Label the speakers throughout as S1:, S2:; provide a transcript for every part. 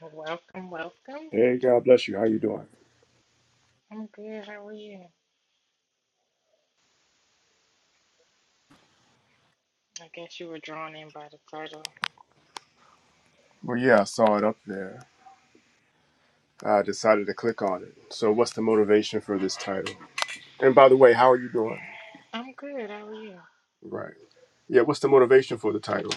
S1: Well, Welcome, welcome.
S2: Hey, God bless you. How you doing?
S1: I'm good. How are you? I guess you were drawn in by the title.
S2: Well, yeah, I saw it up there. I decided to click on it. So, what's the motivation for this title? And by the way, how are you doing?
S1: I'm good. How are you?
S2: Right. Yeah, what's the motivation for the title?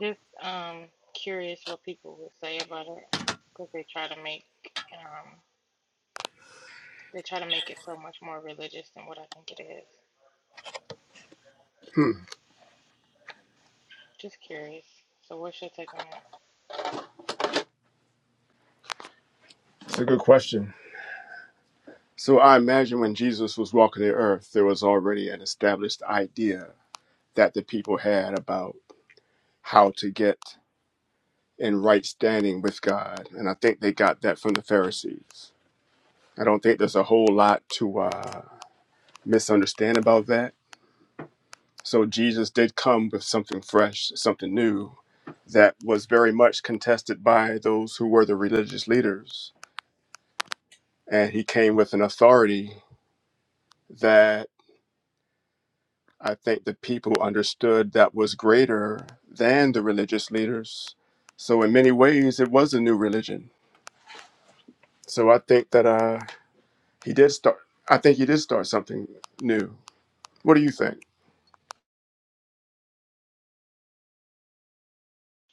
S1: Just um curious what people would say about it because they try to make um they try to make it so much more religious than what I think it is.
S2: Hmm,
S1: Just curious. So what's your take on it?
S2: it's a good question. So, I imagine when Jesus was walking the earth, there was already an established idea that the people had about how to get in right standing with God. And I think they got that from the Pharisees. I don't think there's a whole lot to uh, misunderstand about that So Jesus did come with something fresh, something new that was very much contested by those who were the religious leaders. And he came with an authority that I think the people understood that was greater than the religious leaders. So, in many ways, it was a new religion. So, I think that uh, he did start, I think he did start something new. What do you think?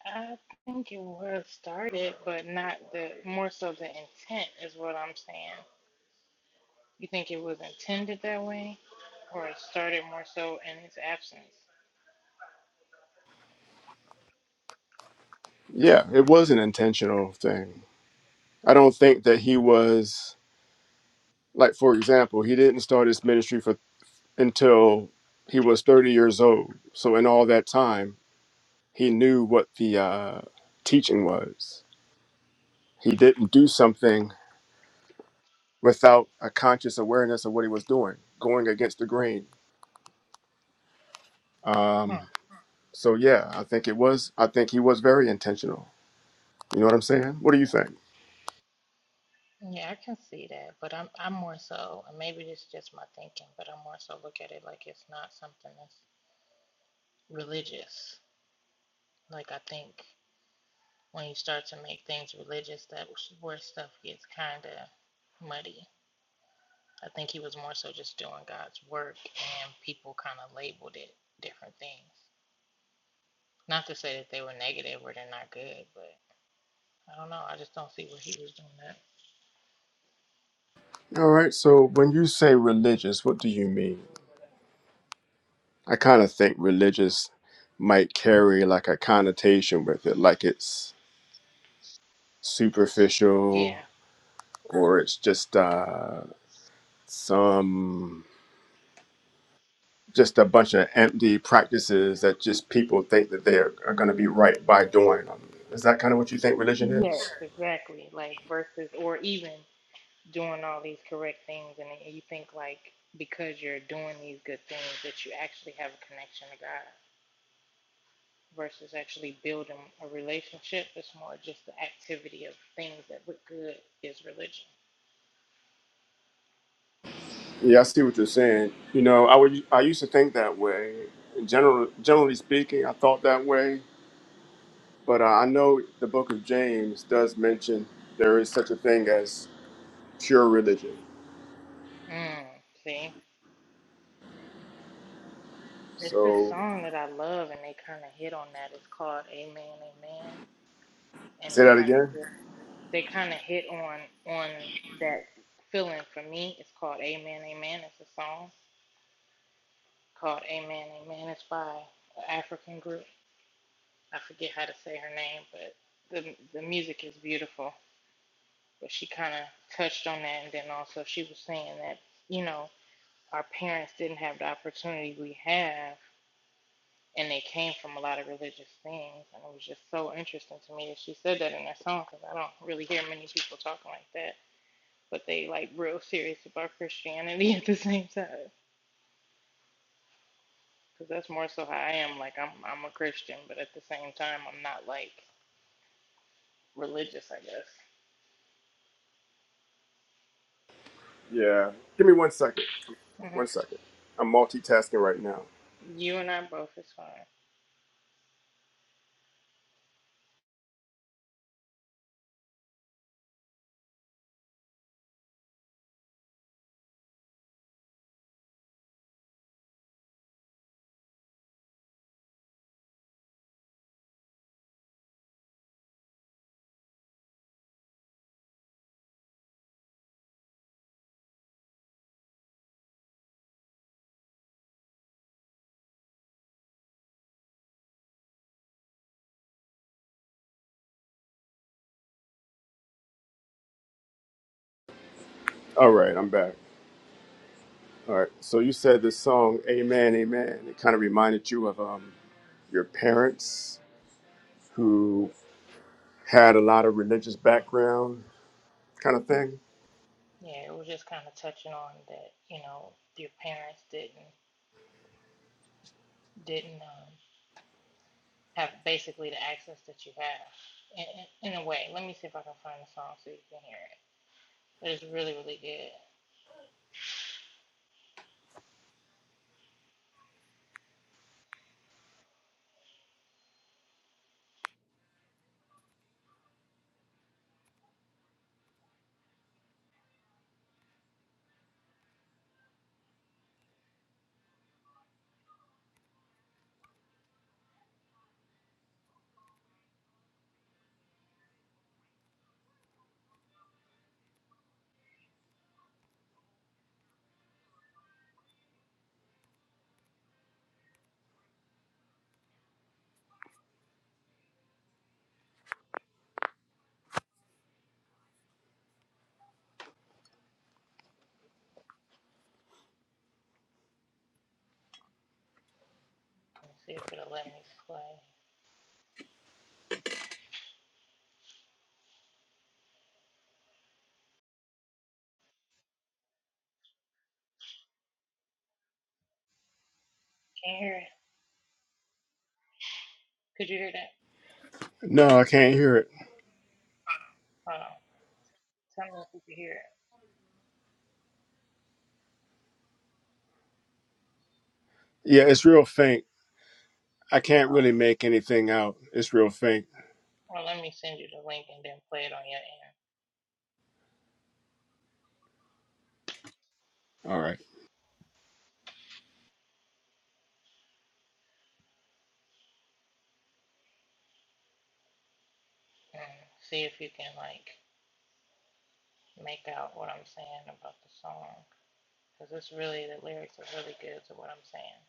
S1: I think it was started, but not the more so the intent is what I'm saying. You think it was intended that way, or it started more so in its absence?
S2: Yeah, it was an intentional thing. I don't think that he was Like for example, he didn't start his ministry for until he was 30 years old. So in all that time, he knew what the uh, teaching was. He didn't do something without a conscious awareness of what he was doing, going against the grain.
S1: Hmm.
S2: Um, so yeah, I think it was. I think he was very intentional. You know what I'm saying? What do you think?
S1: Yeah, I can see that, but I'm I'm more so, and maybe it's just my thinking, but I'm more so look at it like it's not something that's religious. Like I think when you start to make things religious, that's where stuff gets kind of muddy. I think he was more so just doing God's work, and people kind of labeled it different things. Not to say that they were negative or they're not good, but I don't know. I just don't see where he was doing that.
S2: All right. So when you say religious, what do you mean? I kind of think religious might carry like a connotation with it, like it's
S1: Yeah.
S2: superficial or it's just uh, some just a bunch of empty practices that just people think that they are, are going to be right by doing them is that kind of what you think religion
S1: Yes,
S2: is
S1: exactly. Like versus, or even doing all these correct things and you think like because you're doing these good things that you actually have a connection to God versus actually building a relationship. It's more just the activity of things that look good is religion.
S2: yeah i see what you're saying you know i would i used to think that way in general generally speaking i thought that way but uh, i know the book of james does mention there is such a thing as pure religion
S1: Mm, see? It's this
S2: so
S1: song that I love and they kind of hit on that. It's called Amen, Amen. And
S2: say
S1: they
S2: that
S1: kind of
S2: again
S1: hit, they kind of hit on, on that feeling for me. It's called Amen, Amen. It's a song called Amen, Amen. It's by an African group. I forget how to say her name, but the the music is beautiful. But she kind of touched on that, and then also she was saying that you know our parents didn't have the opportunity we have, and they came from a lot of religious things, and it was just so interesting to me that she said that in that song because I don't really hear many people talking like that, but they like real serious about Christianity at the same time. Because that's more so how I am. Like I'm I'm a Christian, but at the same time I'm not like religious, I guess.
S2: Yeah. Give me one second.
S1: Mm-hmm.
S2: One second. I'm multitasking right now.
S1: You and I both is fine.
S2: All right, I'm back. All right. So you said this song, Amen, Amen. It kind of reminded you of um, your parents who had a lot of religious background kind of thing.
S1: Yeah, it was just kind of touching on that. You know, your parents didn't didn't um, have basically the access that you have. In, in, a way, let me see if I can find the song so you can hear it. But it's really really good. Let me see if it'll let me play. Can you hear it? Could you hear that?
S2: No, I can't hear it.
S1: Hold on. Tell me if you can hear it.
S2: Yeah, it's real faint. I can't
S1: Oh,
S2: really make anything out. It's real faint.
S1: well, let me send you the link and then play it on your end
S2: All right.
S1: and see if you can like make out what I'm saying about the song because it's really the lyrics are really good to what I'm saying.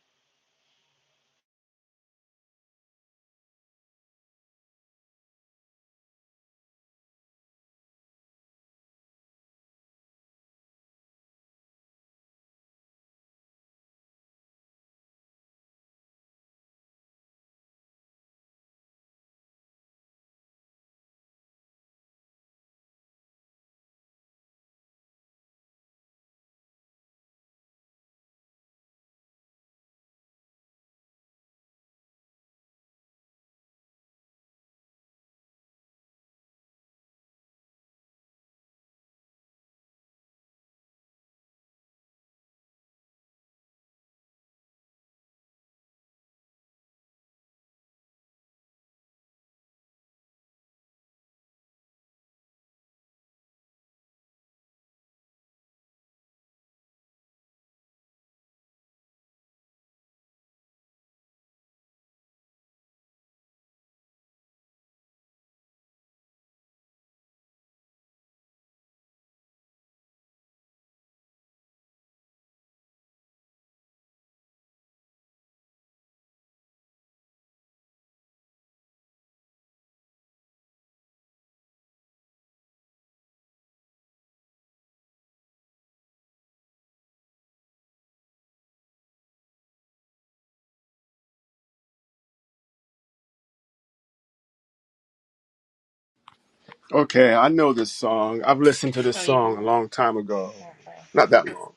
S2: Okay, I know this song. I've listened to this
S1: Oh, you
S2: song a
S1: do?
S2: long time ago.
S1: Okay.
S2: Not that long.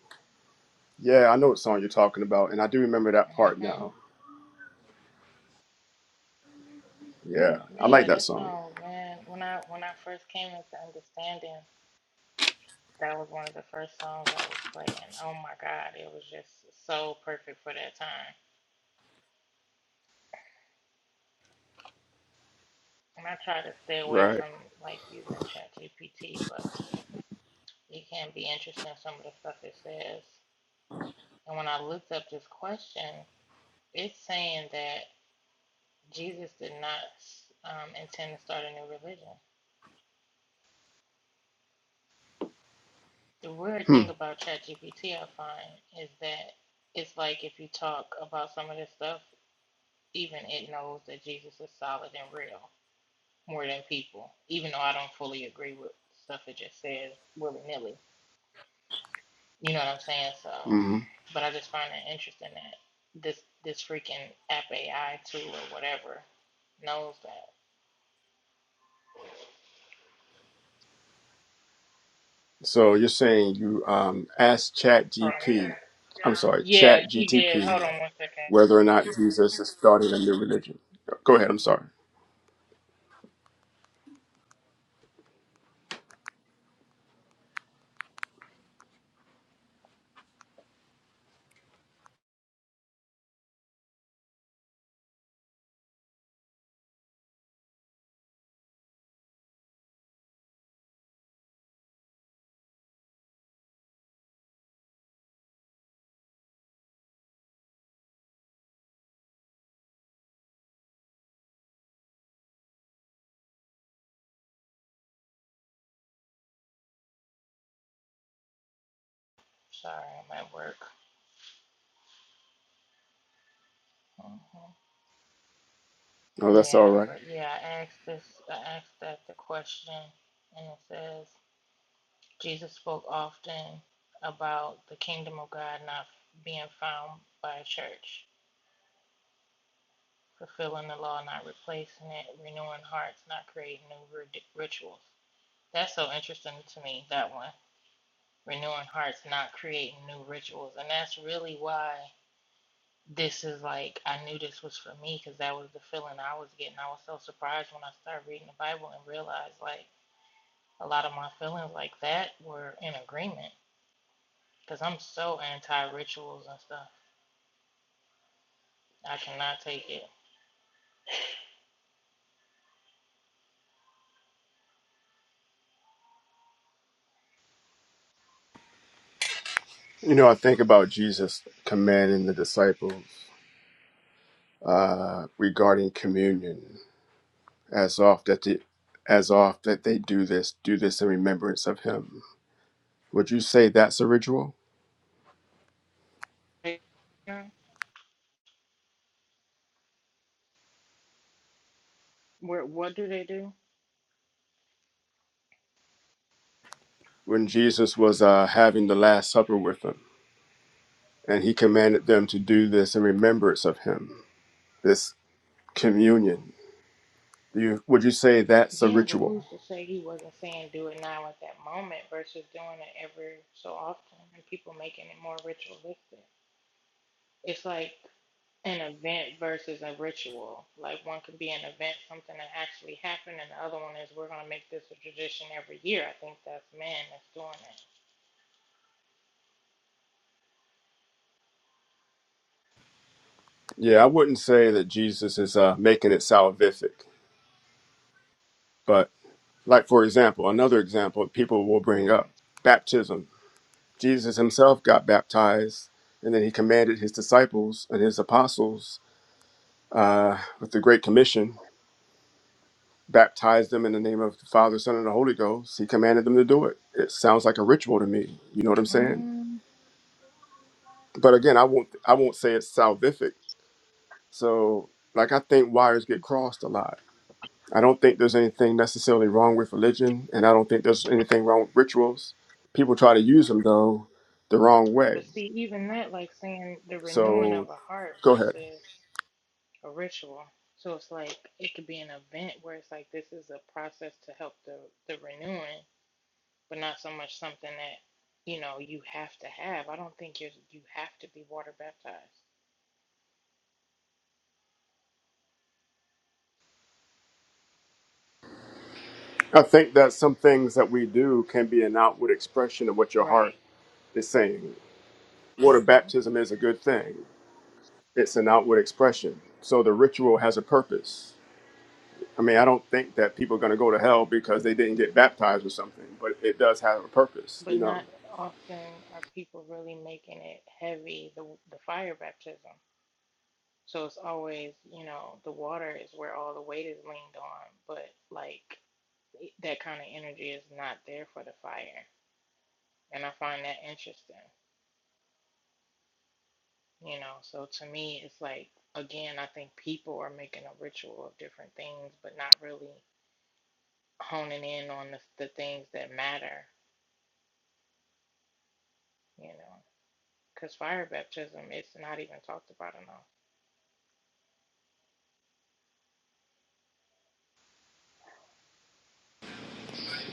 S2: Yeah, I know what song you're talking about, and I do remember that part
S1: hmm
S2: now. Yeah, I like
S1: Yeah,
S2: that
S1: that
S2: song.
S1: song, man. When I when I first came into understanding, that was one of the first songs I was playing. Oh my God, it was just so perfect for that time. And I try to stay away
S2: Right.
S1: from like using ChatGPT, but it can be interesting some of the stuff it says. And when I looked up this question, it's saying that Jesus did not um, intend to start a new religion. The weird
S2: Hmm.
S1: thing about ChatGPT I find is that it's like if you talk about some of this stuff, even it knows that Jesus is solid and real more than people, even though I don't fully agree with stuff it just says willy nilly. You know what I'm saying? So,
S2: hmm
S1: but I just find it interesting that this this freaking app AI tool or whatever knows that.
S2: So you're saying you um asked Chat
S1: Hold on. a
S2: GP,
S1: second.
S2: I'm sorry,
S1: Yeah,
S2: Chat
S1: she did.
S2: GTP,
S1: Hold on one second.
S2: whether or not Jesus is starting a new religion. Go ahead. I'm sorry.
S1: Sorry, I'm at work. Mhm.
S2: No, that's all
S1: Yeah,
S2: right.
S1: but yeah, I asked this, I asked that the question, and it says Jesus spoke often about the kingdom of God not being found by a church, fulfilling the law, not replacing it, renewing hearts, not creating new rituals. That's so interesting to me, that one. Renewing hearts, not creating new rituals. And that's really why this is like, I knew this was for me because that was the feeling I was getting. I was so surprised when I started reading the Bible and realized, like, a lot of my feelings like that were in agreement because I'm so anti rituals and stuff. I cannot take it.
S2: You know, I think about Jesus commanding the disciples uh, regarding communion, as oft that the, as oft that they do this, do this in remembrance of Him. Would you say that's a ritual?
S1: Yeah, What what do they do?
S2: When Jesus was uh, having the Last Supper with them, And he commanded them to do this in remembrance of him, this communion. Do you, would you say that's a
S1: Yeah, but
S2: ritual?
S1: who's to say he wasn't saying do it now at that moment versus doing it every so often and people making it more ritualistic? It's like an event versus a ritual. Like one could be an event, something that actually happened, and the other one is we're gonna make this a tradition every year. I think that's men that's doing
S2: Yeah, I wouldn't say that Jesus is uh, making it salvific, but like, for example, another example people will bring
S1: it.
S2: up baptism. Jesus himself got baptized, and then he commanded his disciples and his apostles uh, with the Great Commission, baptized them in the name of the Father, Son, and the Holy Ghost. He commanded them to do it. It sounds like a ritual to me. You know what I'm saying?
S1: Hmm.
S2: but again, I won't I won't say it's salvific. So like I think wires get crossed a lot. I don't think there's anything necessarily wrong with religion, and I don't think there's anything wrong with rituals. People try to use them though the wrong way.
S1: But see, even that, like saying the renewing of
S2: So
S1: a heart
S2: go ahead.
S1: versus a ritual. So it's like it could be an event where it's like this is a process to help the the renewing, but not so much something that you know you have to have. I don't think you you have to be water baptized.
S2: I think that some things that we do can be an outward expression of what your heart
S1: Right.
S2: is saying. Water
S1: hmm
S2: baptism is a good thing. It's an outward expression. So the ritual has a purpose. I mean, I don't think that people are going to go to hell because they didn't get baptized or something, but it does have a purpose, you
S1: But
S2: know?
S1: not often are people really making it heavy the the fire baptism. So it's always you know the water is where all the weight is leaned on, but like that kind of energy is not there for the fire. And I find that interesting, you know. So to me, it's like, again, I think people are making a ritual of different things, but not really honing in on the, the things that matter, you know. Because fire baptism, it's not even talked about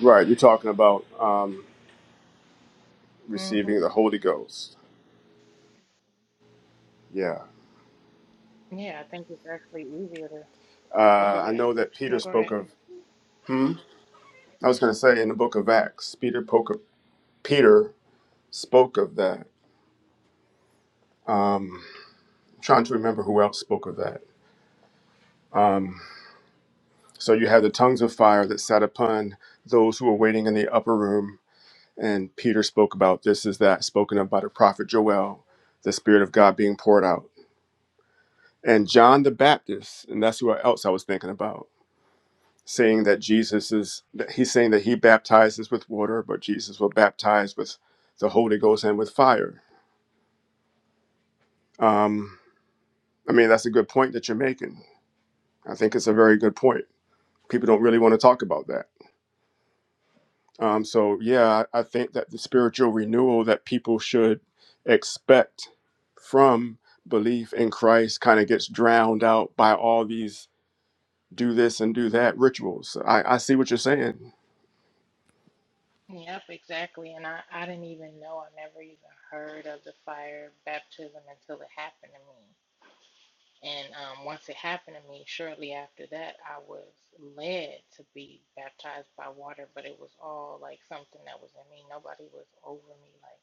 S2: Right. You're talking about um,
S1: enough.
S2: receiving the
S1: Mm-hmm.
S2: Holy Ghost. Yeah.
S1: Yeah, I think it's actually easier to. Oh, go
S2: Uh, I
S1: ahead.
S2: know that
S1: No,
S2: Peter
S1: go
S2: spoke
S1: ahead.
S2: of, I was going to say in the book of Acts, Peter, poke, Peter spoke of that. Um, I'm trying to remember who else spoke of that. Um, so you had the tongues of fire that sat upon those who were waiting in the upper room. And Peter spoke about this is that spoken of by the prophet Joel, the Spirit of God being poured out and John the Baptist, and that's who else I was thinking about, saying that Jesus is, that he's saying that he baptizes with water, but Jesus will baptize with the Holy Ghost and with fire. Um, I mean, that's a good point that you're making. I think it's a very good point. People don't really want to talk about that. Um, so, yeah, I I think that the spiritual renewal that people should expect from belief in Christ kind of gets drowned out by all these do this and do that rituals. I, I see what you're saying.
S1: Yep, exactly. And I, I didn't even know, I never even heard of the fire baptism until it happened to me. And um, once it happened to me, shortly after that, I was led to be baptized by water, but it was all like something that was in me. Nobody was over me, like,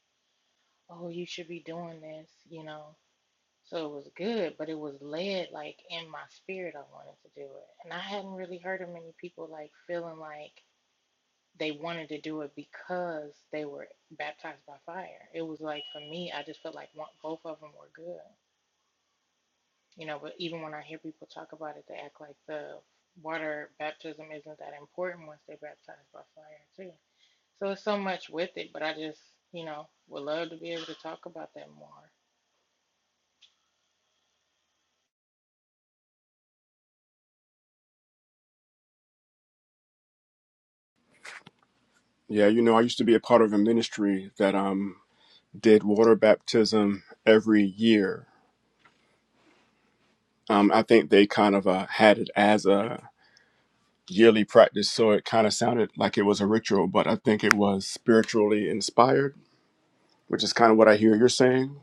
S1: oh, you should be doing this, you know? So it was good, but it was led like in my spirit, I wanted to do it. And I hadn't really heard of many people like feeling like they wanted to do it because they were baptized by fire. It was like for me, I just felt like one, both of them were good. You know, but even when I hear people talk about it, they act like the water baptism isn't that important once they're baptized by fire, too. So it's so much with it, but I just, you know, would love to be able to talk about that more.
S2: Yeah, you know, I used to be a part of a ministry that um did water baptism every year. Um, I think they kind of uh, had it as a yearly practice, so it kind of sounded like it was a ritual, but I think it was spiritually inspired, which is kind of what I hear you're saying.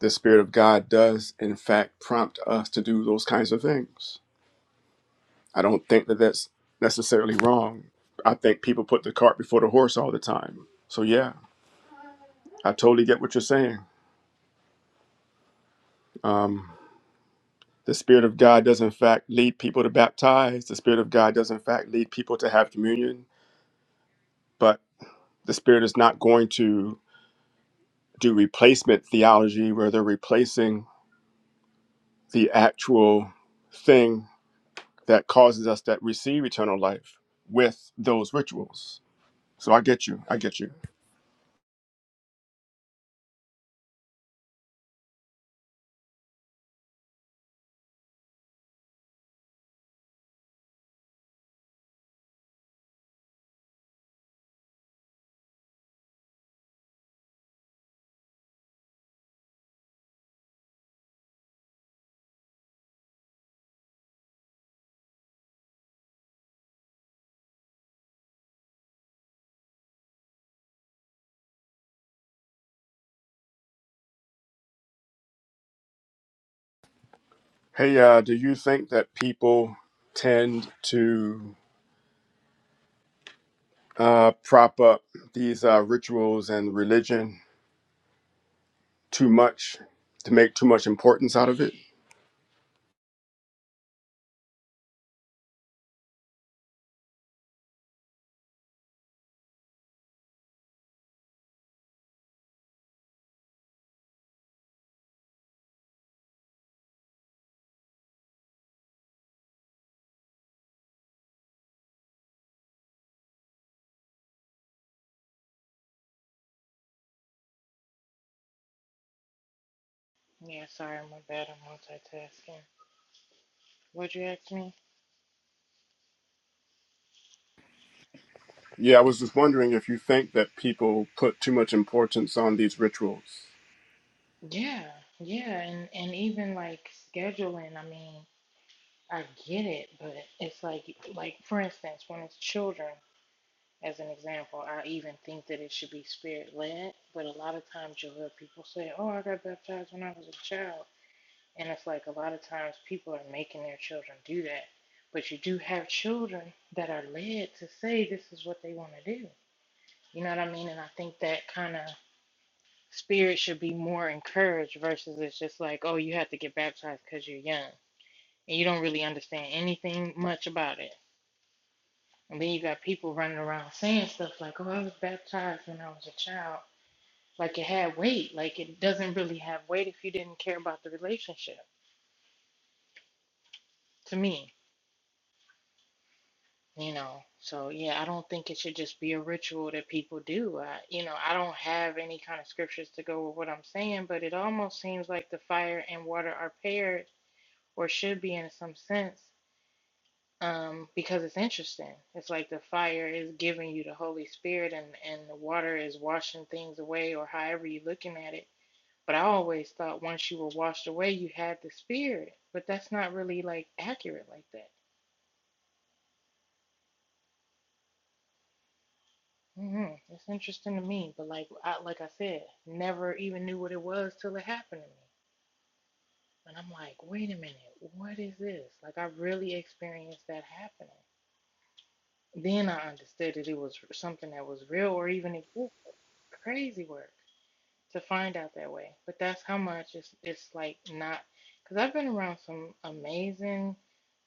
S2: The Spirit of God does, in fact, prompt us to do those kinds of things. I don't think that that's necessarily wrong. I think people put the cart before the horse all the time. So yeah, I totally get what you're saying. Um. The Spirit of God does, in fact, lead people to baptize. The Spirit of God does, in fact, lead people to have communion. But the Spirit is not going to do replacement theology where they're replacing the actual thing that causes us that receive eternal life with those rituals. So I get you. I get you. Hey, uh, do you think that people tend to uh, prop up these uh, rituals and religion too much to make too much importance out of it?
S1: Yeah, sorry, my bad. I'm multitasking. Would you ask me?
S2: Yeah, I was just wondering if you think that people put too much importance on these rituals.
S1: Yeah, yeah, and and even like scheduling. I mean, I get it, but it's like like for instance, when it's children. As an example, I even think that it should be spirit led, but a lot of times you'll hear people say, Oh, I got baptized when I was a child. And it's like a lot of times people are making their children do that. But you do have children that are led to say this is what they want to do. You know what I mean? And I think that kind of spirit should be more encouraged versus it's just like, Oh, you have to get baptized because you're young and you don't really understand anything much about it. And then you got people running around saying stuff like, Oh, I was baptized when I was a child. Like it had weight. Like it doesn't really have weight if you didn't care about the relationship. To me, you know. So yeah, I don't think it should just be a ritual that people do. I, you know, I don't have any kind of scriptures to go with what I'm saying, but it almost seems like the fire and water are paired, or should be in some sense. Um, because it's interesting. It's like the fire is giving you the Holy Spirit and, and the water is washing things away or however you're looking at it But I always thought once you were washed away, you had the spirit. But that's not really like accurate like that. Mm-hmm. It's interesting to me. But like I, like I said, never even knew what it was till it happened to me. And I'm like, wait a minute, what is this? Like I really experienced that happening. Then I understood that it was something that was real or even existed. Crazy work. to find out that way. But that's how much it's it's like not because I've been around some amazing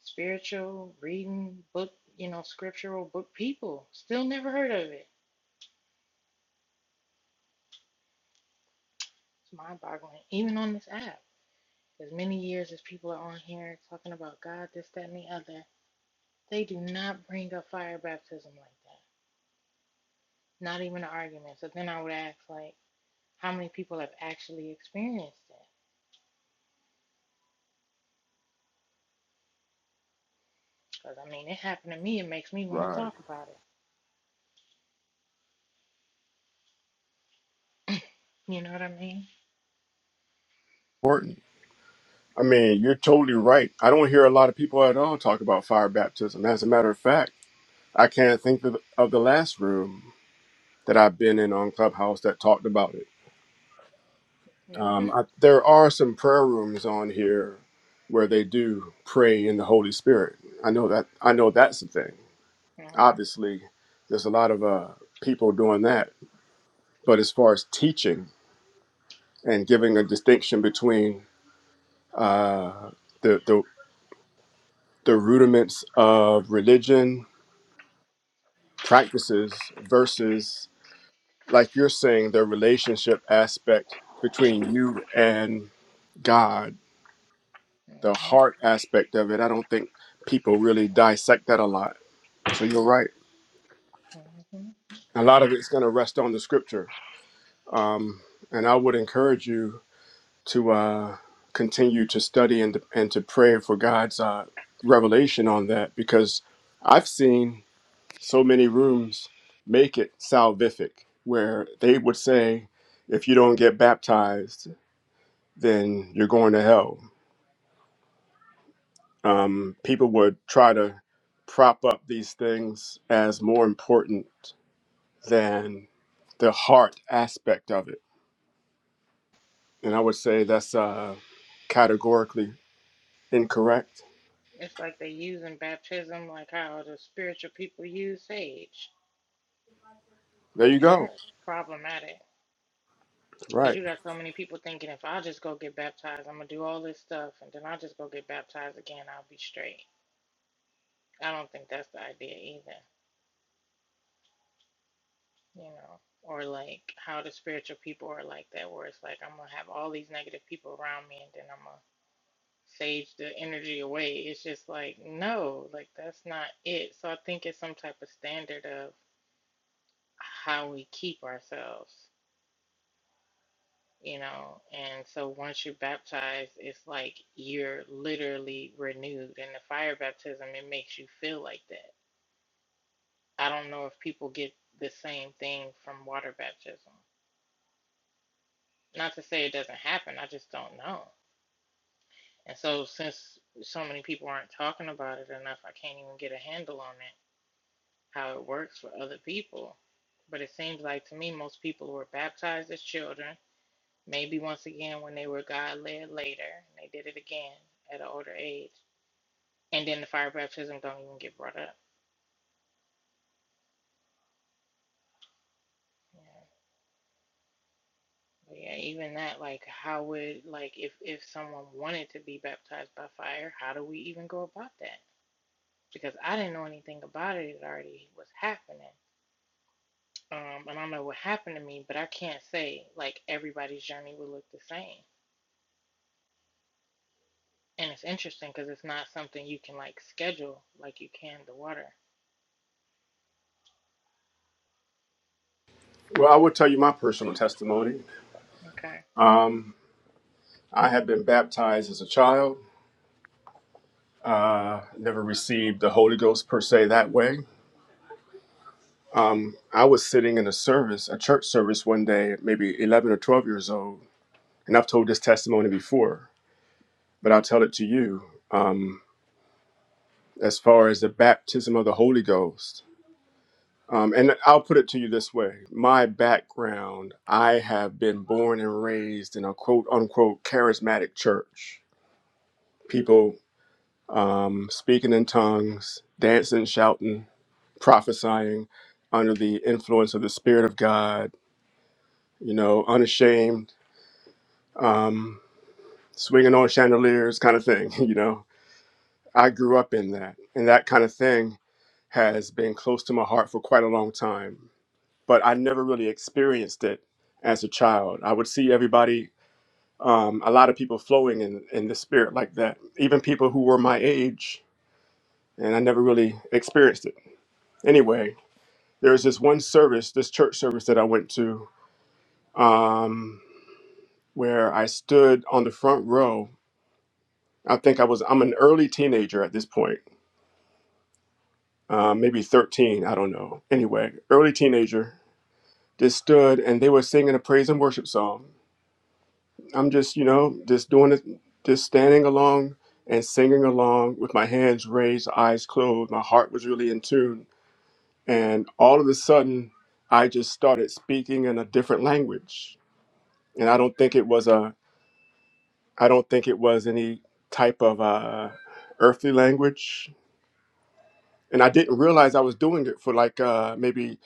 S1: spiritual reading book, you know, scriptural book people. Still never heard of it. It's mind boggling, even on this app. As many years as people are on here talking about God, this, that, and the other, they do not bring up fire baptism like that. Not even an argument. So then I would ask, like, how many people have actually experienced it? Because I mean, it happened to me. It makes me want to
S2: Right.
S1: talk about it. You know what I mean?
S2: Important. I mean, you're totally right. I don't hear a lot of people at all talk about fire baptism. As a matter of fact, I can't think of, of the last room that I've been in on Clubhouse that talked about it. Um,
S1: Mhm.
S2: I, there are some prayer rooms on here where they do pray in the Holy Spirit. I know that. I know that's the thing.
S1: Mhm.
S2: Obviously, there's a lot of uh, people doing that. But as far as teaching, and giving a distinction between uh, the, the the rudiments of religion practices versus, like you're saying, the relationship aspect between you and God, the
S1: Mhm.
S2: heart aspect of it. I don't think people really dissect that a lot. So you're right.
S1: Mhm.
S2: A lot of it's going to rest on the scripture, um, and I would encourage you to uh, continue to study and to, and to pray for God's uh, revelation on that because I've seen so many rooms make it salvific where they would say, if you don't get baptized, then you're going to hell. Um, people would try to prop up these things as more important than the heart aspect of it. And I would say that's uh, categorically incorrect.
S1: It's like they use in baptism, like how the spiritual people use sage,
S2: There you
S1: and
S2: go.
S1: that's problematic. Cause
S2: Right.
S1: you got so many people thinking if I just go get baptized, I'm gonna do all this stuff, and then I'll just go get baptized again. I'll be straight. I don't think that's the idea either, you know. Or like how the spiritual people are like that, where it's like I'm gonna have all these negative people around me, and then I'm gonna sage the energy away. It's just like, no, like that's not it. So I think it's some type of standard of how we keep ourselves, you know. And so once you're baptized, it's like you're literally renewed. And the fire baptism, it makes you feel like that. I don't know if people get the same thing from water baptism. Not to say it doesn't happen, I just don't know. And so since so many people aren't talking about it enough, I can't even get a handle on that how it works for other people. But it seems like to me, most people who were baptized as children, maybe once again when they were God led later, and they did it again at an older age. And then the fire baptism don't even get brought up. Yeah, but yeah even that, like, how would, like, if, if someone wanted to be baptized by fire, how do we even go about that? Because I didn't know anything about it, it already was happening. Um, I don't know what happened to me, but I can't say, like, everybody's journey would look the same And it's interesting because it's not something you can like schedule like you can the water.
S2: Well, I will tell you my personal testimony.
S1: Okay.
S2: Um, I had been baptized as a child, uh, never received the Holy Ghost per se that way. Um, I was sitting in a service, a church service one day, maybe 11 or 12 years old, and I've told this testimony before, but I'll tell it to you. Um, as far as the baptism of the Holy Ghost, um, and I'll put it to you this way my background, I have been born and raised in a quote unquote charismatic church. People um, speaking in tongues, dancing, shouting, prophesying under the influence of the Spirit of God, you know, unashamed, um, swinging on chandeliers, kind of thing, you know. I grew up in that, and that kind of thing has been close to my heart for quite a long time, but I never really experienced it as a child. I would see everybody. Um, a lot of people flowing in, in the spirit like that, even people who were my age, and I never really experienced it. Anyway, There was this one service, this church service that I went to, um, where I stood on the front row. I think I was, I'm an early teenager at this point, uh, maybe 13, I don't know. Anyway, early teenager, just stood and they were singing a praise and worship song. I'm just, you know, just doing it, just standing along and singing along with my hands raised, eyes closed. My heart was really in tune. And all of a sudden, I just started speaking in a different language. And I don't think it was a I don't think it was any type of uh, earthly language. And I didn't realize I was doing it for like uh, maybe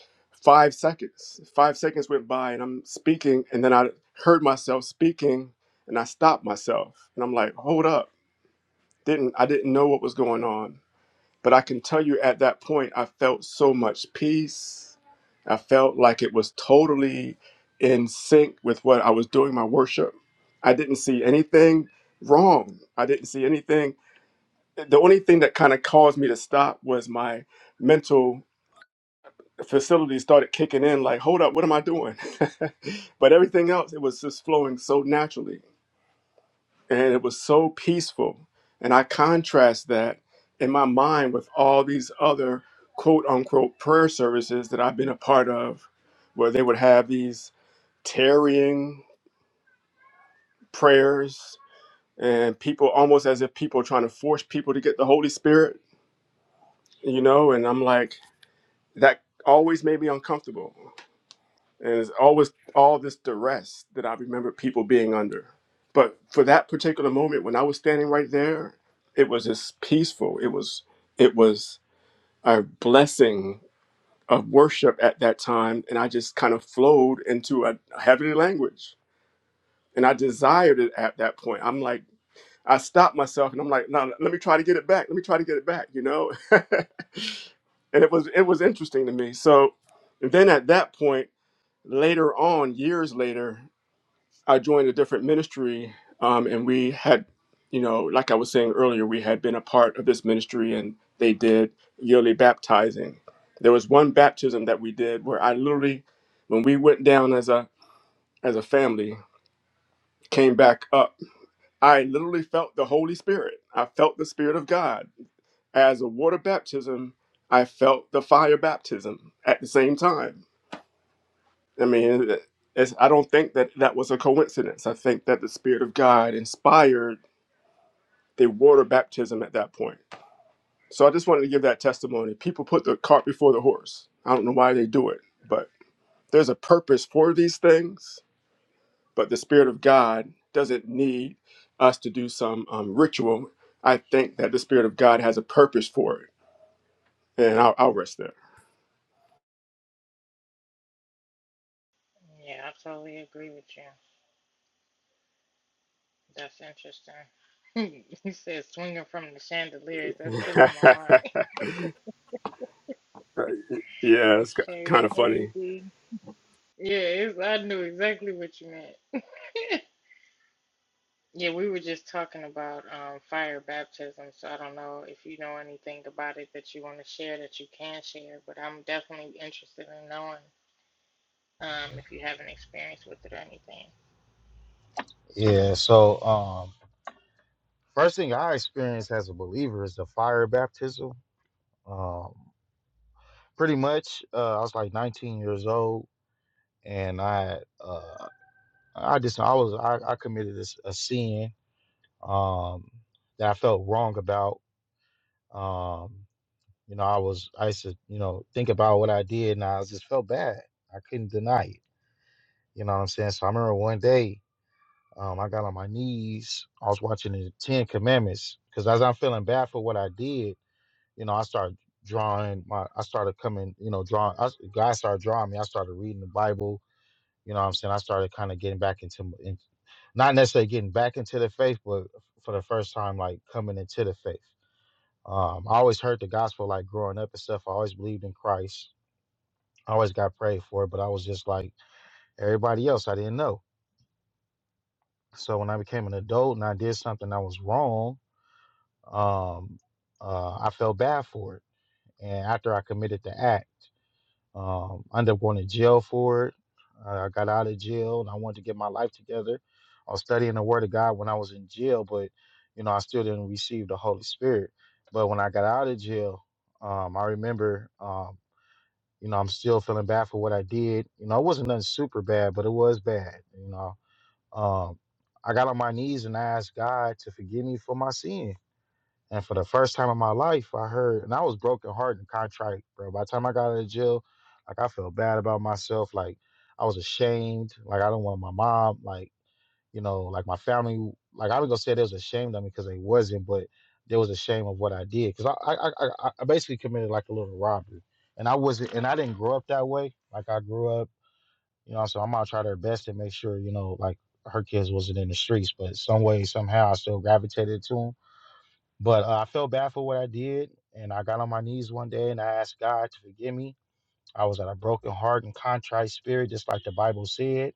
S2: five seconds. Five seconds went by and I'm speaking, and then I heard myself speaking and I stopped myself. And I'm like, hold up. Didn't I didn't know what was going on. But I can tell you at that point, I felt so much peace. I felt like it was totally in sync with what I was doing my worship. I didn't see anything wrong. I didn't see anything. The only thing that kind of caused me to stop was my mental facility started kicking in like, hold up, what am I doing? but everything else, it was just flowing so naturally and it was so peaceful. And I contrast that in my mind with all these other quote unquote prayer services that I've been a part of, where they would have these tarrying prayers and people almost as if people trying to force people to get the Holy Spirit, you know, and I'm like, that always made me uncomfortable. And it's always all this duress that I remember people being under. But for that particular moment, when I was standing right there, it was just peaceful. It was it was a blessing of worship at that time, and I just kind of flowed into a heavenly language, and I desired it at that point. I'm like, I stopped myself, and I'm like, no, let me try to get it back. Let me try to get it back. You know, and it was it was interesting to me. So, and then at that point, later on, years later. I joined a different ministry, um, and we had, you know, like I was saying earlier, we had been a part of this ministry, and they did yearly baptizing. There was one baptism that we did where I literally, when we went down as a as a family, came back up. I literally felt the Holy Spirit. I felt the Spirit of God as a water baptism. I felt the fire baptism at the same time. I mean, it's, I don't think that that was a coincidence. I think that the Spirit of God inspired They water baptism at that point. So I just wanted to give that testimony. People put the cart before the horse. I don't know why they do it, but there's a purpose for these things. But the Spirit of God doesn't need us to do some um, ritual. I think that the Spirit of God has a purpose for it. And I'll, I'll rest there.
S1: Yeah, I totally agree with you. That's interesting. you said swinging from the chandeliers. That's still
S2: yeah,
S1: on my mind.
S2: it's kind
S1: Hey,
S2: of
S1: hey,
S2: funny.
S1: D. Yeah, it's, I knew exactly what you meant. Yeah, we were just talking about um, fire baptism, so I don't know if you know anything about it that you want to share that you can share, but I'm definitely interested in knowing um, if you have an experience with it or anything.
S3: Yeah, so um first thing I experienced as a believer is the fire baptism. Um pretty much uh I was like 19 years old and I uh I just I was I, I committed this, a sin um that I felt wrong about. Um you know, I was I used to, you know, think about what I did and I just felt bad. I couldn't deny it. You know what I'm saying? So I remember one day um, I got on my knees. I was watching the Ten Commandments because as I'm feeling bad for what I did, you know, I started drawing my I started coming, you know, drawing I, God started drawing me. I started reading the Bible, you know what I'm saying? I started kind of getting back into m- in, not necessarily getting back into the faith, but for the first time like coming into the faith. Um, I always heard the gospel like growing up and stuff. I always believed in Christ. I always got prayed for, but I was just like everybody else. I didn't know. So when I became an adult and I did something that was wrong, um, uh, I felt bad for it. And after I committed the act, Um, I ended up going to jail for it. I I got out of jail and I wanted to get my life together. I was studying the Word of God when I was in jail, but you know I still didn't receive the Holy Spirit. But when I got out of jail, um, I remember, um, you know, I'm still feeling bad for what I did. You know, it wasn't nothing super bad, but it was bad. You know, um, I got on my knees and I asked God to forgive me for my sin and for the first time in my life, I heard, and I was broken hearted and contrite, bro. By the time I got out of jail, like I felt bad about myself. Like I was ashamed. Like I don't want my mom, like, you know, like my family, like I was gonna say they was ashamed of me because they wasn't, but there was a shame of what I did. Cause I, I, I, I I basically committed like a little robbery. And I wasn't, and I didn't grow up that way. Like I grew up, you know, so I'm gonna try their best to make sure, you know, like her kids wasn't in the streets, but some way, somehow I still gravitated to them. But uh, I felt bad for what I did, and I got on my knees one day and I asked God to forgive me. I was at a broken heart and contrite spirit, just like the Bible said.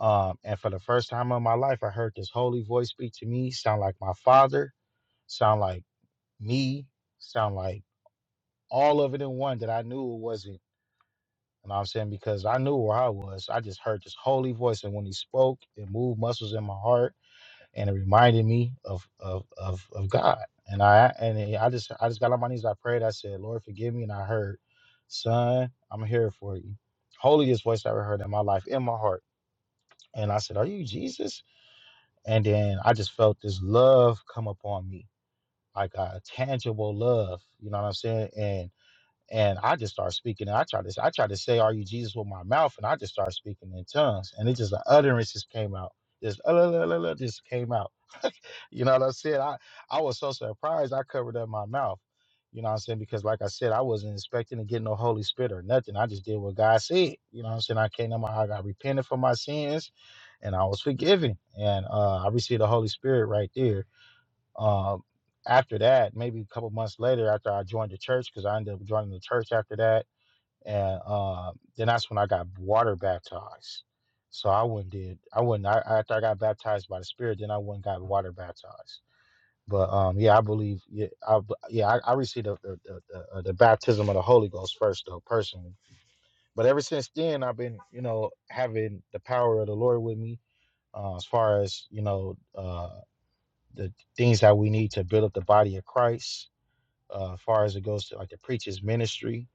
S3: Um, and for the first time in my life, I heard this holy voice speak to me, sound like my father, sound like me, sound like all of it in one that I knew it wasn't. You know what I'm saying? Because I knew where I was. I just heard this holy voice. And when he spoke, it moved muscles in my heart and it reminded me of of of, of God. And I and I just I just got on my knees. I prayed. I said, Lord, forgive me. And I heard, Son, I'm here for you. Holiest voice I ever heard in my life, in my heart. And I said, Are you Jesus? And then I just felt this love come upon me, like a tangible love. You know what I'm saying? And and I just started speaking. And I tried to I tried to say, Are you Jesus with my mouth? And I just started speaking in tongues. And it just the utterance just came out. Just, uh, la, la, la, la, just came out you know what I said? I, I was so surprised I covered up my mouth. You know what I'm saying? Because like I said, I wasn't expecting to get no Holy Spirit or nothing. I just did what God said. You know what I'm saying? I came to my I got repented for my sins and I was forgiven. And uh, I received the Holy Spirit right there. Um, after that, maybe a couple months later, after I joined the church, because I ended up joining the church after that. And uh, then that's when I got water baptized. So I wouldn't did I wouldn't. I after I got baptized by the Spirit, then I wouldn't got water baptized. But um, yeah, I believe. Yeah, I b- yeah, I, I received the the, the the uh, the baptism of the Holy Ghost first, though personally. But ever since then, I've been you know having the power of the Lord with me uh, as far as you know uh, the things that we need to build up the body of Christ. Uh, as far as it goes to like the preacher's ministry,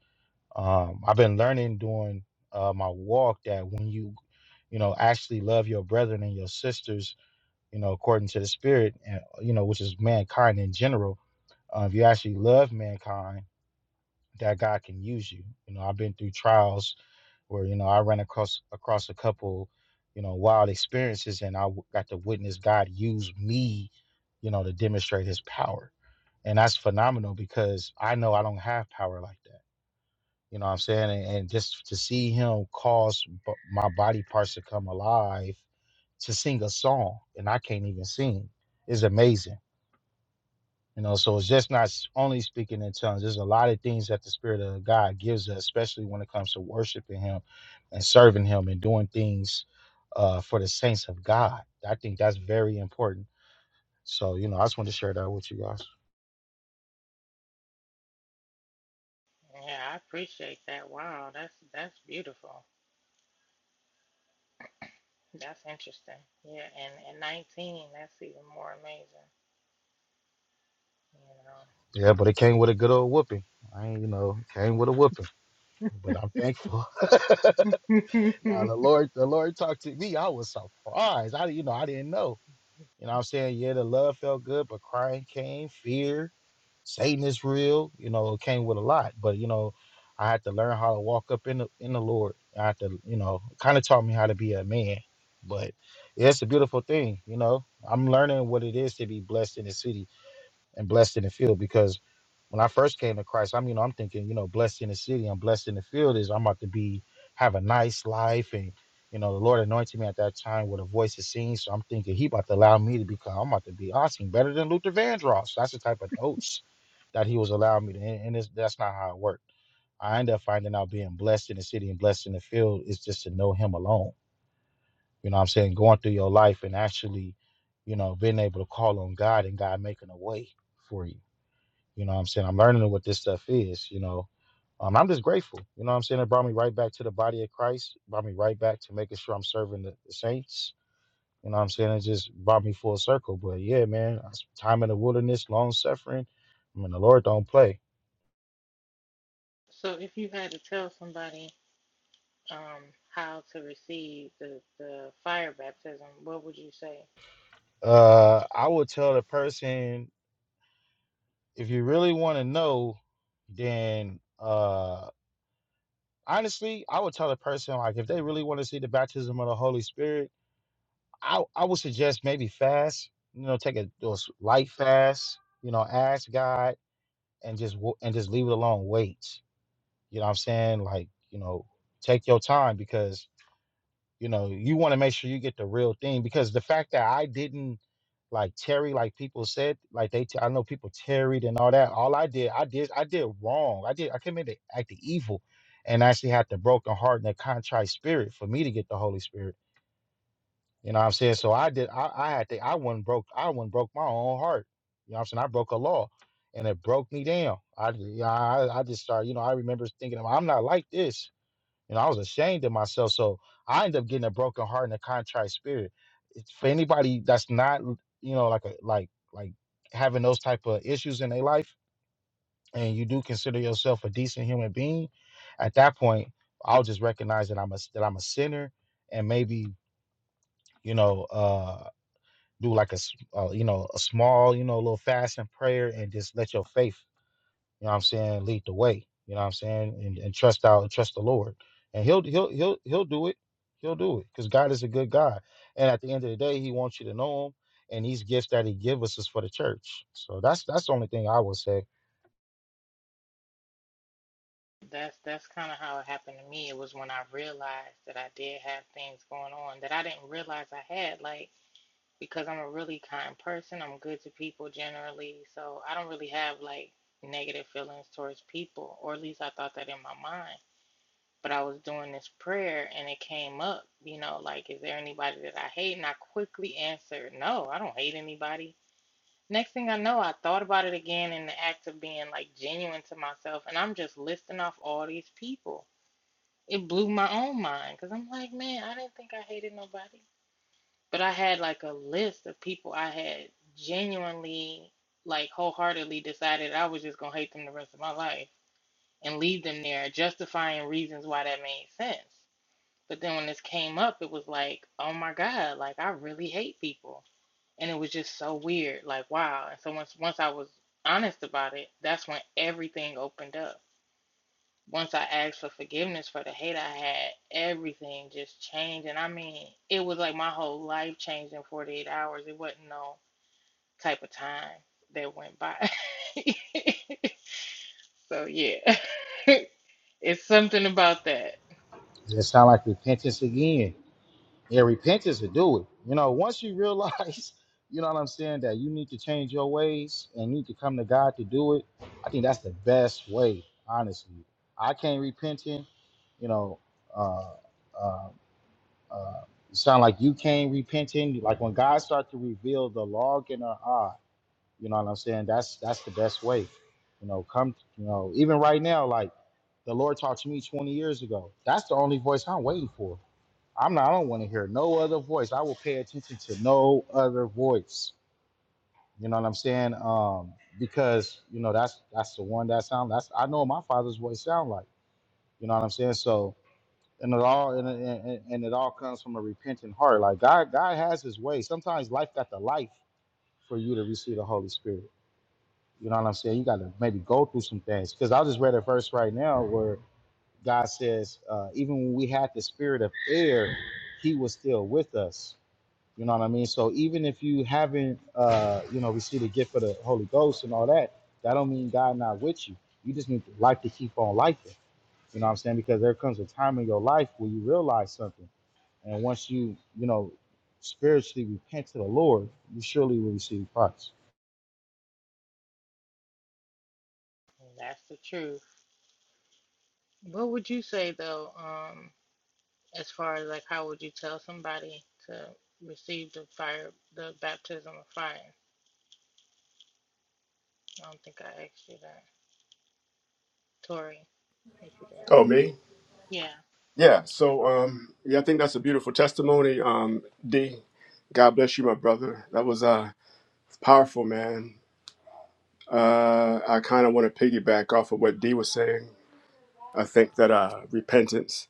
S3: um, I've been learning during uh, my walk that when you you know actually love your brethren and your sisters, you know according to the Spirit, and you know which is mankind in general uh, if you actually love mankind, that God can use you. You know, I've been through trials where you know I ran across across a couple, you know, wild experiences, and I w- got to witness God use me, you know, to demonstrate His power, and that's phenomenal because I know I don't have power like that. You know what I'm saying? And, and just to see Him cause b- my body parts to come alive to sing a song, and I can't even sing, is amazing You know, so it's just not s- only speaking in tongues. There's a lot of things that the Spirit of God gives us, especially when it comes to worshiping Him and serving Him and doing things uh, for the saints of God. I think that's very important. So, you know, I just want to share that with you guys.
S1: Yeah, I appreciate that. Wow, that's that's beautiful. That's interesting. Yeah, and and 19, that's even more
S3: Yeah, but it came with a good old whooping. I ain't, you know, it came with a whooping, but I'm thankful.
S1: amazing, you
S3: now
S1: know.
S3: the Lord, the Lord talked to me. I was surprised. I, you know, I didn't know. You know what I'm saying? Yeah, the love felt good, but crying came, fear, Satan is real, you know, it came with a lot. But you know, I had to learn how to walk up in the in the Lord. I had to, you know, kind of taught me how to be a man. But yeah, it's a beautiful thing, you know. I'm learning what it is to be blessed in the city and blessed in the field because when I first came to Christ, I'm you know I'm thinking you know blessed in the city, I'm blessed in the field is I'm about to be have a nice life and you know the Lord anointed me at that time with a voice of singing, so I'm thinking He about to allow me to become I'm about to be awesome, better than Luther Vandross. That's the type of notes that He was allowing me to, and, and it's, that's not how it worked. I ended up finding out being blessed in the city and blessed in the field is just to know Him alone. You know what I'm saying going through your life and actually, you know, being able to call on God and God making a way for you you know what I'm saying? I'm learning what this stuff is, you know. Um, I'm just grateful. You know what I'm saying? It brought me right back to the body of Christ, brought me right back to making sure I'm serving the, the saints. You know what I'm saying? It just brought me full circle. But yeah, man, I s- time in the wilderness, long suffering. I mean, the Lord don't play.
S1: So if you had to tell somebody um how to receive the the fire baptism, what would you say?
S3: Uh, I would tell the person if you really want to know, then uh, honestly, I would tell the person like if they really want to see the baptism of the Holy Spirit I I would suggest maybe fast. You know, take a, a s- light fast. You know, ask God and just wa- and just leave it alone. Wait. You know what I'm saying? Like you know, take your time because you know you want to make sure you get the real thing. Because the fact that I didn't like tarry, like people said, like they t- I know people tarried and all that. All I did, I did, I did wrong. I did, I committed act of evil, and actually had the broken heart and the contrite spirit for me to get the Holy Spirit. You know what I'm saying? So I did I, I had to I one broke I one broke my own heart. You know what I'm saying? I broke a law and it broke me down. I ju- yeah, I, I just started, you know, I remember thinking I'm not like this. You know, I was ashamed of myself. So I ended up getting a broken heart and a contrite spirit. It's for anybody that's not, you know, like a like like having those type of issues in their life and you do consider yourself a decent human being, at that point, I'll just recognize that I'm a that I'm a sinner and maybe you know uh do like a, s- uh, you know, a small, you know, little fast and prayer and just let your faith, you know what I'm saying, lead the way. You know what I'm saying? And, and trust out trust the Lord. And he'll he'll he'll he'll do it. He'll do it. Because God is a good God. And at the end of the day, he wants you to know him. And these gifts that he gives us is for the church. So that's that's the only thing I would say.
S1: That's that's kind of how it happened to me. It was when I realized that I did have things going on that I didn't realize I had. Like because I'm a really kind person. I'm good to people generally. So I don't really have like negative feelings towards people, or at least I thought that in my mind. But I was doing this prayer and it came up, you know, like, is there anybody that I hate? And I quickly answered, no, I don't hate anybody. Next thing I know, I thought about it again in the act of being like genuine to myself. And I'm just listing off all these people. It blew my own mind because I'm like, man, I didn't think I hated nobody but I had like a list of people I had genuinely, like wholeheartedly decided I was just gonna hate them the rest of my life and leave them there, justifying reasons why that made sense. But then when this came up, it was like, oh my God, like I really hate people. And it was just so weird, like wow. And so once once I was honest about it, that's when everything opened up once I asked for forgiveness for the hate I had, everything just changed. And I mean, it was like my whole life changed in 48 hours. It wasn't no type of time that went by. so, yeah, it's something about that.
S3: It sound like repentance again. Yeah, repentance would do it. You know, once you realize, you know what I'm saying, that you need to change your ways and need to come to God to do it, I think that's the best way, honestly. I can't repenting, you know, uh, uh, uh, it sound like you can't repenting. Like when God starts to reveal the log in our eye, you know what I'm saying? That's that's the best way. You know, come, you know, even right now, like the Lord talked to me 20 years ago. That's the only voice I'm waiting for I'm not, I don't want to hear no other voice. I will pay attention to no other voice. You know what I'm saying? Um, because you know that's that's the one that sound that's I know what my father's voice sound like. You know what I'm saying? So and it all and, and, and and it all comes from a repentant heart. Like God, God has His way. Sometimes life got the life for you to receive the Holy Spirit. You know what I'm saying? You got to maybe go through some things. Because I just read a verse right now where God says, uh, even when we had the spirit of air, He was still with us You know what I mean? So even if you haven't, uh, you know, received the gift of the Holy Ghost and all that, that don't mean God not with you. You just need life to keep on liking. You know what I'm saying? Because there comes a time in your life where you realize something, and once you, you know, spiritually repent to the Lord, you surely will receive Christ.
S1: And that's the truth. What would you say, though, um, as far as like how would you tell somebody to receive the fire, the baptism of fire? I don't think I asked you that. Tori, if you're there.
S2: Oh, me?
S1: Yeah.
S2: Yeah. So, um, yeah, I think that's a beautiful testimony. Um, D, God bless you, my brother. That was uh, powerful, man. Uh, I kind of want to piggyback off of what Dee was saying. I think that uh, repentance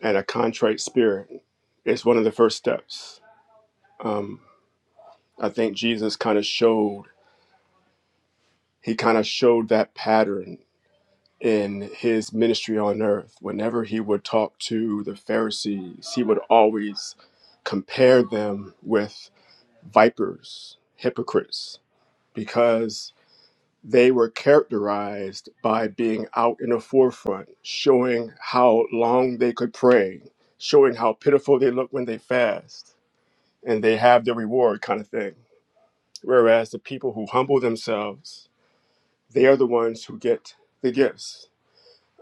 S2: and a contrite spirit is one of the first steps. Um, I think Jesus kind of showed he kind of showed that pattern in his ministry on earth. Whenever he would talk to the Pharisees, he would always compare them with vipers, hypocrites, because They were characterized by being out in the forefront, showing how long they could pray, showing how pitiful they look when they fast, and they have their reward kind of thing. Whereas the people who humble themselves, they are the ones who get the gifts,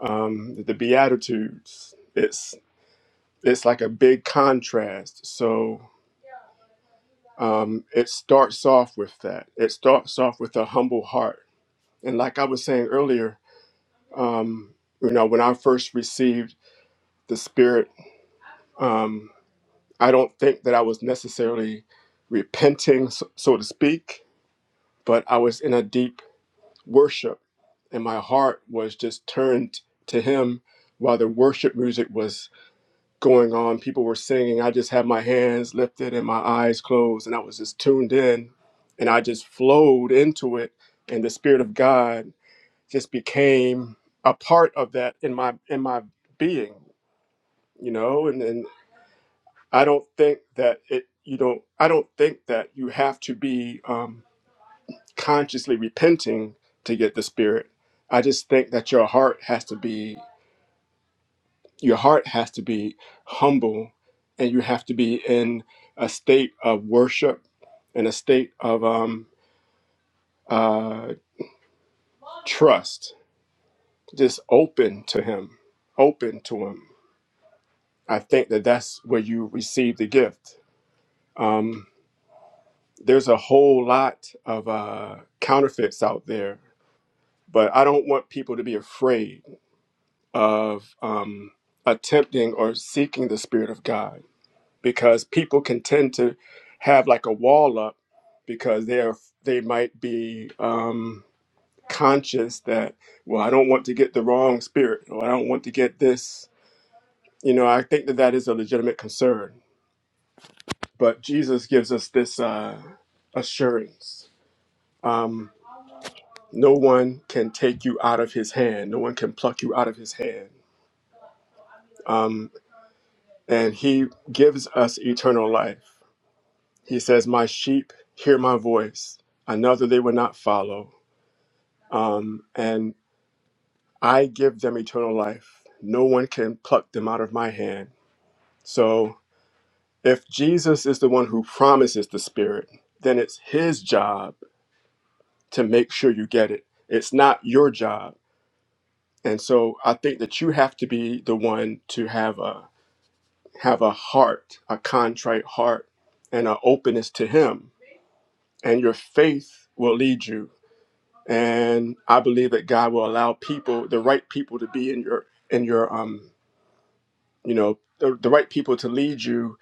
S2: um, the beatitudes. It's it's like a big contrast. So um, it starts off with that. It starts off with a humble heart, and like I was saying earlier, Um, you know, when I first received the Spirit, um, I don't think that I was necessarily repenting, so, so to speak, but I was in a deep worship, and my heart was just turned to Him while the worship music was going on. People were singing. I just had my hands lifted and my eyes closed, and I was just tuned in, and I just flowed into it, and the Spirit of God just became a part of that in my in my being you know and, and i don't think that it you know i don't think that you have to be um, consciously repenting to get the spirit i just think that your heart has to be your heart has to be humble and you have to be in a state of worship and a state of um, uh, trust just open to him open to him i think that that's where you receive the gift Um, there's a whole lot of uh, counterfeits out there, but I don't want people to be afraid of um, attempting or seeking the Spirit of God because people can tend to have like a wall up because they are they might be um, conscious that well I don't want to get the wrong spirit or I don't want to get this you know I think that that is a legitimate concern, but Jesus gives us this uh, assurance. Um, no one can take you out of his hand. No one can pluck you out of his hand. Um, and he gives us eternal life. He says, My sheep hear my voice. Another they will not follow. Um, and I give them eternal life. No one can pluck them out of my hand. So if Jesus is the one who promises the Spirit, then it's his job to make sure you get it. It's not your job. And so I think that you have to be the one to have a have a heart, a contrite heart, and an openness to Him. And your faith will lead you. And I believe that God will allow people, the right people, to be in your in your um, you know, the, the right people to lead you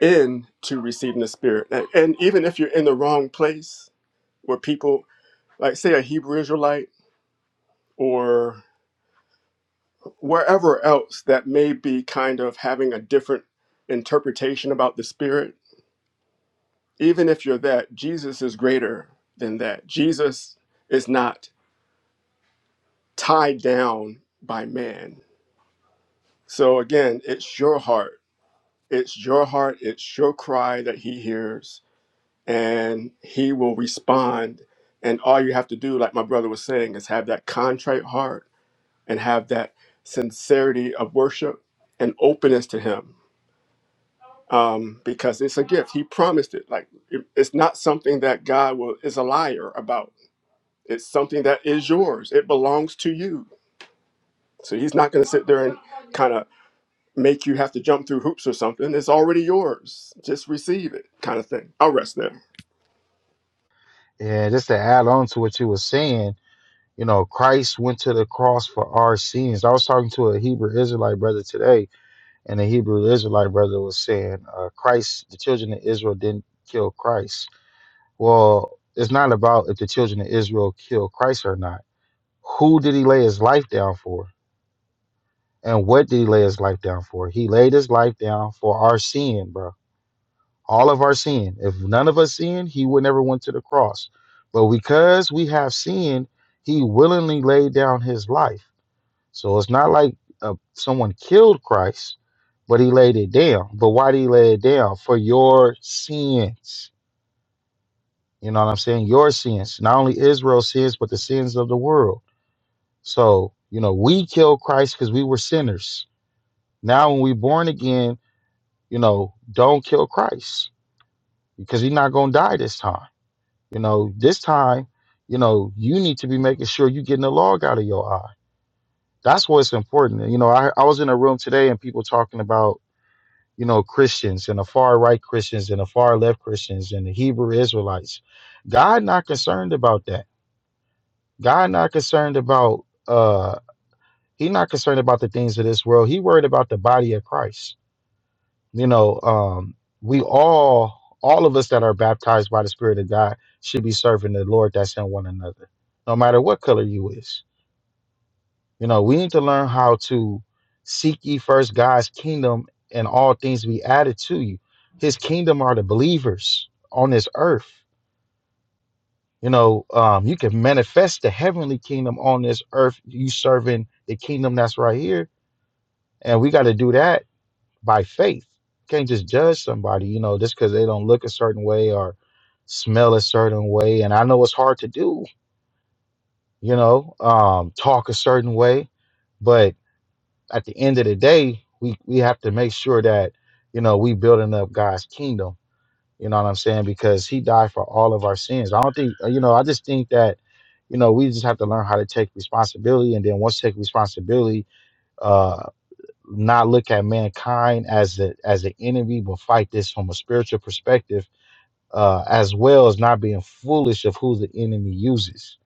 S2: in to receiving the Spirit. And, and even if you're in the wrong place, where people, like say a Hebrew Israelite or wherever else that may be kind of having a different interpretation about the Spirit even if you're that, Jesus is greater than that. Jesus is not tied down by man. So again, it's your heart. It's your heart. It's your cry that he hears, and he will respond. And all you have to do, like my brother was saying, is have that contrite heart and have that sincerity of worship and openness to him. Um, because it's a gift. He promised it. Like it- it's not something that God will is a liar about It's something that is yours. It belongs to you. So he's not going to sit there and kind of make you have to jump through hoops or something. It's already yours. Just receive it, kind of thing. I'll rest there.
S3: Yeah, just to add on to what you were saying, you know, Christ went to the cross for our sins. I was talking to a Hebrew Israelite brother today, and the Hebrew Israelite brother was saying, uh, Christ, the children of Israel didn't kill Christ. Well, it's not about if the children of Israel killed Christ or not. Who did he lay his life down for? And what did he lay his life down for? He laid his life down for our sin, bro. All of our sin. If none of us sinned, he would never went to the cross. But because we have sinned, he willingly laid down his life. So it's not like uh, someone killed Christ, but he laid it down. But why did he lay it down? For your sins. You know what I'm saying? Your sins. Not only Israel's sins, but the sins of the world. So, you know, we killed Christ because we were sinners. Now, when we're born again, you know, don't kill Christ because he's not going to die this time. You know, this time, you know, you need to be making sure you're getting the log out of your eye. That's what's important. You know, I, I was in a room today and people talking about you know, Christians and the far right Christians and the far left Christians and the Hebrew Israelites. God not concerned about that. God not concerned about uh he not concerned about the things of this world. He worried about the body of Christ. You know, um we all all of us that are baptized by the Spirit of God should be serving the Lord that's in one another, no matter what color you is You know, we need to learn how to seek ye first God's kingdom and all things be added to you. His kingdom are the believers on this earth. You know, um, you can manifest the heavenly kingdom on this earth, you serving the kingdom that's right here. And we got to do that by faith. Can't just judge somebody, you know, just because they don't look a certain way or smell a certain way. And I know it's hard to do, you know, um, talk a certain way. but. at the end of the day, we we have to make sure that you know we building up God's kingdom. You know what I'm saying? Because He died for all of our sins. I don't think uh, you know. I just think that you know we just have to learn how to take responsibility, and then once take responsibility, uh, not look at mankind as the as the enemy, but fight this from a spiritual perspective, uh, as well as not being foolish of who the enemy uses.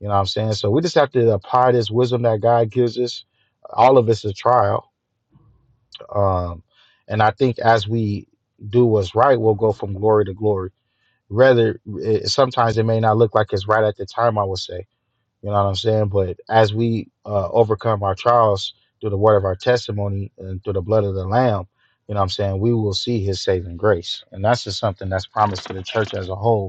S3: You know what I'm saying? So we just have to apply this wisdom that God gives us. All of it's a trial um, and I think as we do what's right, we'll go from glory to glory. Rather, it, sometimes it may not look like it's right at the time, I would say. You know what I'm saying? But as we uh, overcome our trials through the word of our testimony and through the blood of the Lamb, you know what I'm saying? We will see his saving grace. And that's just something that's promised to the church as a whole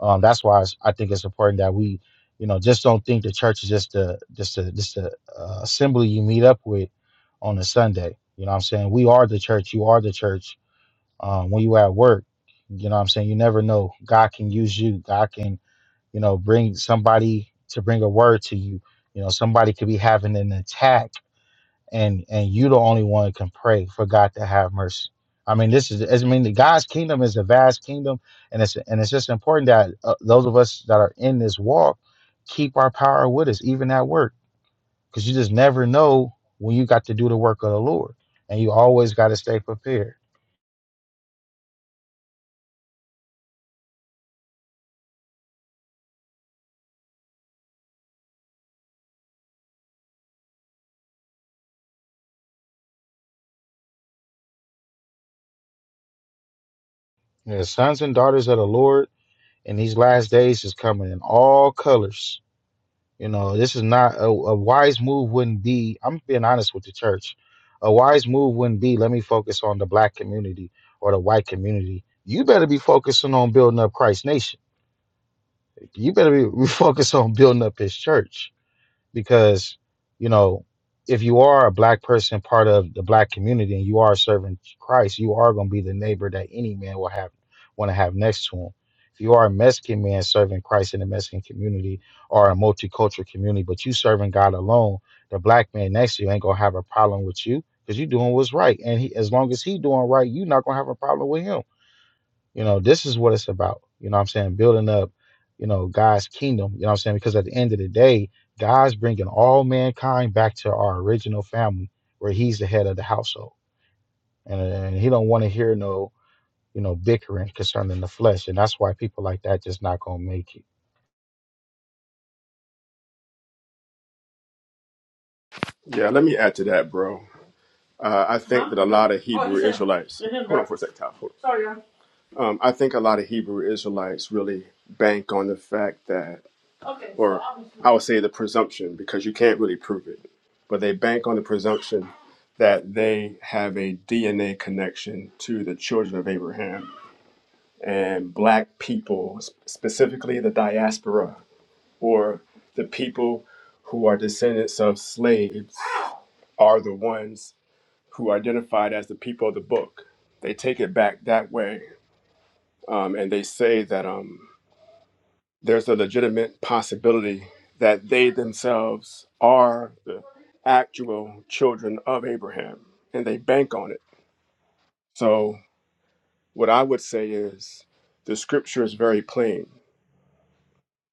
S3: um, that's why it's- I think it's important that we, you know, just don't think the church is just a just a just a uh, assembly you meet up with on a Sunday. You know, what I'm saying we are the church. You are the church. Um, when you at work, you know, what I'm saying you never know. God can use you. God can, you know, bring somebody to bring a word to you. You know, somebody could be having an attack and and you the only one can pray for God to have mercy. I mean, this is I mean, the God's kingdom is a vast kingdom, and it's and it's just important that uh, those of us that are in this walk keep our power with us, even at work, because you just never know when you got to do the work of the Lord, and you always got to stay prepared. You the sons and daughters of the Lord in these last days is coming in all colors You know, this is not a, a wise move wouldn't be, I'm being honest with the church. A wise move wouldn't be, let me focus on the black community or the white community. You better be focusing on building up Christ's nation. You better be focused on building up his church because you know if you are a black person part of the black community and you are serving christ you are going to be the neighbor that any man will have want to have next to him if you are a mexican man serving christ in the mexican community or a multicultural community but you serving god alone the black man next to you ain't going to have a problem with you because you doing what's right and he, as long as he doing right you not going to have a problem with him you know, this is what it's about. You know what I'm saying? Building up, you know, God's kingdom. You know what I'm saying? Because at the end of the day, God's bringing all mankind back to our original family where he's the head of the household. And, and he don't want to hear no, you know, bickering concerning the flesh. And that's why people like that just not going to make it.
S2: Yeah, let me add to that, bro. Uh, I think that a lot of Hebrew Israelites. Hold on for a second, Kyle. Um, I think a lot of Hebrew Israelites really bank on the fact that, okay, or I would say the presumption, because you can't really prove it, but they bank on the presumption that they have a DNA connection to the children of Abraham and black people, specifically the diaspora or the people who are descendants of slaves, are the ones who are identified as the people of the book. They take it back that way, um, and they say that. Um, there's a legitimate possibility that they themselves are the actual children of Abraham, and they bank on it. So, what I would say is the scripture is very plain.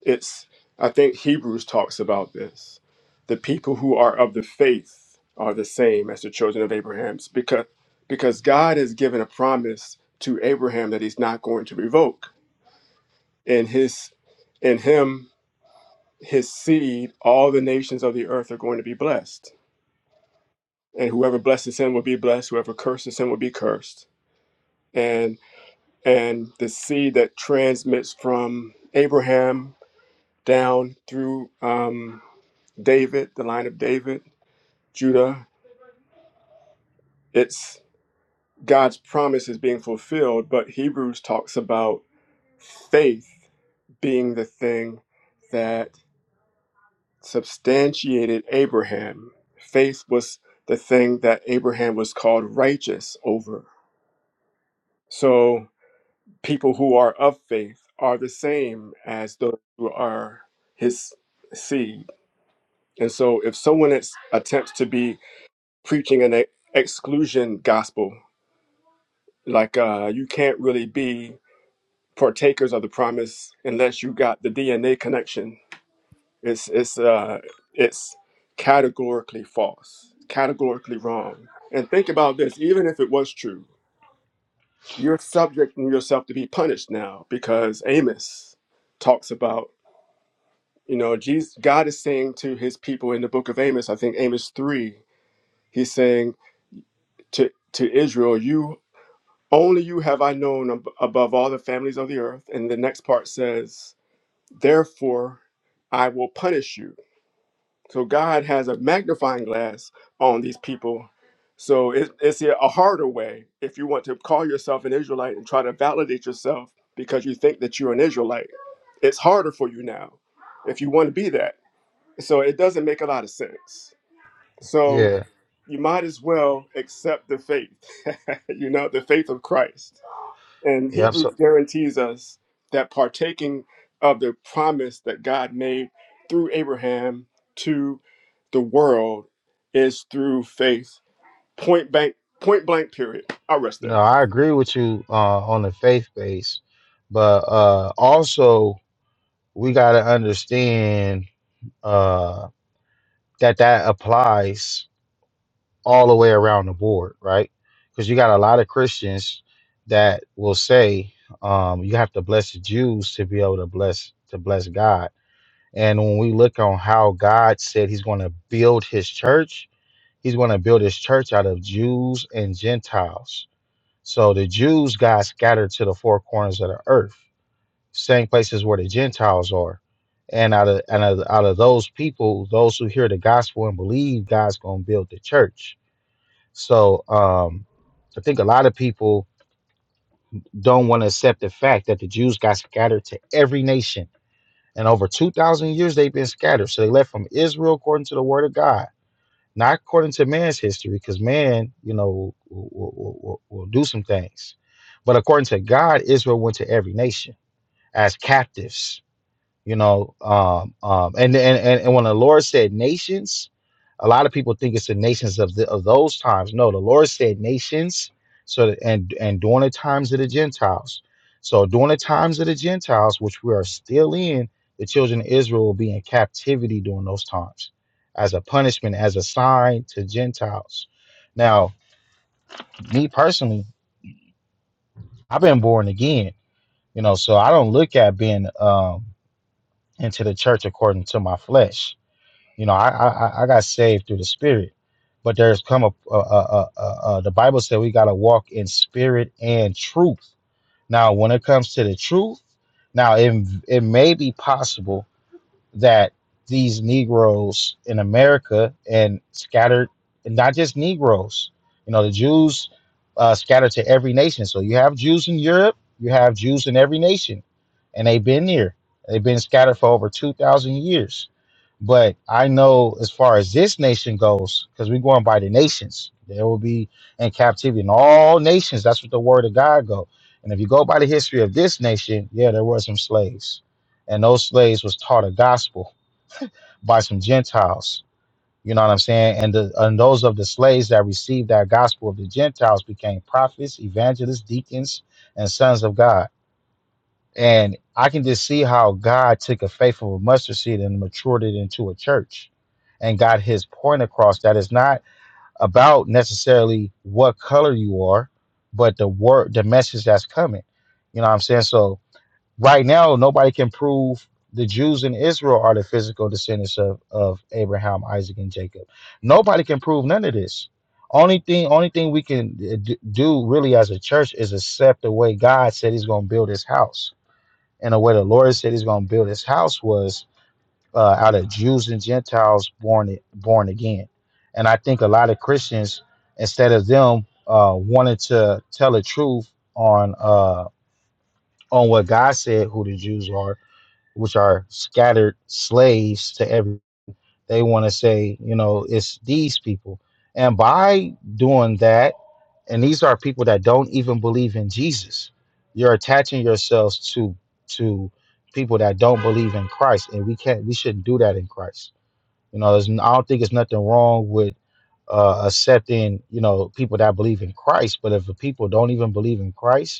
S2: It's, I think Hebrews talks about this. The people who are of the faith are the same as the children of Abraham's because, because God has given a promise to Abraham that he's not going to revoke. In his in him his seed, all the nations of the earth are going to be blessed. And whoever blesses him will be blessed, whoever curses him will be cursed. And and the seed that transmits from Abraham down through um, David, the line of David, Judah, it's God's promise is being fulfilled, but Hebrews talks about faith being the thing that substantiated Abraham. Faith was the thing that Abraham was called righteous over. So people who are of faith are the same as those who are his seed. And so if someone is, attempts to be preaching an ex- exclusion gospel, like uh, you can't really be partakers of the promise unless you got the DNA connection It's it's uh it's categorically false, categorically wrong. And think about this, even if it was true, you're subjecting yourself to be punished now because Amos talks about, you know, Jesus God is saying to his people in the book of Amos, I think Amos 3, he's saying to to Israel, you only you have I known ab- above all the families of the earth. And the next part says, therefore I will punish you So God has a magnifying glass on these people. So it, it's a a harder way if you want to call yourself an Israelite and try to validate yourself because you think that you're an Israelite. It's harder for you now if you want to be that. So it doesn't make a lot of sense. So
S3: Yeah.
S2: you might as well accept the faith, you know, the faith of Christ and
S3: Yep.
S2: Hebrews
S3: So,
S2: guarantees us that partaking of the promise that God made through Abraham to the world is through faith. Point blank, point blank, period. I'll rest
S3: no,
S2: there.
S3: I agree with you uh, on the faith base. But uh, also, we got to understand uh, that that applies all the way around the board, right? Because you got a lot of Christians that will say um, you have to bless the Jews to be able to bless to bless God. And when we look on how God said He's going to build His church, He's going to build His church out of Jews and Gentiles. So the Jews got scattered to the four corners of the earth, same places where the Gentiles are. And out of and out of, out of those people, those who hear the gospel and believe, God's going to build the church so um, I think a lot of people don't want to accept the fact that the Jews got scattered to every nation. And over 2,000 years, they've been scattered. So they left from Israel according to the word of God, not according to man's history, because man, you know, will, will, will, will will do some things. But according to God, Israel went to every nation as captives you know um um and and and, and when the lord said nations a lot of people think it's the nations of the, of those times no the lord said nations so that, and and during the times of the gentiles so during the times of the gentiles which we are still in the children of israel will be in captivity during those times as a punishment as a sign to gentiles now me personally i've been born again you know so i don't look at being um into the church according to my flesh You know, I I, I got saved through the Spirit, but there's come a, a, a, a, a the Bible said we got to walk in spirit and truth. Now, when it comes to the truth, now it it may be possible that these Negroes in America and scattered, and not just Negroes, you know, the Jews uh, scattered to every nation. So you have Jews in Europe, you have Jews in every nation, and they've been here. They've been scattered for over 2,000 years. But I know as far as this nation goes, because we're going by the nations, there will be in captivity in all nations. That's what the word of God go. And if you go by the history of this nation, yeah, there were some slaves and those slaves was taught a gospel by some Gentiles. You know what I'm saying? And the and those of the slaves that received that gospel of the Gentiles became prophets, evangelists, deacons, and sons of God. And I can just see how God took a faith of a mustard seed and matured it into a church and got his point across that it's not about necessarily what color you are, but the word the message that's coming. You know what I'm saying? So right now nobody can prove the Jews in Israel are the physical descendants of, of Abraham, Isaac, and Jacob. Nobody can prove none of this. Only thing, only thing we can uh, d- do really as a church is accept the way God said He's going to build His house, and the way the Lord said He's going to build His house was uh, out of Jews and Gentiles born born again. And I think a lot of Christians, instead of them uh, wanting to tell the truth on uh, on what God said, who the Jews are, which are scattered slaves to every they want to say you know it's these people and by doing that and these are people that don't even believe in jesus you're attaching yourselves to to people that don't believe in christ and we can't we shouldn't do that in christ you know there's, n- i don't think it's nothing wrong with uh, accepting you know people that believe in christ but if the people don't even believe in christ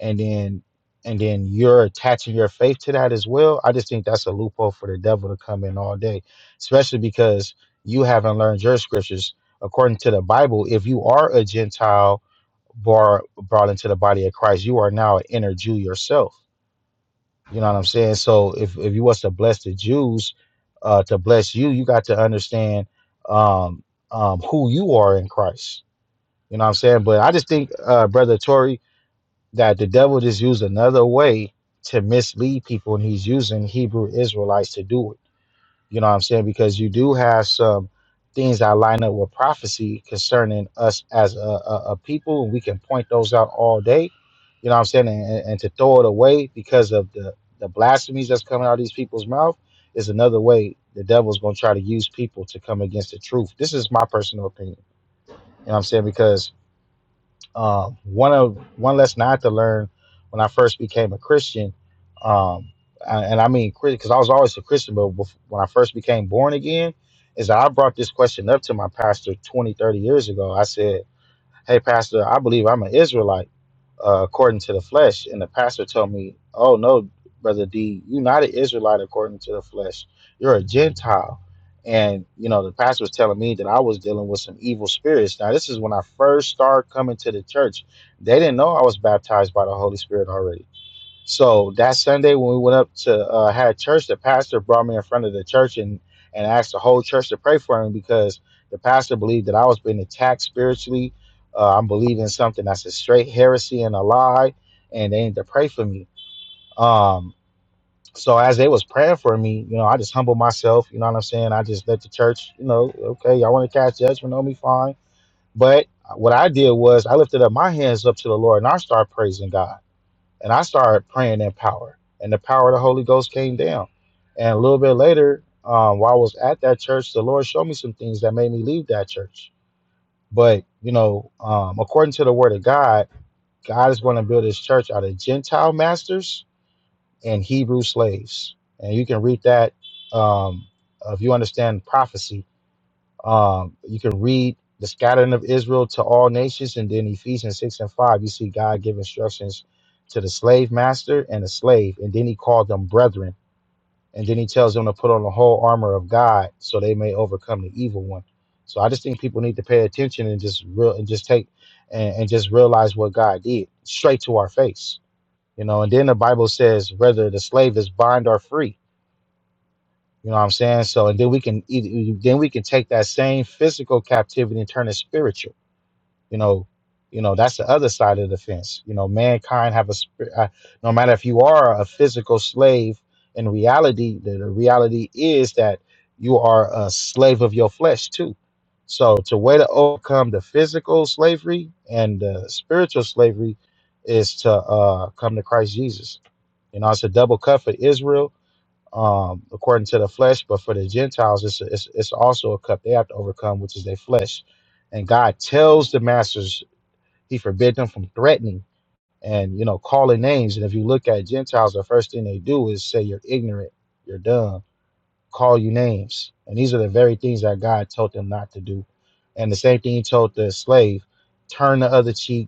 S3: and then and then you're attaching your faith to that as well i just think that's a loophole for the devil to come in all day especially because you haven't learned your scriptures according to the bible if you are a gentile bar, brought into the body of christ you are now an inner jew yourself you know what i'm saying so if, if you was to bless the jews uh, to bless you you got to understand um, um, who you are in christ you know what i'm saying but i just think uh, brother Tory that the devil just used another way to mislead people, and he's using Hebrew Israelites to do it. You know what I'm saying? Because you do have some things that line up with prophecy concerning us as a, a, a people, and we can point those out all day. You know what I'm saying? And, and and to throw it away because of the, the blasphemies that's coming out of these people's mouth is another way the devil's going to try to use people to come against the truth. This is my personal opinion. You know what I'm saying? Because um, one of one lesson I had to learn when I first became a Christian, um, and and I mean Christian, because I was always a Christian, but bef- when I first became born again, is that I brought this question up to my pastor 20, 30 years ago. I said hey, Pastor, I believe I'm an Israelite uh, according to the flesh. And the pastor told me, oh, no, Brother D, you're not an Israelite according to the flesh. You're a Gentile. And, you know, the pastor was telling me that I was dealing with some evil spirits. Now, this is when I first started coming to the church. They didn't know I was baptized by the Holy Spirit already. So that Sunday when we went up to uh, had church, the pastor brought me in front of the church and and asked the whole church to pray for him because the pastor believed that I was being attacked spiritually. Uh, I'm believing something that's a straight heresy and a lie, and they need to pray for me. Um, so as they was praying for me, you know, I just humbled myself. You know what I'm saying? I just let the church, you know, okay, y'all want to cast judgment on me, fine. But what I did was I lifted up my hands up to the Lord and I started praising God. And I started praying in power, and the power of the Holy Ghost came down. And a little bit later, um, while I was at that church, the Lord showed me some things that made me leave that church. But, you know, um, according to the word of God, God is going to build his church out of Gentile masters and Hebrew slaves. And you can read that um, if you understand prophecy um, you can read the scattering of Israel to all nations, and then Ephesians 6 and 5, you see God give instructions to the slave master and the slave, and then he called them brethren, and then he tells them to put on the whole armor of God so they may overcome the evil one. So I just think people need to pay attention and just real and just take and, and just realize what God did straight to our face. You know, and then the Bible says whether the slave is bond or free you know what I'm saying? So, and then we can either, then we can take that same physical captivity and turn it spiritual. You know, you know that's the other side of the fence. You know, mankind have a spirit. Uh, no matter if you are a physical slave, in reality, the, the reality is that you are a slave of your flesh too. So, to way to overcome the physical slavery and the spiritual slavery is to uh, come to Christ Jesus. You know, it's a double cut for Israel um, according to the flesh, but for the Gentiles, it's, it's, it's also a cup they have to overcome, which is their flesh. And God tells the masters, He forbid them from threatening and you know calling names. And if you look at Gentiles, the first thing they do is say you're ignorant, you're dumb, call you names, and these are the very things that God told them not to do. And the same thing He told the slave, turn the other cheek,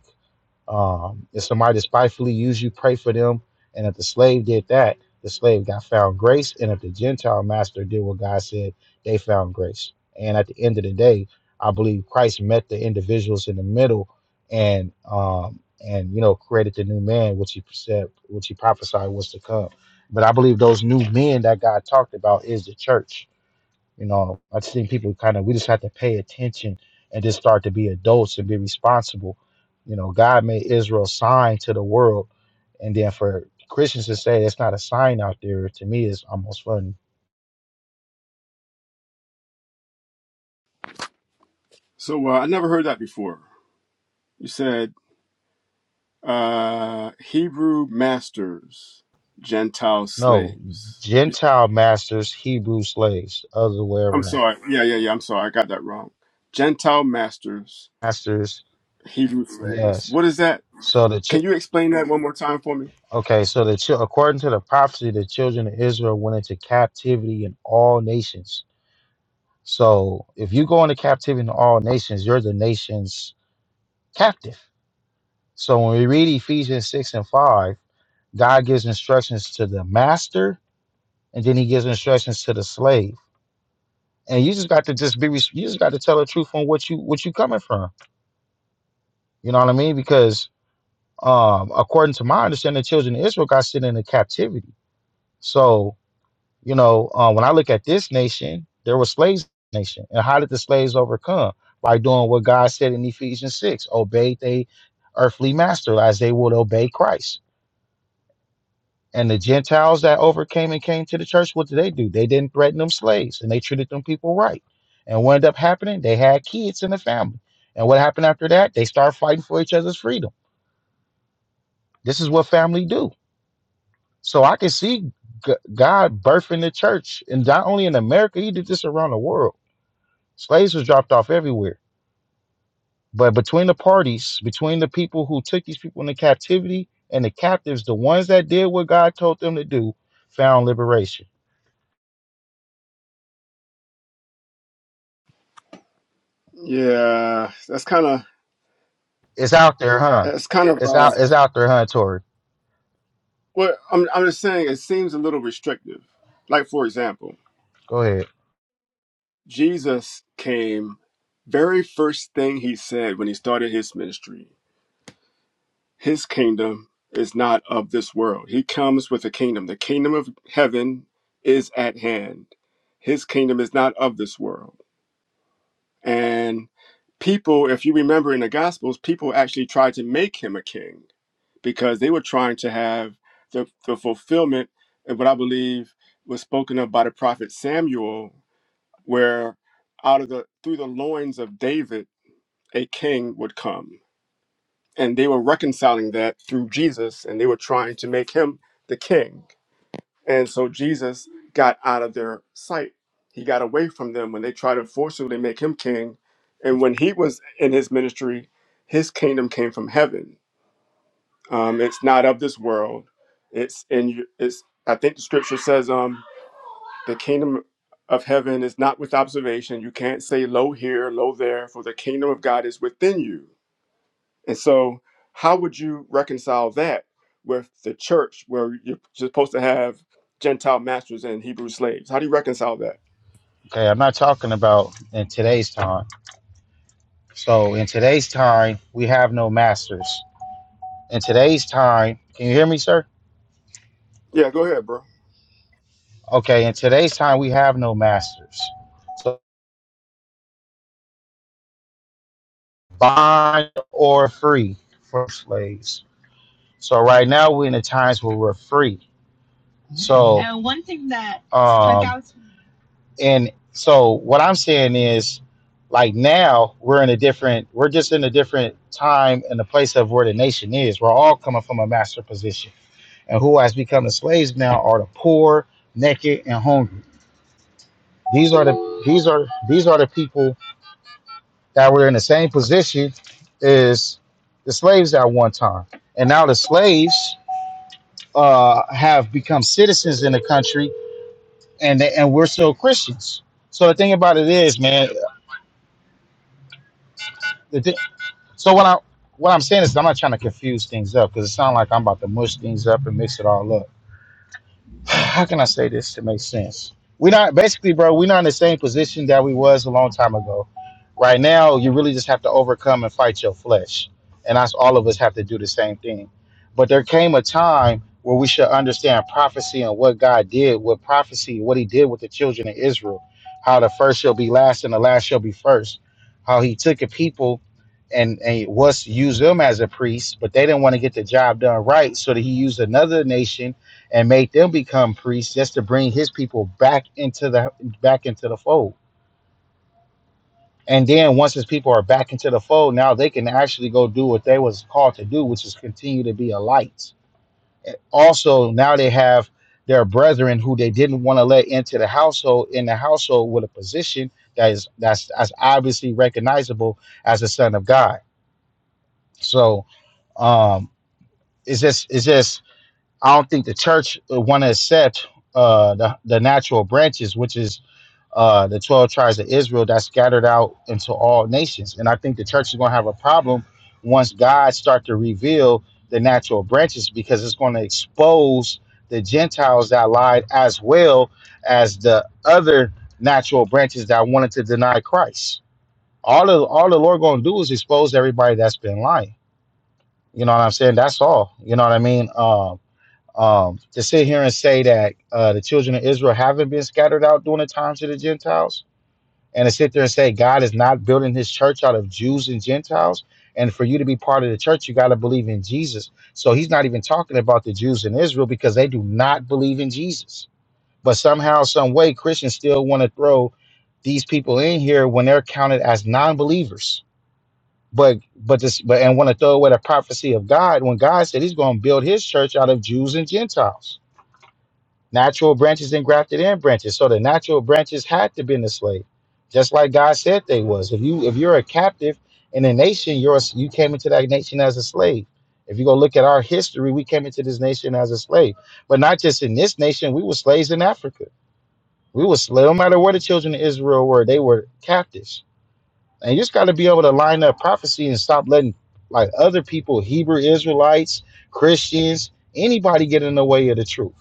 S3: um, if somebody despitefully used you, pray for them. And if the slave did that, the slave got found grace. And if the Gentile master did what God said, they found grace. And at the end of the day, I believe Christ met the individuals in the middle and um and you know created the new man, which he said, which he prophesied was to come. But I believe those new men that God talked about is the church you know, I just think people kind of we just have to pay attention and just start to be adults and be responsible. You know, God made Israel sign to the world, and then for Christians to say it's not a sign out there to me is almost funny.
S2: So uh, I never heard that before. You said uh, Hebrew masters, Gentile
S3: No,
S2: slaves. You-
S3: Gentile masters, Hebrew slaves, other way
S2: I'm
S3: around.
S2: sorry. Yeah, yeah, yeah. I'm sorry. I got that wrong. Gentile masters,
S3: Masters,
S2: Hebrew slaves.
S3: yes.
S2: What is that?
S3: So the
S2: Can
S3: ch-
S2: you explain that one more time for me?
S3: okay, so the chil according to the prophecy, the children of Israel went into captivity in all nations. So if you go into captivity in all nations, you're the nations captive. So when we read Ephesians 6 and 5, God gives instructions to the master and then he gives instructions to the slave. And you just got to just be you just got to tell the truth on what you what you coming from. You know what I mean? Because um according to my understanding, the children of Israel got sent into captivity. So, you know, uh, when I look at this nation, there were slaves in the nation. And how did the slaves overcome? By doing what God said in Ephesians 6, obeyed they earthly master as they would obey Christ. And the Gentiles that overcame and came to the church, what did they do? They didn't threaten them slaves and they treated them people right. And what ended up happening? They had kids in the family. And what happened after that? They started fighting for each other's freedom. This is what family do. So I can see G- God birthing the church. And not only in America, he did this around the world. Slaves was dropped off everywhere. But between the parties, between the people who took these people into captivity and the captives, the ones that did what God told them to do found liberation.
S2: Yeah, that's kind of
S3: It's out there, huh?
S2: that's kind of
S3: It's
S2: uh,
S3: out. It's out there, huh, Tori?
S2: what I'm. I'm just saying it seems a little restrictive. Like for example,
S3: Go ahead.
S2: Jesus came. Very first thing he said when he started his ministry, his kingdom is not of this world. He comes with a kingdom. The kingdom of heaven is at hand. His kingdom is not of this world. And people, if you remember in the Gospels, people actually tried to make him a king because they were trying to have the, the fulfillment of what I believe was spoken of by the prophet Samuel, where out of the through the loins of David a king would come. And they were reconciling that through Jesus and they were trying to make him the king. And so Jesus got out of their sight. He got away from them when they tried to forcibly make him king. And when he was in his ministry, his kingdom came from heaven um, it's not of this world. It's in your- it's. I think the scripture says, um, the kingdom of heaven is not with observation. You can't say low here, low there, for the kingdom of God is within you. And so, how would you reconcile that with the church, where you're supposed to have Gentile masters and Hebrew slaves? How do you reconcile that?
S3: Okay, I'm not talking about in today's time. So in today's time, we have no masters. In today's time, can you hear me, sir?
S2: Yeah, go ahead, bro.
S3: Okay, in today's time, we have no masters. So bond or free for slaves. So right now, we're in the times where we're free. So uh, one thing that. um, and so what i'm saying is like now we're in a different we're just in a different time and the place of where the nation is we're all coming from a master position and who has become the slaves now are the poor naked and hungry these are the these are these are the people that were in the same position as the slaves at one time and now the slaves uh, have become citizens in the country and they, and we're still christians so the thing about it is man the, So what I what I'm saying is I'm not trying to confuse things up because it sounds like I'm about to mush things up and mix it all up how can I say this to make sense? We're not basically, bro. We're not in the same position that we was a long time ago. Right now, you really just have to overcome and fight your flesh, and us all of us have to do the same thing. But there came a time where we should understand prophecy and what God did with prophecy, what He did with the children of Israel, how the first shall be last and the last shall be first, how He took a people and and was used them as a priest, but they didn't want to get the job done right, so that He used another nation and made them become priests just to bring his people back into the back into the fold. And then once his people are back into the fold, now they can actually go do what they was called to do, which is continue to be a light. Also, now they have their brethren who they didn't want to let into the household in the household with a position that is that's that's obviously recognizable as a son of God. So um it's just it's just I don't think the church want to accept uh the, the natural branches, which is uh, the 12 tribes of Israel that's scattered out into all nations. And I think the church is going to have a problem once God starts to reveal the natural branches because it's going to expose the Gentiles that lied as well as the other natural branches that wanted to deny Christ. All the all the Lord going to do is expose everybody that's been lying. You know what I'm saying? That's all. You know what I mean? Um, um, to sit here and say that uh, the children of Israel haven't been scattered out during the times of the Gentiles, and to sit there and say God is not building his church out of Jews and Gentiles. And for you to be part of the church, you got to believe in Jesus. So he's not even talking about the Jews in Israel because they do not believe in Jesus. But somehow, some way, Christians still want to throw these people in here when they're counted as non-believers. But but this but and want to throw away the prophecy of God when God said He's going to build His church out of Jews and Gentiles. Natural branches and grafted in branches. So the natural branches had to be in the slave, just like God said they was. If you if you're a captive in a nation, you're a, you came into that nation as a slave. If you go look at our history, we came into this nation as a slave, but not just in this nation. We were slaves in Africa. We were slaves. No matter where the children of Israel were, they were captives. And you just got to be able to line up prophecy and stop letting like other people, Hebrew Israelites, Christians, anybody get in the way of the truth.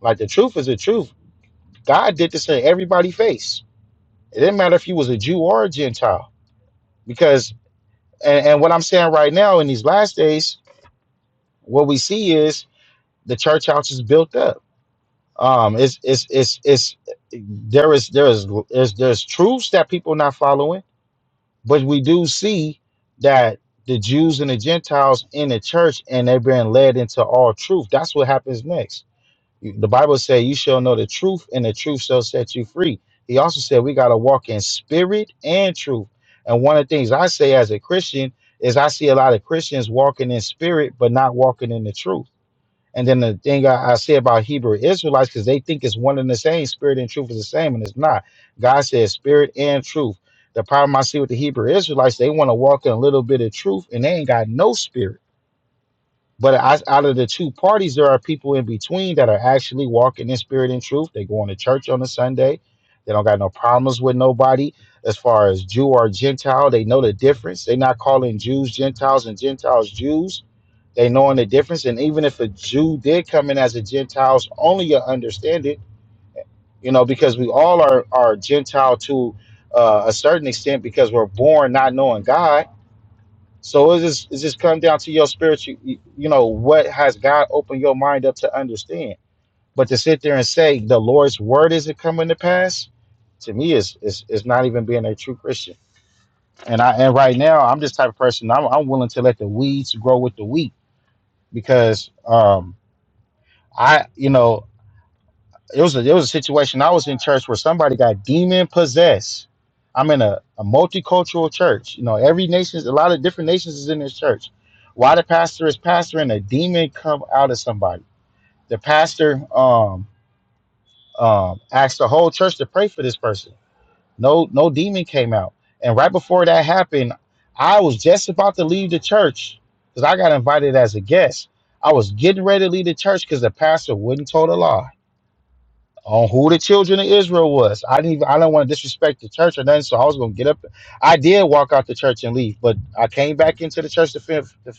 S3: Like the truth is the truth. God did this in everybody's face. It didn't matter if you was a Jew or a Gentile. Because and, and what I'm saying right now in these last days, what we see is the church house is built up. Um it's it's it's it's there is there is there's there's truths that people are not following, but we do see that the Jews and the Gentiles in the church and they're being led into all truth. That's what happens next You- The Bible says, "You shall know the truth, and the truth shall set you free." He also said, "We got to walk in spirit and truth." And one of the things I say as a Christian is, I see a lot of Christians walking in spirit but not walking in the truth. And then the thing I, I say about Hebrew Israelites, because they think it's one and the same, spirit and truth is the same, and it's not. God says spirit and truth. The problem I see with the Hebrew Israelites, they want to walk in a little bit of truth, and they ain't got no spirit. But as- out of the two parties, there are people in between that are actually walking in spirit and truth. They going to church on a Sunday. They don't got no problems with nobody as far as Jew or Gentile. They know the difference. They not calling Jews Gentiles and Gentiles Jews. They knowing the difference. And even if a Jew did come in as a Gentiles, only you understand it, you know, because we all are, are Gentile to uh, a certain extent because we're born not knowing God so it just it just come down to your spiritual, you you know, what has God opened your mind up to understand? But to sit there and say the Lord's word isn't coming to pass, to me is is is not even being a true Christian. And I and right now I'm this type of person. I'm I'm willing to let the weeds grow with the wheat because um I you know it was a, it was a situation I was in church where somebody got demon possessed. I'm in a, a multicultural church. You know, every nation, a lot of different nations is in this church. Why the pastor is pastoring a demon come out of somebody? The pastor um um asked the whole church to pray for this person. No, no demon came out. And right before that happened, I was just about to leave the church because I got invited as a guest. I was getting ready to leave the church because the pastor wouldn't told a lie on who the children of Israel was. I didn't even I didn't want to disrespect the church or nothing, so I was gonna get up. I did walk out the church and leave, but I came back into the church to fin- to,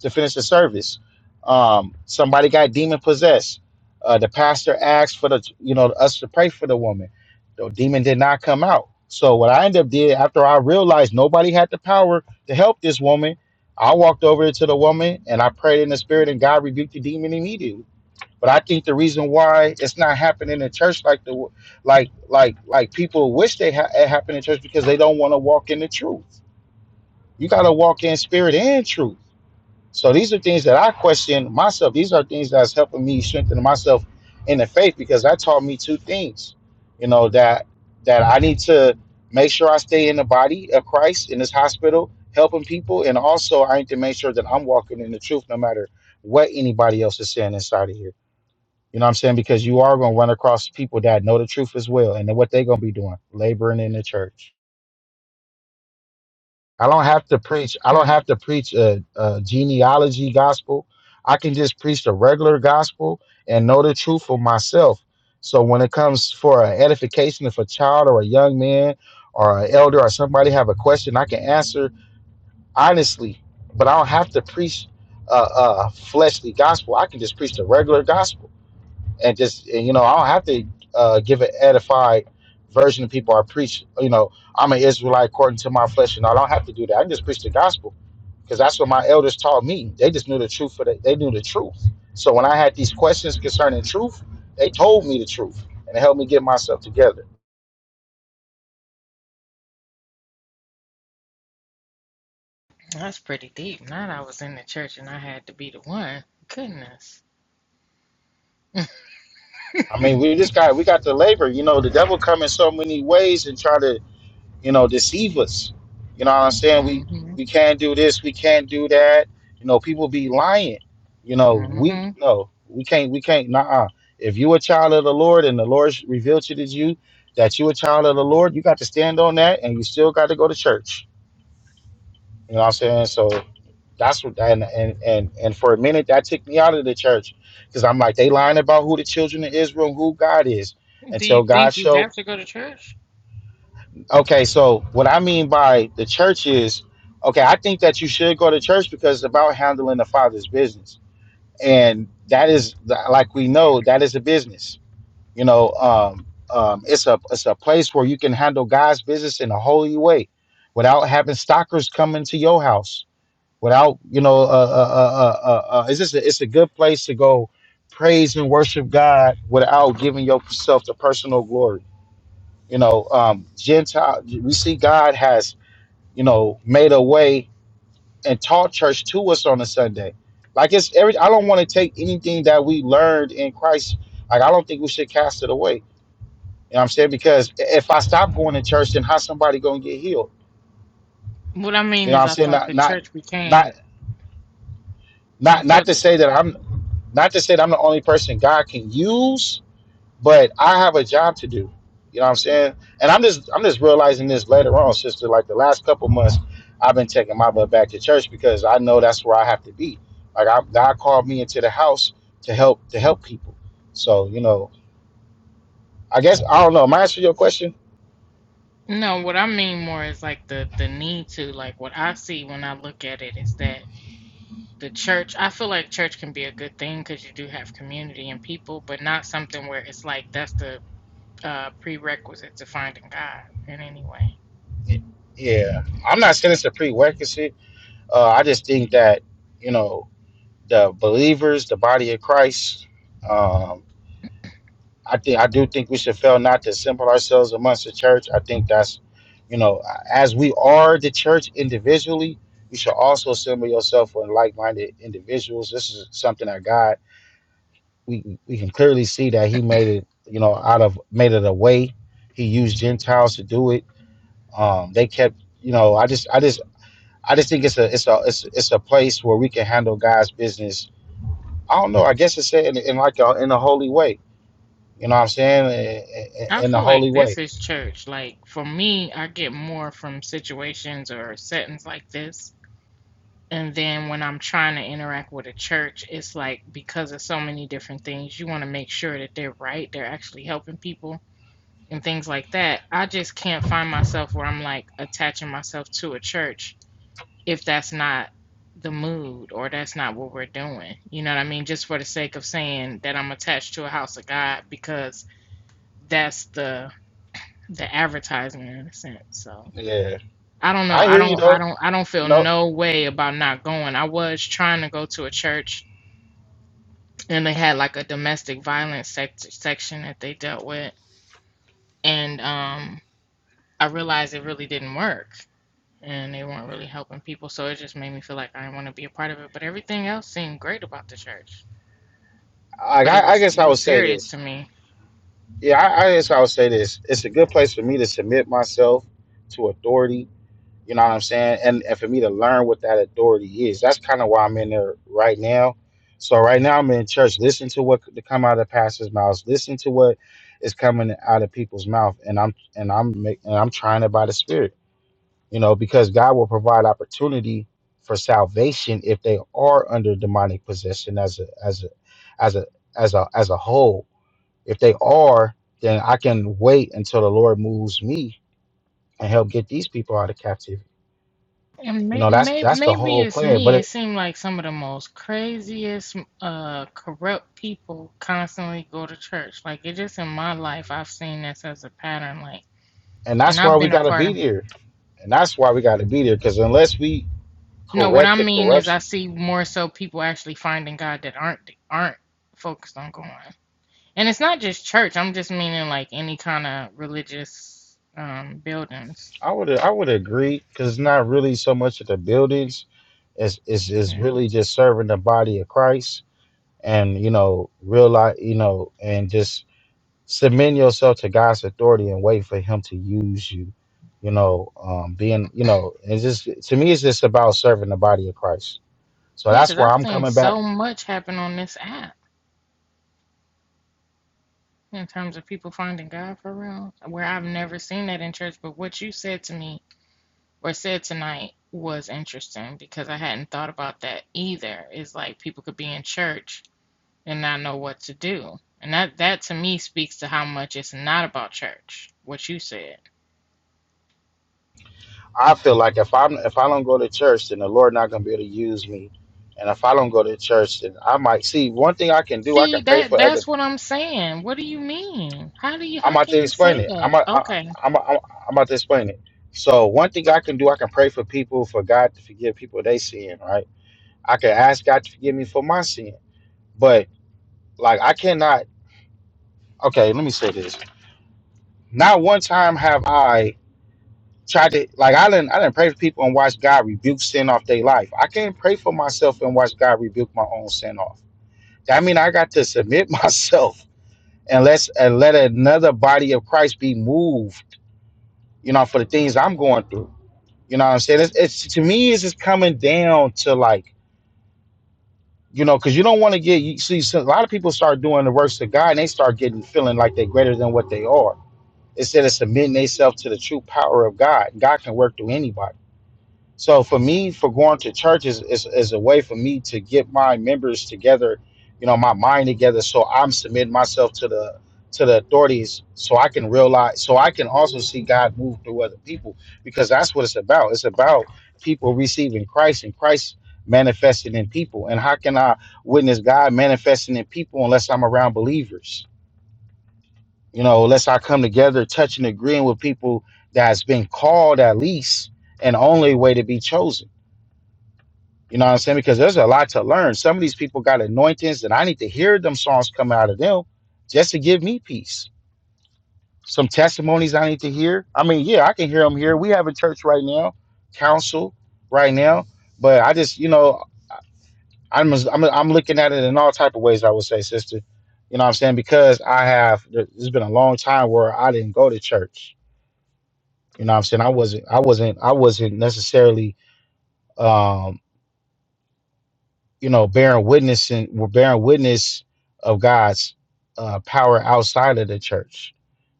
S3: to finish the service. Um, somebody got demon possessed. Uh, the pastor asked for the you know us to pray for the woman. The demon did not come out. So what I ended up did after I realized nobody had the power to help this woman, I walked over to the woman and I prayed in the spirit, and God rebuked the demon immediately. But I think the reason why it's not happening in church like the like like like people wish they ha- it happened in church because they don't want to walk in the truth. You got to walk in spirit and truth. So these are things that I question myself. These are things that's helping me strengthen myself in the faith because that taught me two things. You know that that I need to make sure I stay in the body of Christ in this hospital helping people, and also I need to make sure that I'm walking in the truth no matter what anybody else is saying inside of here. You know what I'm saying? Because you are going to run across people that know the truth as well, and then what they're going to be doing, laboring in the church. I don't have to preach. I
S1: Hmm.
S3: don't have to preach a, a genealogy gospel. I can just preach the regular gospel and know the truth for myself. So when it comes for an edification, if a child or a young man or an elder or somebody have a question, I can answer honestly. But I don't have to preach a, a fleshly gospel. I can just preach the regular gospel and just and, you know i don't have to uh, give an edified version of people i preach you know i'm an israelite according to my flesh and i don't have to do that i can just preach the gospel because that's what my elders taught me they just knew the truth for the, they knew the truth so when i had these questions concerning truth they told me the truth and it helped me get myself together
S1: That's pretty deep. Not I was in the church and I had to be the one. Goodness.
S3: i mean we just got we got to labor you know the devil come in so many ways and try to you know, deceive us. You know what I'm saying? We
S1: hmm
S3: we can't do this, we can't do that. You know, people be lying. You know,
S1: hmm
S3: we no, we can't, we can't, nah. If you a child of the Lord and the Lord revealed to you that you a child of the Lord, you got to stand on that and you still got to go to church. You know what I'm saying? So that's what and and and, and for a minute that took me out of the church. Because I'm like, they lying about who the children of Israel, and who God is.
S1: Do you
S3: Until God
S1: think you
S3: showed
S1: have to go to church?
S3: Okay, so what I mean by the church is, okay, I think that you should go to church because it's about handling the Father's business, and that is like we know that is a business. You know, um, um, it's a it's a place where you can handle God's business in a holy way, without having stalkers come into your house. Without you know, uh, uh, uh, uh, uh, uh, it's just a, it's a good place to go praise and worship God without giving yourself to personal glory you know um gentile we see god has you know made a way and taught church to us on a sunday like it's every i don't want to take anything that we learned in christ like i don't think we should cast it away you know what i'm saying because if i stop going to church then how's somebody gonna get healed
S1: What I mean
S3: you know what
S1: is,
S3: i'm
S1: I
S3: saying
S1: thought
S3: not
S1: the
S3: not
S1: church
S3: not
S1: became. I
S3: not not
S1: thought
S3: to
S1: that.
S3: say that i'm not to say that i'm the only person god can use but I have a job to do. You know what I'm saying? And I'm just I'm just realizing this later on, sister. Like the last couple months, I've been taking my butt back to church because I know that's where I have to be. Like I, God called me into the house to help to help people. So you know, I guess I don't know. Am I answering your question?
S1: No, what I mean more is like the the need to. Like what I see when I look at it is that the church. I feel like church can be a good thing because you do have community and people, but not something where it's like that's the uh, prerequisite to finding God in any way.
S3: Y- Yeah, I'm not saying it's a prerequisite. Uh, I just think that you know the believers, the body of Christ. um, I think I do think we should fail not to assemble ourselves amongst the church. I think that's, you know, as we are the church individually, you should also assemble yourself with like-minded individuals. This is something that God we we can clearly see that He made it, you know, out of made it a way. He used Gentiles to do it. Um, they kept, you know, I just I just I just think it's a it's a it's, it's a place where we can handle God's business. I don't know. I guess it's said in, in like a, in a holy way. You know what I'm saying? In, in,
S1: I
S3: in the
S1: feel like
S3: holy way
S1: this is church. Like for me, I get more from situations or settings like this. And then when I'm trying to interact with a church, it's like because of so many different things, you want to make sure that they're right, they're actually helping people and things like that. I just can't find myself where I'm like attaching myself to a church if that's not the mood or that's not what we're doing. You know what I mean? Just for the sake of saying that I'm attached to a house of God because that's the the advertisement in a sense. So
S3: Yeah,
S1: I don't know.
S3: I
S1: I
S3: hear you
S1: don't I
S3: though.
S1: don't I don't feel
S3: No,
S1: no way about not going. I was trying to go to a church and they had like a domestic violence sec- section that they dealt with and um I realized it really didn't work and they weren't really helping people so it just made me feel like I didn't want to be a part of it, but everything else seemed great about the church.
S3: I,
S1: But it
S3: I I
S1: was
S3: guess
S1: it
S3: I would
S1: was
S3: say
S1: serious
S3: this.
S1: to me.
S3: Yeah, I, I guess I would say this. It's a good place for me to submit myself to authority. You know what I'm saying? And and for me to learn what that authority is. That's kind of why I'm in there right now. So right now I'm in church. Listen to what could come out of pastors' mouths. Listen to what is coming out of people's mouth. And I'm and I'm make, and I'm trying it by the spirit. you know, because God will provide opportunity for salvation if they are under demonic possession as a as a as a as a as a whole. If they are, then I can wait until the Lord moves me and help get these people out of captivity.
S1: And
S3: You
S1: may,
S3: know, that's
S1: may,
S3: that's the
S1: maybe
S3: whole
S1: it's
S3: plan. But
S1: me. It
S3: it,
S1: seemed like some of the most craziest, uh, corrupt people constantly go to church. Like it just in my life, I've seen this as a pattern. Like,
S3: and
S1: and
S3: that's why
S1: I've
S3: we
S1: been a
S3: got to
S1: part
S3: be
S1: of.
S3: there, and that's why we got to be there because unless we
S1: No, what I
S3: correct the
S1: mean is, I
S3: corruption,
S1: see more so people actually finding God that aren't aren't focused on going. And it's not just church. I'm just meaning like any kind of religious um buildings.
S3: I would I would agree because it's not really so much of the buildings, it's, it's, it's
S1: Yeah,
S3: really just serving the body of Christ and you know realize you know and just submit yourself to god's authority and wait for him to use you you know um being you know it's just to me it's just about serving the body of christ so
S1: yeah, because
S3: that's why
S1: I've
S3: i'm
S1: seen
S3: coming back
S1: so much happen on this app. in terms of people finding God for real, where I've never seen that in church, but what you said to me or said tonight was interesting because I hadn't thought about that either. Is like people could be in church and not know what to do. And that that to me speaks to how much it's not about church, what you said.
S3: i feel like if i'm if i don't go to church then the lord not gonna be able to use me and if i don't go to church then i might see one thing i can do i
S1: See,
S3: can pray
S1: that
S3: for other
S1: that's what I'm saying. What do you mean? How do you how
S3: i'm about
S1: can
S3: to
S1: you
S3: explain
S1: say
S3: it i'm
S1: that?
S3: a, I,
S1: Okay.
S3: am i am i I'm I'm about to explain it so one thing i can do i can pray for people for god to forgive people they sin right I can ask God to forgive me for my sin. But like I cannot okay, let me say this. Not one time have I tried to like I didn't I didn't pray for people and watch God rebuke sin off their life. I can't pray for myself and watch God rebuke my own sin off. That mean I got to submit myself and let's and let another body of Christ be moved, you know, for the things I'm going through. You know what I'm saying? It's, it's to me it's just coming down to like You know, because you don't want to get you see so a lot of people start doing the works of God and they start getting feeling like they're greater than what they are instead of submitting themselves to the true power of God. God can work through anybody. So for me, for going to church is, is, is a way for me to get my members together, you know, my mind together. So I'm submitting myself to the to the authorities so I can realize so I can also see God move through other people because that's what it's about. It's about people receiving Christ and Christ manifesting in people. And how can I witness God manifesting in people unless I'm around believers? You know, unless I come together, touching, agreeing with people that's been called at least and only way to be chosen you know what I'm saying? Because there's a lot to learn. Some of these people got anointings, and I need to hear them songs come out of them just to give me peace. Some testimonies I need to hear. I mean, yeah, I can hear them here. We have a church right now, council right now, but I just, you know, I'm I'm, I'm looking at it in all type of ways. I would say, sister, you know what I'm saying? Because I have. It's been a long time where I didn't go to church. You know what I'm saying? I wasn't. I wasn't. I wasn't necessarily. um, you know, bearing witness and we're bearing witness of God's uh, power outside of the church.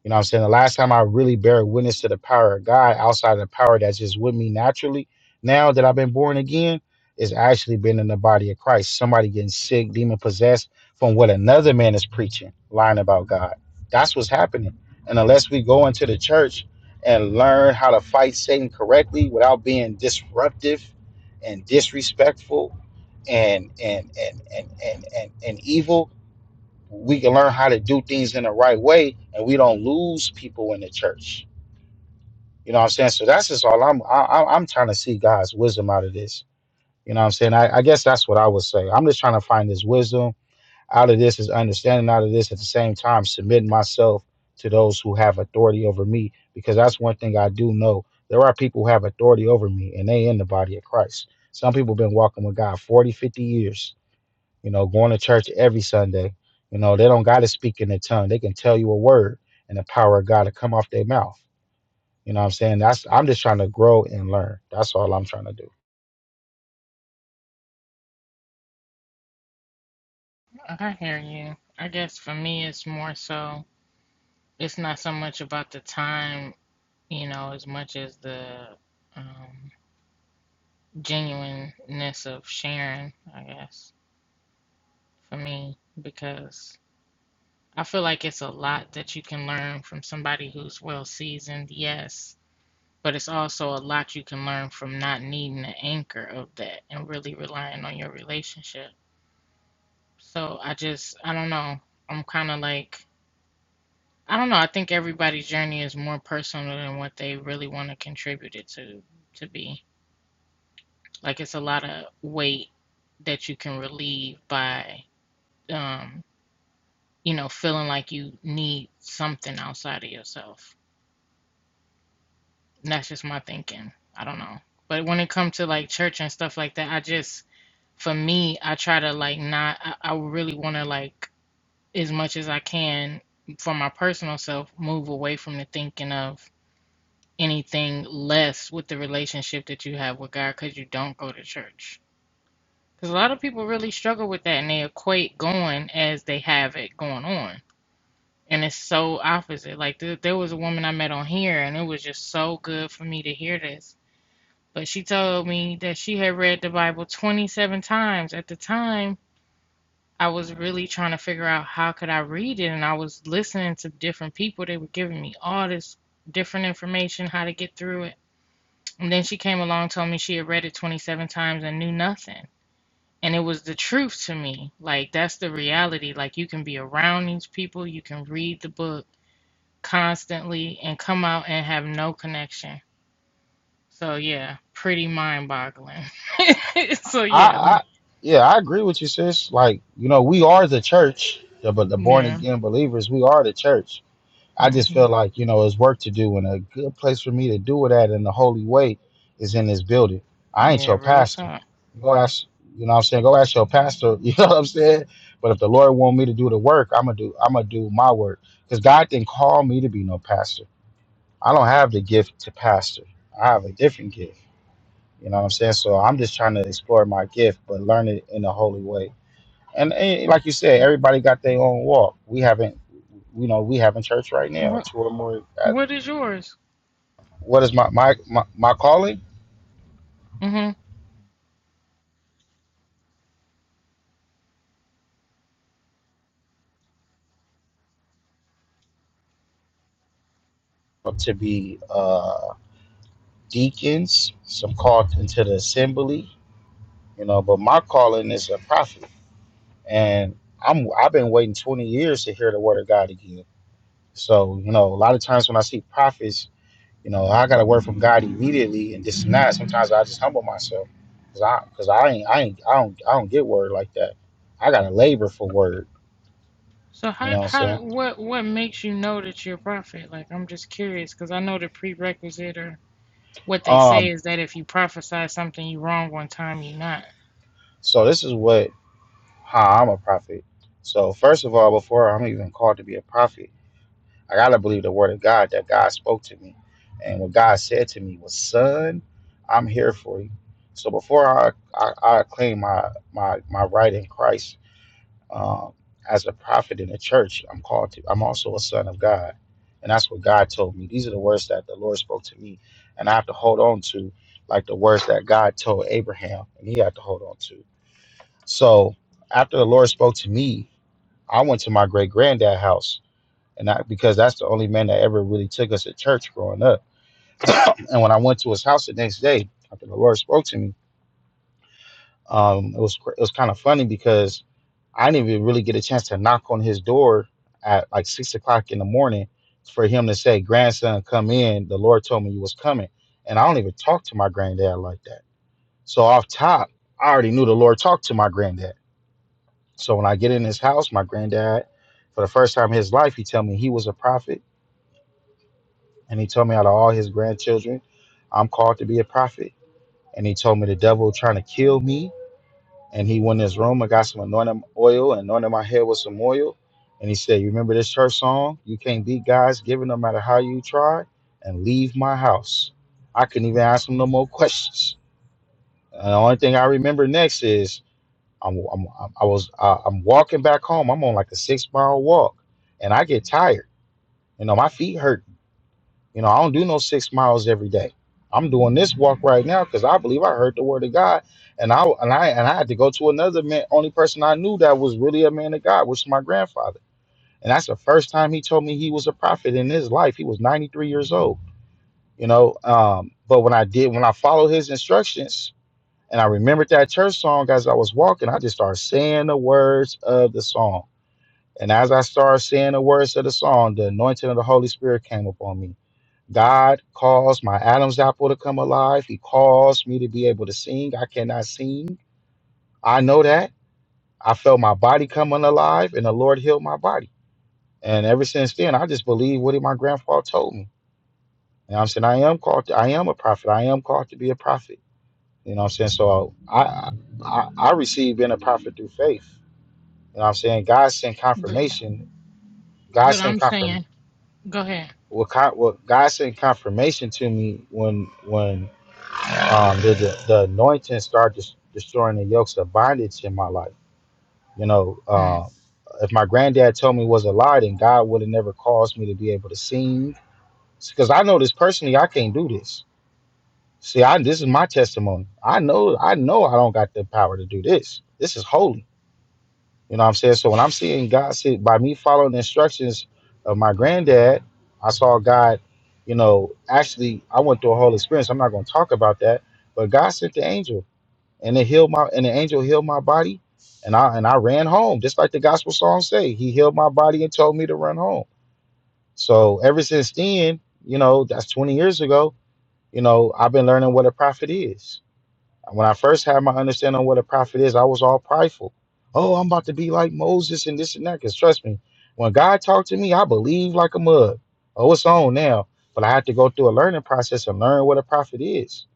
S3: You know what I'm saying? The last time I really bear witness to the power of God outside of the power that's just with me naturally, now that I've been born again, is actually been in the body of Christ. Somebody getting sick, demon possessed from what another man is preaching, lying about God. That's what's happening. And unless we go into the church and learn how to fight Satan correctly without being disruptive and disrespectful and and and and and and, and evil, we can learn how to do things in the right way, and we don't lose people in the church. You know what I'm saying? So that's just all I'm I, I'm I'm trying to see God's wisdom out of this. You know what I'm saying? I, I guess that's what I would say. I'm just trying to find His wisdom out of this, His understanding out of this. At the same time, submitting myself to those who have authority over me, because that's one thing I do know. There are people who have authority over me, and they in the body of Christ. Some people been walking with God 40, 50 years you know, going to church every Sunday. You know, they don't got to speak in their tongue. They can tell you a word and the power of God to come off their mouth. You know what I'm saying? That's I'm just trying to grow and learn. That's all I'm trying to do.
S1: I hear you. I guess for me it's more so it's not so much about the time you know, as much as the um, genuineness of sharing, I guess, for me, because I feel like it's a lot that you can learn from somebody who's well seasoned, yes, but it's also a lot you can learn from not needing the anchor of that and really relying on your relationship. So I just, I don't know. I'm kind of like, I don't know. I think everybody's journey is more personal than what they really want to contribute it to, to be. Like it's a lot of weight that you can relieve by, um, you know, feeling like you need something outside of yourself. And that's just my thinking. I don't know. But when it comes to like church and stuff like that, I just, for me, I try to like not, I, I really want to like, as much as I can for my personal self, move away from the thinking of anything less with the relationship that you have with God because you don't go to church. Because a lot of people really struggle with that and they equate going as they have it going on and it's so opposite. Like th- there was a woman I met on here, and it was just so good for me to hear this. But she told me that she had read the Bible 27 times. At the time, I was really trying to figure out how could I read it, and I was listening to different people. They were giving me all this different information how to get through it. And then she came along, told me she had read it 27 times and knew nothing. And it was the truth to me. Like that's the reality. Like you can be around these people, you can read the book constantly and come out and have no connection. So yeah, pretty mind boggling. so
S3: I,
S1: yeah, m-
S3: I yeah, I agree with you, sis. Like, you know, we are the church, the, but the born
S1: yeah,
S3: again believers, we are the church I just
S1: hmm
S3: feel like, you know, it's work to do and a good place for me to do it at in the holy way is in this building. I ain't
S1: yeah,
S3: your
S1: real
S3: pastor.
S1: talk.
S3: Go ask you know what I'm saying? Go ask your pastor, you know what I'm saying? But if the Lord want me to do the work, I'm gonna do I'm gonna do my work. Because God didn't call me to be no pastor. I don't have the gift to pastor. I have a different gift. You know what I'm saying? So I'm just trying to explore my gift, but learn it in a holy way. And, and like you said, everybody got their own walk. We haven't you know, we having church right now,
S1: What
S3: two or more
S1: what is yours?
S3: what is my my my, my calling?
S1: hmm
S3: To be uh, deacons, some called into the assembly, you know. But my calling is a prophet, and I'm I've been waiting 20 years to hear the word of God again. So you know, a lot of times when I see prophets, you know, I got a word from God immediately, and this and that. Sometimes I just humble myself, cause I cause I ain't I ain't I don't I don't get word like that. I gotta labor for word.
S1: So
S3: You
S1: how
S3: know what I'm
S1: how
S3: saying?
S1: what what makes you know that you're a prophet? Like I'm just curious because I know the prerequisite or what they say
S3: Um.
S1: is that if you prophesy something you wrong one time, you're not.
S3: So this is what. how I'm a prophet. So first of all, before I'm even called to be a prophet, I gotta believe the word of God that God spoke to me, and what God said to me was, "Son, I'm here for you." So before I I, I claim my my my right in Christ um, as a prophet in the church, I'm called to. I'm also a son of God, and that's what God told me. These are the words that the Lord spoke to me, and I have to hold on to, like the words that God told Abraham, and he had to hold on to. So after the Lord spoke to me I went to my great granddad's house, and I because that's the only man that ever really took us to church growing up. and when I went to his house the next day after the Lord spoke to me, um, it was it was kind of funny because I didn't even really get a chance to knock on his door at like six o'clock in the morning for him to say, "Grandson, come in." The Lord told me you was coming, and I don't even talk to my granddad like that. So off top, I already knew the Lord talked to my granddad. So when I get in his house, my granddad, for the first time in his life, he tell me he was a prophet And he told me out of all his grandchildren, I'm called to be a prophet. And he told me the devil trying to kill me. And he went in his room and got some anointing oil and anointed my head with some oil. And he said, You remember this church song? You can't beat God's giving no matter how you try. And leave my house. I couldn't even ask him no more questions. And the only thing I remember next is I'm, I'm, I'm- I was uh, I'm walking back home. I'm on like a six mile walk, and I get tired. You know, my feet hurt You know, I don't do no six miles every day. I'm doing this walk right now because I believe I heard the word of God, and I and I and I had to go to another man. Only person I knew that was really a man of God, which is my grandfather, and that's the first time he told me he was a prophet in his life. He was 93 years old, you know. Um, but when I did, when I followed his instructions, and I remembered that church song as I was walking, I just started saying the words of the song and as I started saying the words of the song, the anointing of the Holy Spirit came upon me. God caused my Adam's apple to come alive. He caused me to be able to sing. I cannot sing. I know that. I felt my body coming alive, and the Lord healed my body. And ever since then, I just believe what my grandfather told me. And I'm saying? I am called. To, I am a prophet. I am called to be a prophet. You know what I'm saying? So I, I, I received being a prophet through faith. You know what I'm saying? God sent
S1: But
S3: confirmation. God
S1: but
S3: sent
S1: I'm
S3: confirmation
S1: saying, go ahead.
S3: what, con- what God sent confirmation to me when when um, the, the the anointing started des- destroying the yokes of bondage in my life. You know,
S1: Hmm.
S3: uh, if my granddad told me it was a lie, then God would have never caused me to be able to sing. Because I know this personally, I can't do this. See, I this is my testimony. I know I know I don't got the power to do this. This is holy You know what I'm saying? So when I'm seeing God sit by me following the instructions of my granddad, I saw God, you know, actually I went through a whole experience. I'm not gonna talk about that, but God sent the angel and it healed my and the angel healed my body and I and I ran home, just like the gospel song say. He healed my body and told me to run home. So ever since then, you know, that's 20 years ago, you know, I've been learning what a prophet is. When I first had my understanding on what a prophet is, I was all prideful. Oh, I'm about to be like Moses and this and that. Because trust me, when God talked to me, I believed like a mug. Oh, it's on now. But I had to go through a learning process and learn what a prophet is.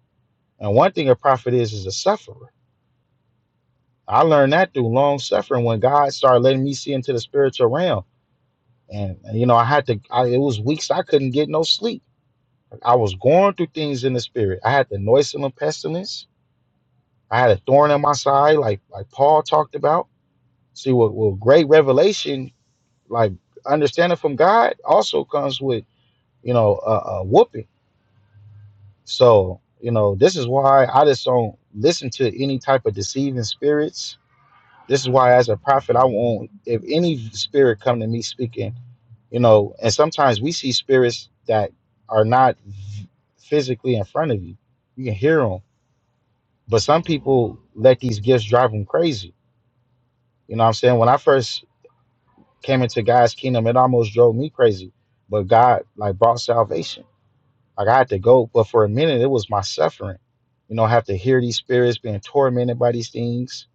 S3: And one thing a prophet is is a sufferer. I learned that through long suffering when God started letting me see into the spiritual realm. And, and, you know, I had to, I, it was weeks I couldn't get no sleep. I was going through things in the spirit. I had the noisome pestilence. I had a thorn in my side, like like Paul talked about. See, what well, well, great revelation, like understanding from God, also comes with you know a, a whooping. So you know this is why I just don't listen to any type of deceiving spirits. This is why, as a prophet, I won't. If any spirit come to me speaking, you know, and sometimes we see spirits that are not physically in front of you. You can hear them, but some people let these gifts drive them crazy. You know what I'm saying? When I first came into God's kingdom, it almost drove me crazy. But God like brought salvation. Like I had to go, but for a minute it was my suffering. You know, I have to hear these spirits being tormented by these things.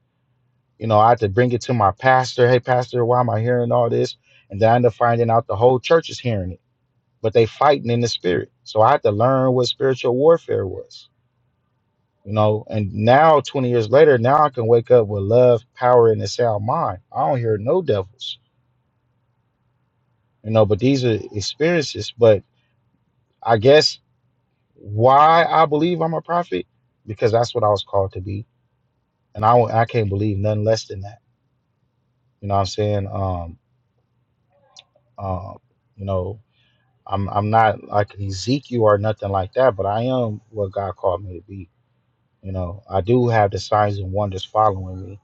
S3: You know, I had to bring it to my pastor. Hey, pastor, why am I hearing all this? And then I end up finding out the whole church is hearing it, but they fighting in the spirit. So I had to learn what spiritual warfare was. You know, and now 20 years later, now I can wake up with love, power, and a sound mind. I don't hear no devils. You know, but these are experiences. But I guess why I believe I'm a prophet because that's what I was called to be, and I won't- I can't believe nothing less than that. You know what I'm saying? Um, um, you know, I'm I'm not like an Ezekiel or nothing like that, but I am what God called me to be. You know, I do have the signs and wonders following me,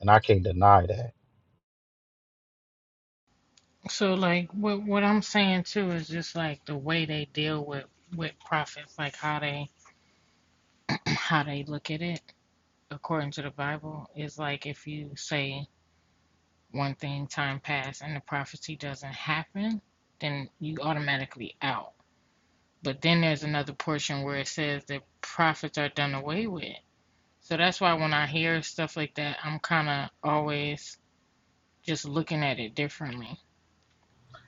S3: and I can't deny that.
S1: So like what what I'm saying too is just like the way they deal with with prophets, like how they how they look at it according to the Bible is like if you say one thing time pass and the prophecy doesn't happen, then you automatically out. But then there's another portion where it says that prophets are done away with. So that's why when I hear stuff like that, I'm kind of always just looking at it differently.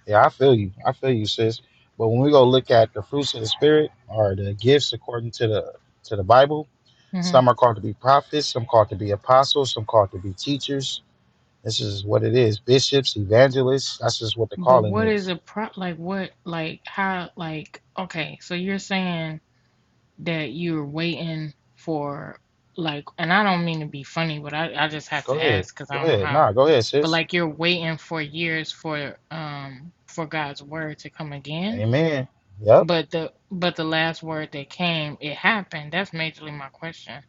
S3: Yeah, I feel you. I feel you, sis. But when we go look at the fruits of the spirit or the gifts according to the to the Bible,
S1: hmm
S3: some are called to be prophets, some called to be apostles, some called to be teachers. This is what it is. Bishops, evangelists, that's just what the
S1: But
S3: calling
S1: what is
S3: is.
S1: a pro like what like how like okay, so you're saying that you're waiting for like and I don't mean to be funny, but I I just have
S3: Go
S1: to
S3: ahead.
S1: ask because I
S3: Go
S1: don't know
S3: ahead.
S1: how.
S3: Nah, go ahead,
S1: But
S3: sis.
S1: like you're waiting for years for um for God's word to come again,
S3: Amen. Yep.
S1: but the but the last word that came, it happened. That's majorly my question.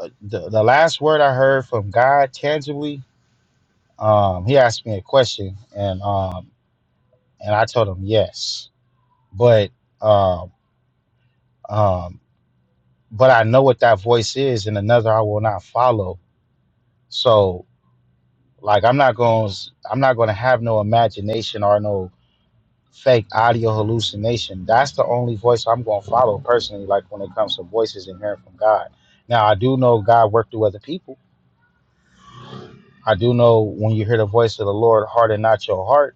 S3: Uh, The, the last word I heard from God tangibly, um, he asked me a question and um and I told him yes. But um um but I know what that voice is, and another I will not follow. So, like, I'm not going, I'm not going to have no imagination or no fake audio hallucination. That's the only voice I'm going to follow personally. Like when it comes to voices and hearing from God. Now, I do know God worked through other people. I do know when you hear the voice of the Lord, harden not your heart.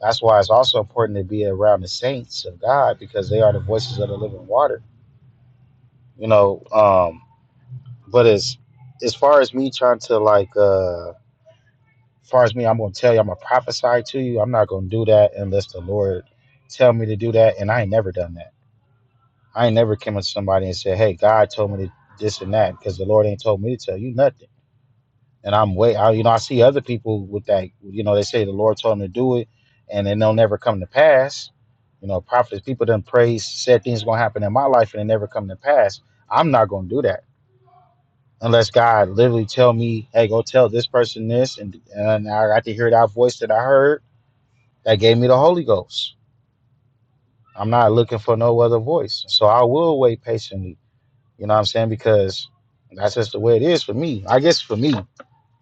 S3: That's why it's also important to be around the saints of God because they are the voices of the living water. You know, um, but as as far as me trying to like. uh As far as me, I'm gonna tell you, I'm gonna prophesy to you. I'm not gonna do that unless the Lord tell me to do that. And I ain't never done that. I ain't never came up to somebody and said, Hey, God told me to this and that, because the Lord ain't told me to tell you nothing. And I'm wait, I, you know, I see other people with that, you know, they say the Lord told them to do it, and then they'll never come to pass. You know, prophets, people done praise, said things gonna happen in my life, and they never come to pass. I'm not gonna do that unless God literally tell me, Hey, go tell this person this, and and I got to hear that voice that I heard that gave me the Holy Ghost. I'm not looking for no other voice. So I will wait patiently. You know what I'm saying? Because that's just the way it is for me. I guess for me,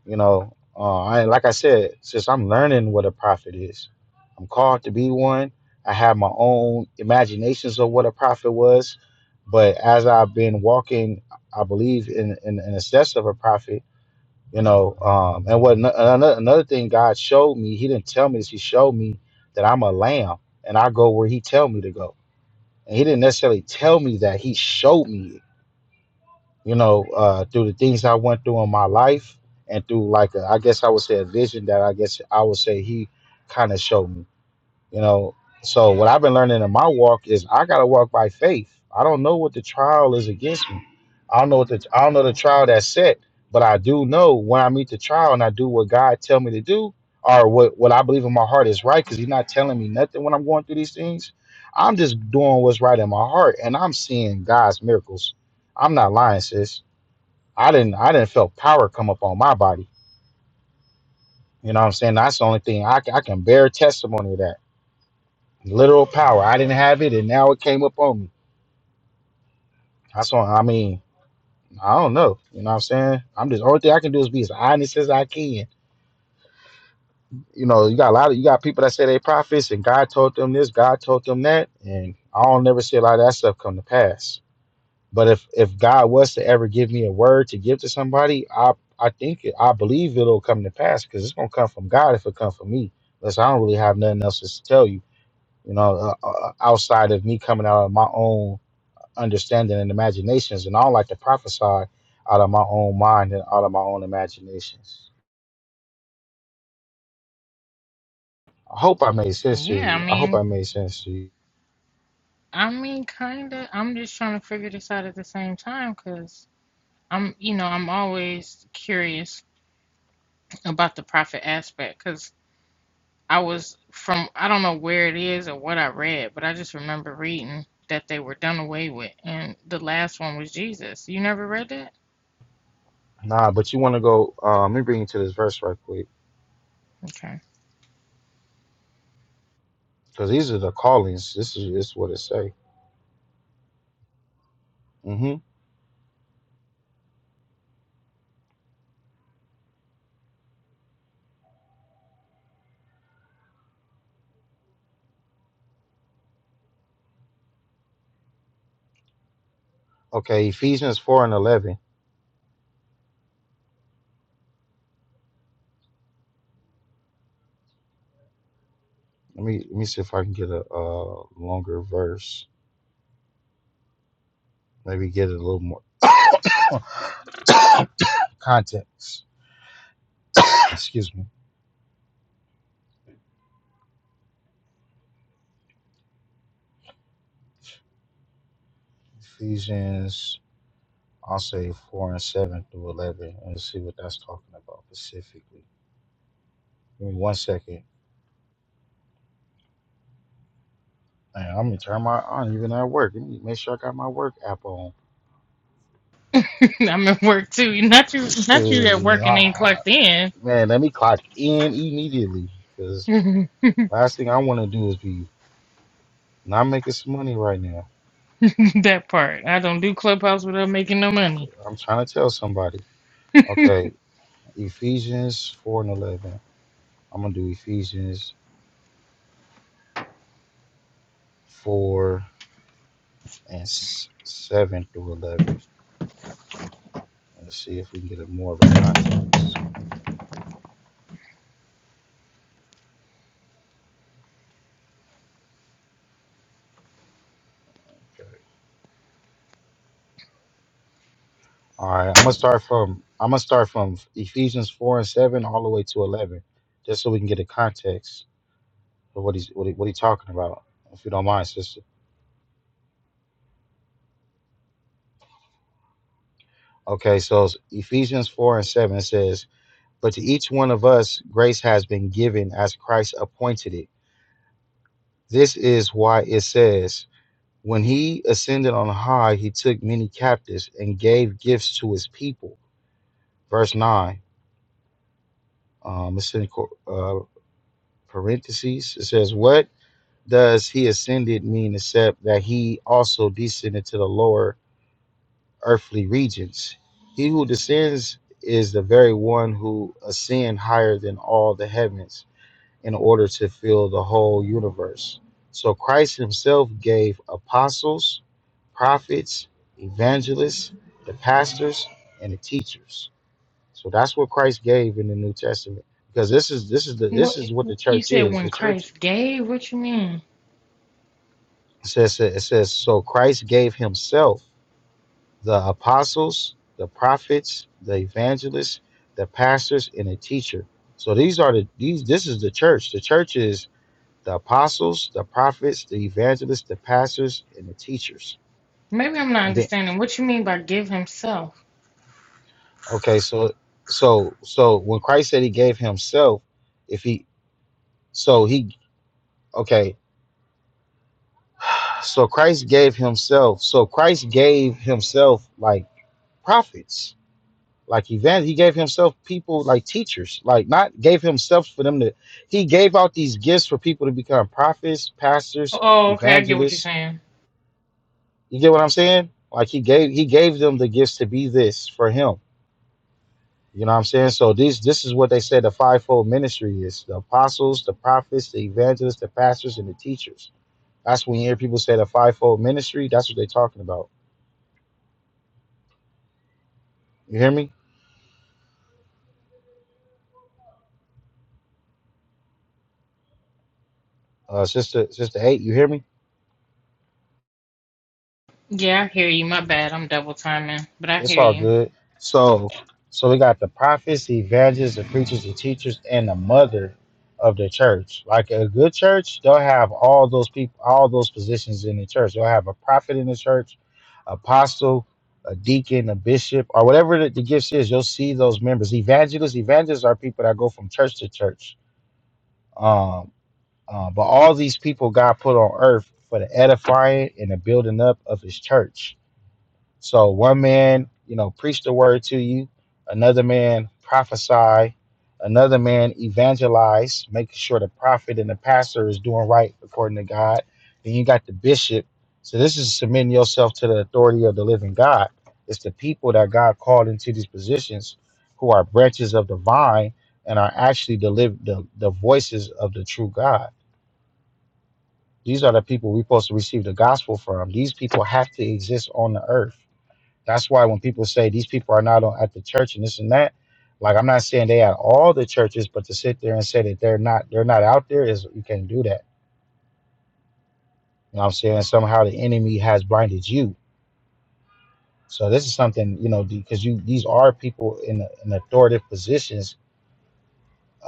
S3: you know, uh, I, like I said, since I'm learning what a prophet is, I'm called to be one. I have my own imaginations of what a prophet was. But as I've been walking, I believe in, in, in the steps of a prophet, you know um and what another, another thing god showed me he didn't tell me this he showed me that i'm a lamb and i go where he tell me to go and he didn't necessarily tell me that he showed me it you know uh through the things i went through in my life and through like a, i guess i would say a vision that i guess i would say he kind of showed me you know, so what I've been learning in my walk is I gotta walk by faith. I don't know what the trial is against me. I don't know what the I don't know the trial that's set, but I do know when I meet the trial and I do what God tell me to do, or what what I believe in my heart is right, because He's not telling me nothing when I'm going through these things. I'm just doing what's right in my heart, and I'm seeing God's miracles. I'm not lying, sis. I didn't I didn't feel power come up on my body. You know what I'm saying? That's the only thing I, can- I can bear testimony of that literal power. I didn't have it, and now it came up on me. That's what I mean. I don't know. You know what I'm saying? I'm just only thing I can do is be as honest as I can. You know, you got a lot of you got people that say they prophets, and God told them this, God told them that, and I don't never see a lot of that stuff come to pass. But if if God was to ever give me a word to give to somebody, I I think it, I believe it'll come to pass because it's gonna come from God if it come from me. Unless I don't really have nothing else to tell you, you know, uh, uh, outside of me coming out of my own understanding and imaginations, and I don't like to prophesy out of my own mind and out of my own imaginations. I hope I made sense to
S1: Yeah, I
S3: you. I hope
S1: mean,
S3: I made sense to you.
S1: I mean, kind of. I'm just trying to figure this out at the same time because I'm, you know, I'm always curious about the profit aspect because I was from I don't know where it is or what I read, but I just remember reading that they were done away with, and the last one was Jesus. You never read that?
S3: Nah, but you want to go? Uh, let me bring you to this verse right quick
S1: Okay,
S3: because these are the callings. This is this is what it say. hmm Okay, Ephesians four and eleven. Let me let me see if I can get a, uh longer verse. Maybe get a little more context. Excuse me. Ephesians I'll say four and seven through eleven and see what that's talking about specifically. Give me one second. Man, I'm gonna turn my on even at work. Let me make sure I got my work app on.
S1: I'm at work too. Not you, not you at
S3: Shoot,
S1: work and ain't
S3: ah,
S1: clocked in.
S3: man, let me clock in immediately because last thing I want to do is be not making some money right now.
S1: that part. I don't do clubhouse without making no money.
S3: I'm trying to tell somebody. Okay, Ephesians four and eleven. I'm gonna do Ephesians four and s- seven through eleven. Let's see if we can get a more of a context. Okay. All right, I'm gonna start from I'm gonna start from Ephesians four and seven all the way to eleven, just so we can get a context of what he's what he, what he's talking about, if you don't mind, sister. Okay, so it's Ephesians four and seven it says, "But to each one of us grace has been given as Christ appointed it. This is why it says, when he ascended on high, he took many captives and gave gifts to his people." Verse nine, um, it's in co- uh, parentheses. It says what? Does he ascended mean except that he also descended to the lower earthly regions? He who descends is the very one who ascend higher than all the heavens in order to fill the whole universe. So Christ himself gave apostles, prophets, evangelists, the pastors, and the teachers. So that's what Christ gave in the New Testament. Because this is this is the
S1: What
S3: this is what the
S1: you
S3: church
S1: said
S3: is.
S1: when
S3: The church
S1: Christ gave? What you mean?
S3: It says, it says, so Christ gave himself the apostles, the prophets, the evangelists, the pastors, and the teacher. So these are the these this is the church. The church is the apostles, the prophets, the evangelists, the pastors, and the teachers.
S1: Maybe I'm not
S3: And then
S1: understanding. What you mean by give Himself?
S3: okay, so so so when Christ said he gave himself, if he so he okay, so Christ gave himself. So Christ gave himself like prophets Like event, he gave himself people like teachers, like not gave himself for them to. He gave out these gifts for people to become prophets, pastors,
S1: Oh, okay, I get what you're
S3: evangelists.
S1: saying.
S3: You get what I'm saying? Like he gave he gave them the gifts to be this for him. You know what I'm saying? So these this is what they say the fivefold ministry is: the apostles, the prophets, the evangelists, the pastors, and the teachers. That's when you hear people say the fivefold ministry. That's what they're talking about. You hear me, uh, sister? Sister eight, you hear me?
S1: Yeah, I hear you. My bad. I'm double timing, but I
S3: It's
S1: hear
S3: all
S1: you.
S3: good. So, so we got the prophets, the evangelists, the preachers, the teachers, and the mother of the church. Like a good church, they'll have all those people, all those positions in the church. They'll have a prophet in the church, apostle, a deacon, a bishop, or whatever the, the gifts is. You'll see those members. Evangelists, evangelists are people that go from church to church. Um, uh, but all these people God put on earth for the edifying and the building up of His church so one man, you know, preach the word to you, another man prophesy, another man evangelize, making sure the prophet and the pastor is doing right according to God. Then you got the bishop. So this is submitting yourself to the authority of the living God. It's the people that God called into these positions who are branches of the vine and are actually the live the, the voices of the true God. These are the people we're supposed to receive the gospel from. These people have to exist on the earth that's why when people say these people are not on, at the church and this and that, like I'm not saying they at all the churches, but to sit there and say that they're not they're not out there is you can't do that. You know what I'm saying? Somehow the enemy has blinded you. So this is something you know because you these are people in in authoritative positions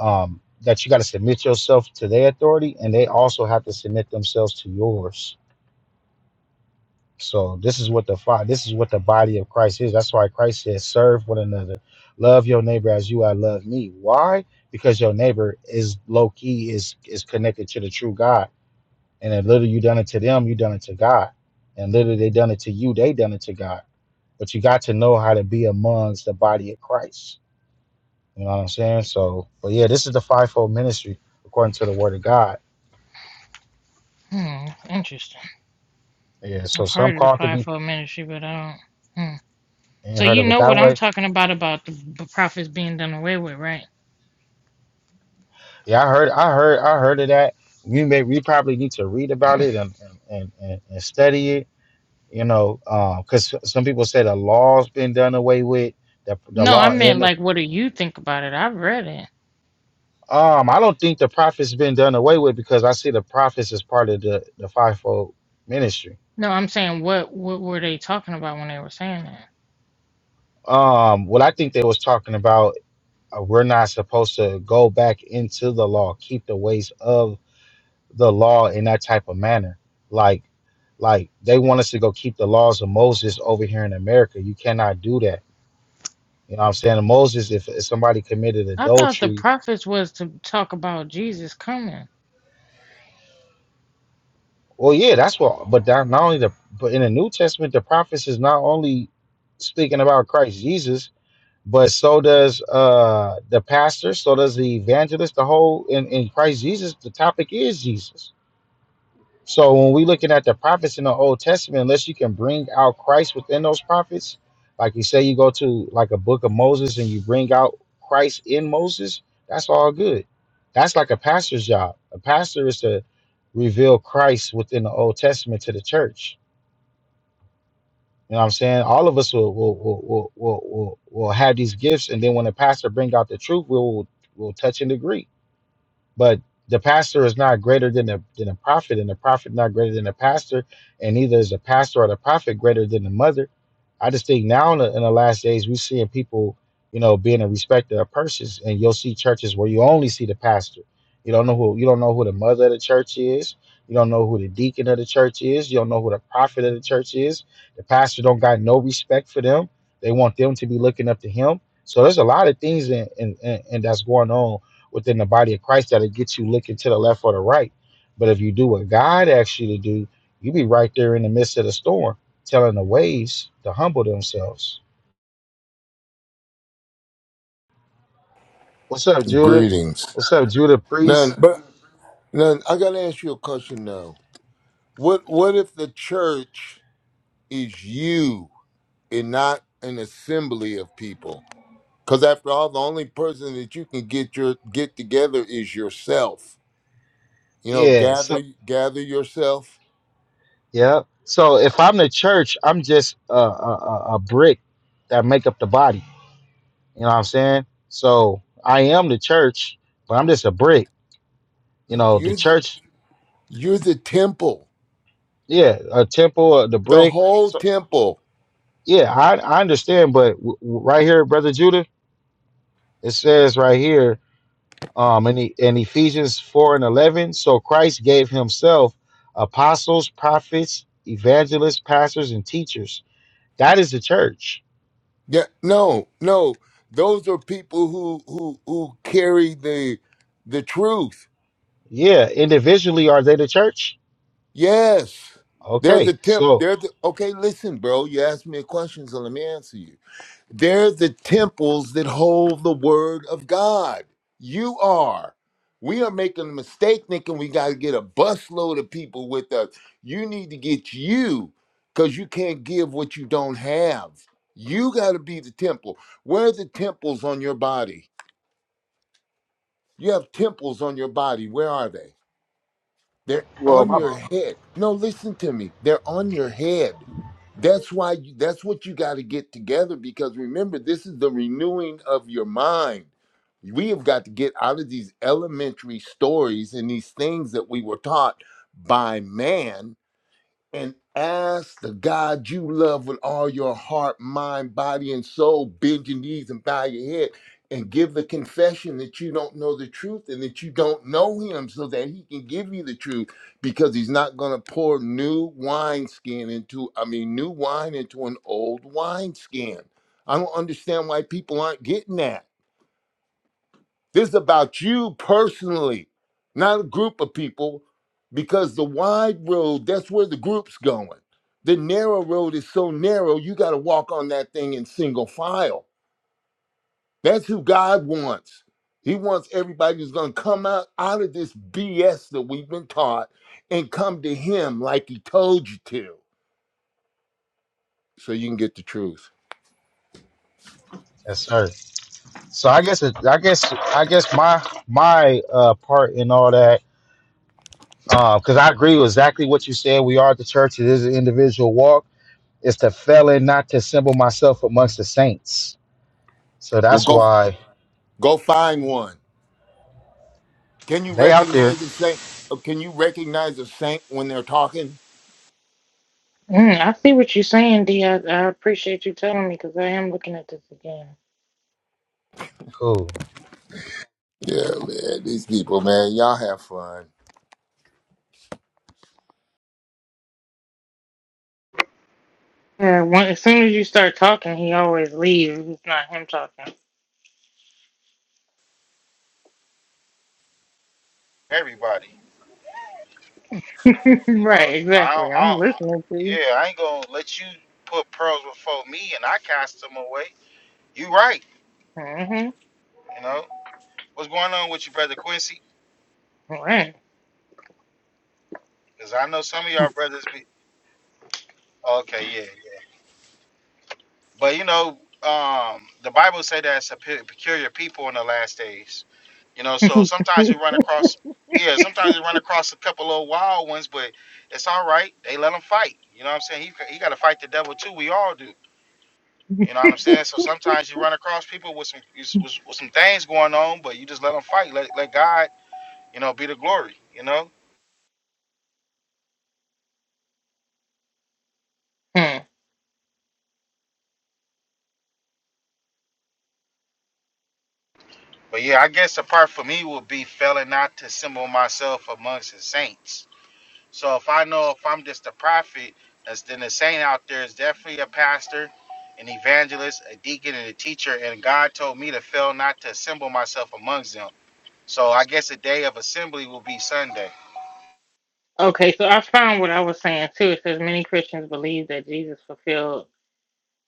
S3: um, that you got to submit yourself to their authority, and they also have to submit themselves to yours. So this is what the fi- this is what the body of Christ is. That's why Christ says, "Serve one another, love your neighbor as you I love me." Why? Because your neighbor is low key is is connected to the true God, and the literally you done it to them, you done it to God, and literally they done it to you, they done it to God. But you got to know how to be amongst the body of Christ. You know what I'm saying? So, but yeah, this is the fivefold ministry according to the Word of God.
S1: Hmm, interesting.
S3: Yeah. So
S1: I've
S3: some
S1: heard of the
S3: called to be
S1: fivefold ministry, but I don't. Hmm.
S3: ain't
S1: So
S3: heard
S1: you
S3: of it
S1: know
S3: that
S1: what I'm
S3: way
S1: talking about about the b- prophets being done away with, right?
S3: Yeah, I heard, I heard, I heard of that. We may, we probably need to read about it and and and, and, and study it. You know, because some people say the law's been done away with. The, the
S1: No, I
S3: law
S1: meant
S3: and the
S1: like, what do you think about it? I've read it.
S3: um, I don't think the prophets been done away with because I see the prophets as part of the the fivefold ministry.
S1: No, I'm saying what what were they talking about when they were saying that?
S3: Um, what I think they was talking about, uh, we're not supposed to go back into the law, keep the ways of the law in that type of manner. Like, like they want us to go keep the laws of Moses over here in America. You cannot do that. You know what I'm saying? Moses, if, if somebody committed
S1: I thought the
S3: adultery,
S1: prophets was to talk about Jesus coming.
S3: well, yeah, that's what. But that not only the, but in the New Testament, the prophets is not only speaking about Christ Jesus, but so does uh the pastor, so does the evangelist. The whole in in Christ Jesus, the topic is Jesus. So when we looking at the prophets in the Old Testament, unless you can bring out Christ within those prophets, like you say you go to like a book of Moses and you bring out Christ in Moses, that's all good. That's like a pastor's job. A pastor is to reveal Christ within the Old Testament to the church. You know what I'm saying? All of us will will will will will, will, will have these gifts, and then when the pastor brings out the truth, we will will touch and agree but the pastor is not greater than the than a prophet, and the prophet not greater than the pastor, and neither is the pastor or the prophet greater than the mother. I just think now in the, in the last days we're seeing people, you know, being a respecter of persons, and you'll see churches where you only see the pastor. You don't know who you don't know who the mother of the church is. You don't know who the deacon of the church is. You don't know who the prophet of the church is. The pastor don't got no respect for them. They want them to be looking up to him. So there's a lot of things and and that's going on within the body of Christ that'll get you looking to the left or the right. But if you do what God asks you to do, you be right there in the midst of the storm, telling the waves to humble themselves. What's up, Judah?
S4: Greetings.
S3: What's up, Judah
S4: Now,
S3: Priest?
S4: but now I got to ask you a question now. What what if the church is you and not an assembly of people? Because after all, the only person that you can get your get together is yourself. You know,
S3: Yeah.
S4: gather
S3: So
S4: gather yourself.
S3: yeah. So if I'm the church, I'm just a, a, a a brick that make up the body. You know what I'm saying? So I am the church, but I'm just a brick. You
S4: No,
S3: know, the
S4: you're the,
S3: church,
S4: you're the temple,
S3: yeah, a temple, uh, the
S4: the
S3: brick.
S4: whole
S3: So.
S4: temple.
S3: Yeah, I, I understand, but w- w- right here, brother Judah, it says right here, um, in, E- in Ephesians four and eleven, so Christ gave Himself apostles, prophets, evangelists, pastors, and teachers. That is the church.
S4: Yeah, no, no. Those are people who who who carry the the truth
S3: Yeah, individually, are they the church?
S4: Yes. they're the
S3: Okay,
S4: temp.
S3: so
S4: They're the, okay. Listen, bro. You asked me a question, so let me answer you. They're the temples that hold the word of God. You are. We are making a mistake thinking we got to get a busload of people with us. You need to get you, because you can't give what you don't have. You got to be the temple. Where are the temples on your body? You have temples on your body. Where are they? They're
S3: well,
S4: on
S3: my
S4: your head. No, listen to me. They're on your head. That's why you, that's what you got to get together because remember this is the renewing of your mind. We have got to get out of these elementary stories and these things that we were taught by man and ask the God you love with all your heart, mind, body, and soul. Bend your knees and bow your head and give the confession that you don't know the truth and that you don't know Him so that He can give you the truth because He's not going to pour new wineskin into, I mean, new wine into an old wineskin. I don't understand why people aren't getting that. This is about you personally, not a group of people, because the wide road, that's where the group's going. The narrow road is so narrow, you got to walk on that thing in single file. That's who God wants. He wants everybody who's going to come out, out of this BS that we've been taught and come to Him like He told you to so you can get the truth.
S3: yes, sir. So I guess it, I guess I guess my my uh, part in all that, because I agree with exactly what you said. We are the church. It is an individual walk It's the failing not to assemble myself amongst the saints. So
S4: Well,
S3: that's
S4: go
S3: why
S4: go find one. Can you
S3: they out there.
S4: recognize a saint? Can you recognize a saint when they're talking?
S1: Mm, I see what you're saying, D. I, I appreciate you telling me because I am looking at this again.
S3: Cool.
S4: Yeah, man. These people, man, y'all have fun.
S1: Yeah, when, as soon as you start talking, he always leaves. It's not him talking.
S3: Everybody, you know,
S1: right,
S3: I, don't-
S1: exactly.
S3: I,
S1: I'm
S3: don't-
S1: listening to you.
S3: yeah, I ain't gonna let you put pearls before me, and I cast them away. You right,
S1: Mm-hmm.
S3: you know. What's going on with you, brother Quincy?
S1: Right.
S3: Because I know some of y'all brothers be. Okay, yeah, yeah. But you know, um, the Bible say that it's a pe- peculiar people in the last days. You know, so sometimes we run across, yeah, sometimes we run across a couple of wild ones, but it's all right. They let them fight. You know what I'm saying? He ca- he got to fight the devil too. We all do. You know what I'm saying? So sometimes you run across people with some with, with some things going on, but you just let them fight. Let let God, you know, be the glory. You know.
S1: Hmm.
S3: But yeah, I guess the part for me would be failing not to assemble myself amongst the saints So if I know if I'm just a prophet, that's then the saint out there is definitely a pastor, an evangelist, a deacon, and a teacher. And God told me to fail not to assemble myself amongst them. So I guess a day of assembly will be Sunday.
S1: Okay, so I found what I was saying too. It says many Christians believe that Jesus fulfilled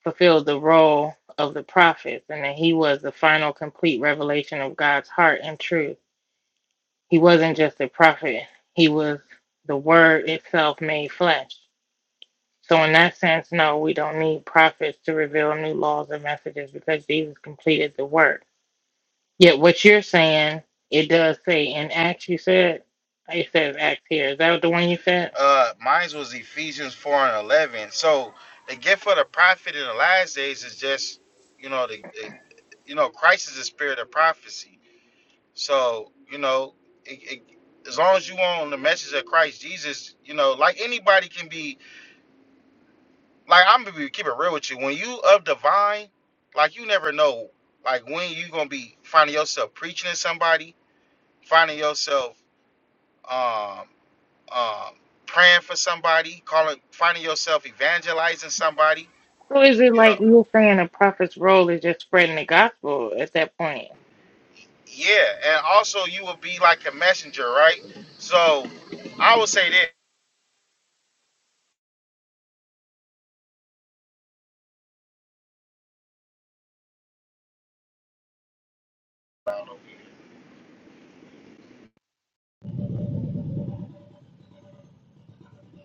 S1: fulfilled the role of the prophets and that he was the final complete revelation of God's heart and truth. He wasn't just a prophet, he was the word itself made flesh. So, in that sense, no, we don't need prophets to reveal new laws or messages because Jesus completed the work. Yet, what you're saying, it does say in Acts, you said, it says Acts here. Is that the one you said?
S3: Uh, mine was Ephesians 4 and 11. So the gift of the prophet in the last days is just, you know, the, the you know, Christ is the spirit of prophecy. So, you know, it, it, as long as you own the message of Christ Jesus, you know, like anybody can be like I'm gonna be keep it real with you. When you of divine, like you never know, like when you gonna be finding yourself preaching to somebody, finding yourself um um praying for somebody, calling, finding yourself evangelizing somebody.
S1: So, is it
S3: You know,
S1: like you're saying a prophet's role is just spreading the gospel at that point?
S3: yeah, and also you will be like a messenger, right? So I would say this.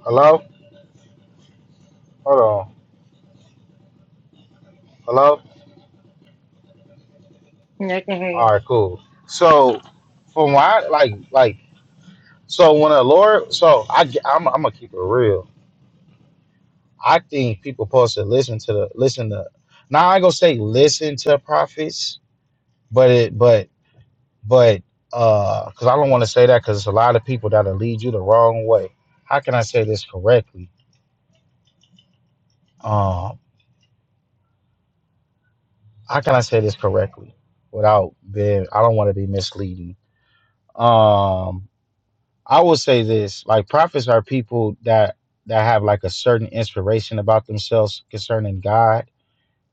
S3: Hello, hold on. Hello.
S1: Yeah, I can hear
S3: All
S1: you.
S3: right, cool. So from what I, like like so when the Lord, so I am I'm I'm gonna keep it real I think people supposed to listen to the listen to. Now I go say listen to prophets, but it but but uh, because I don't want to say that because it's a lot of people that'll lead you the wrong way. How can I say this correctly? Um, how can I say this correctly without being? I don't want to be misleading. Um, I will say this: like prophets are people that that have like a certain inspiration about themselves concerning God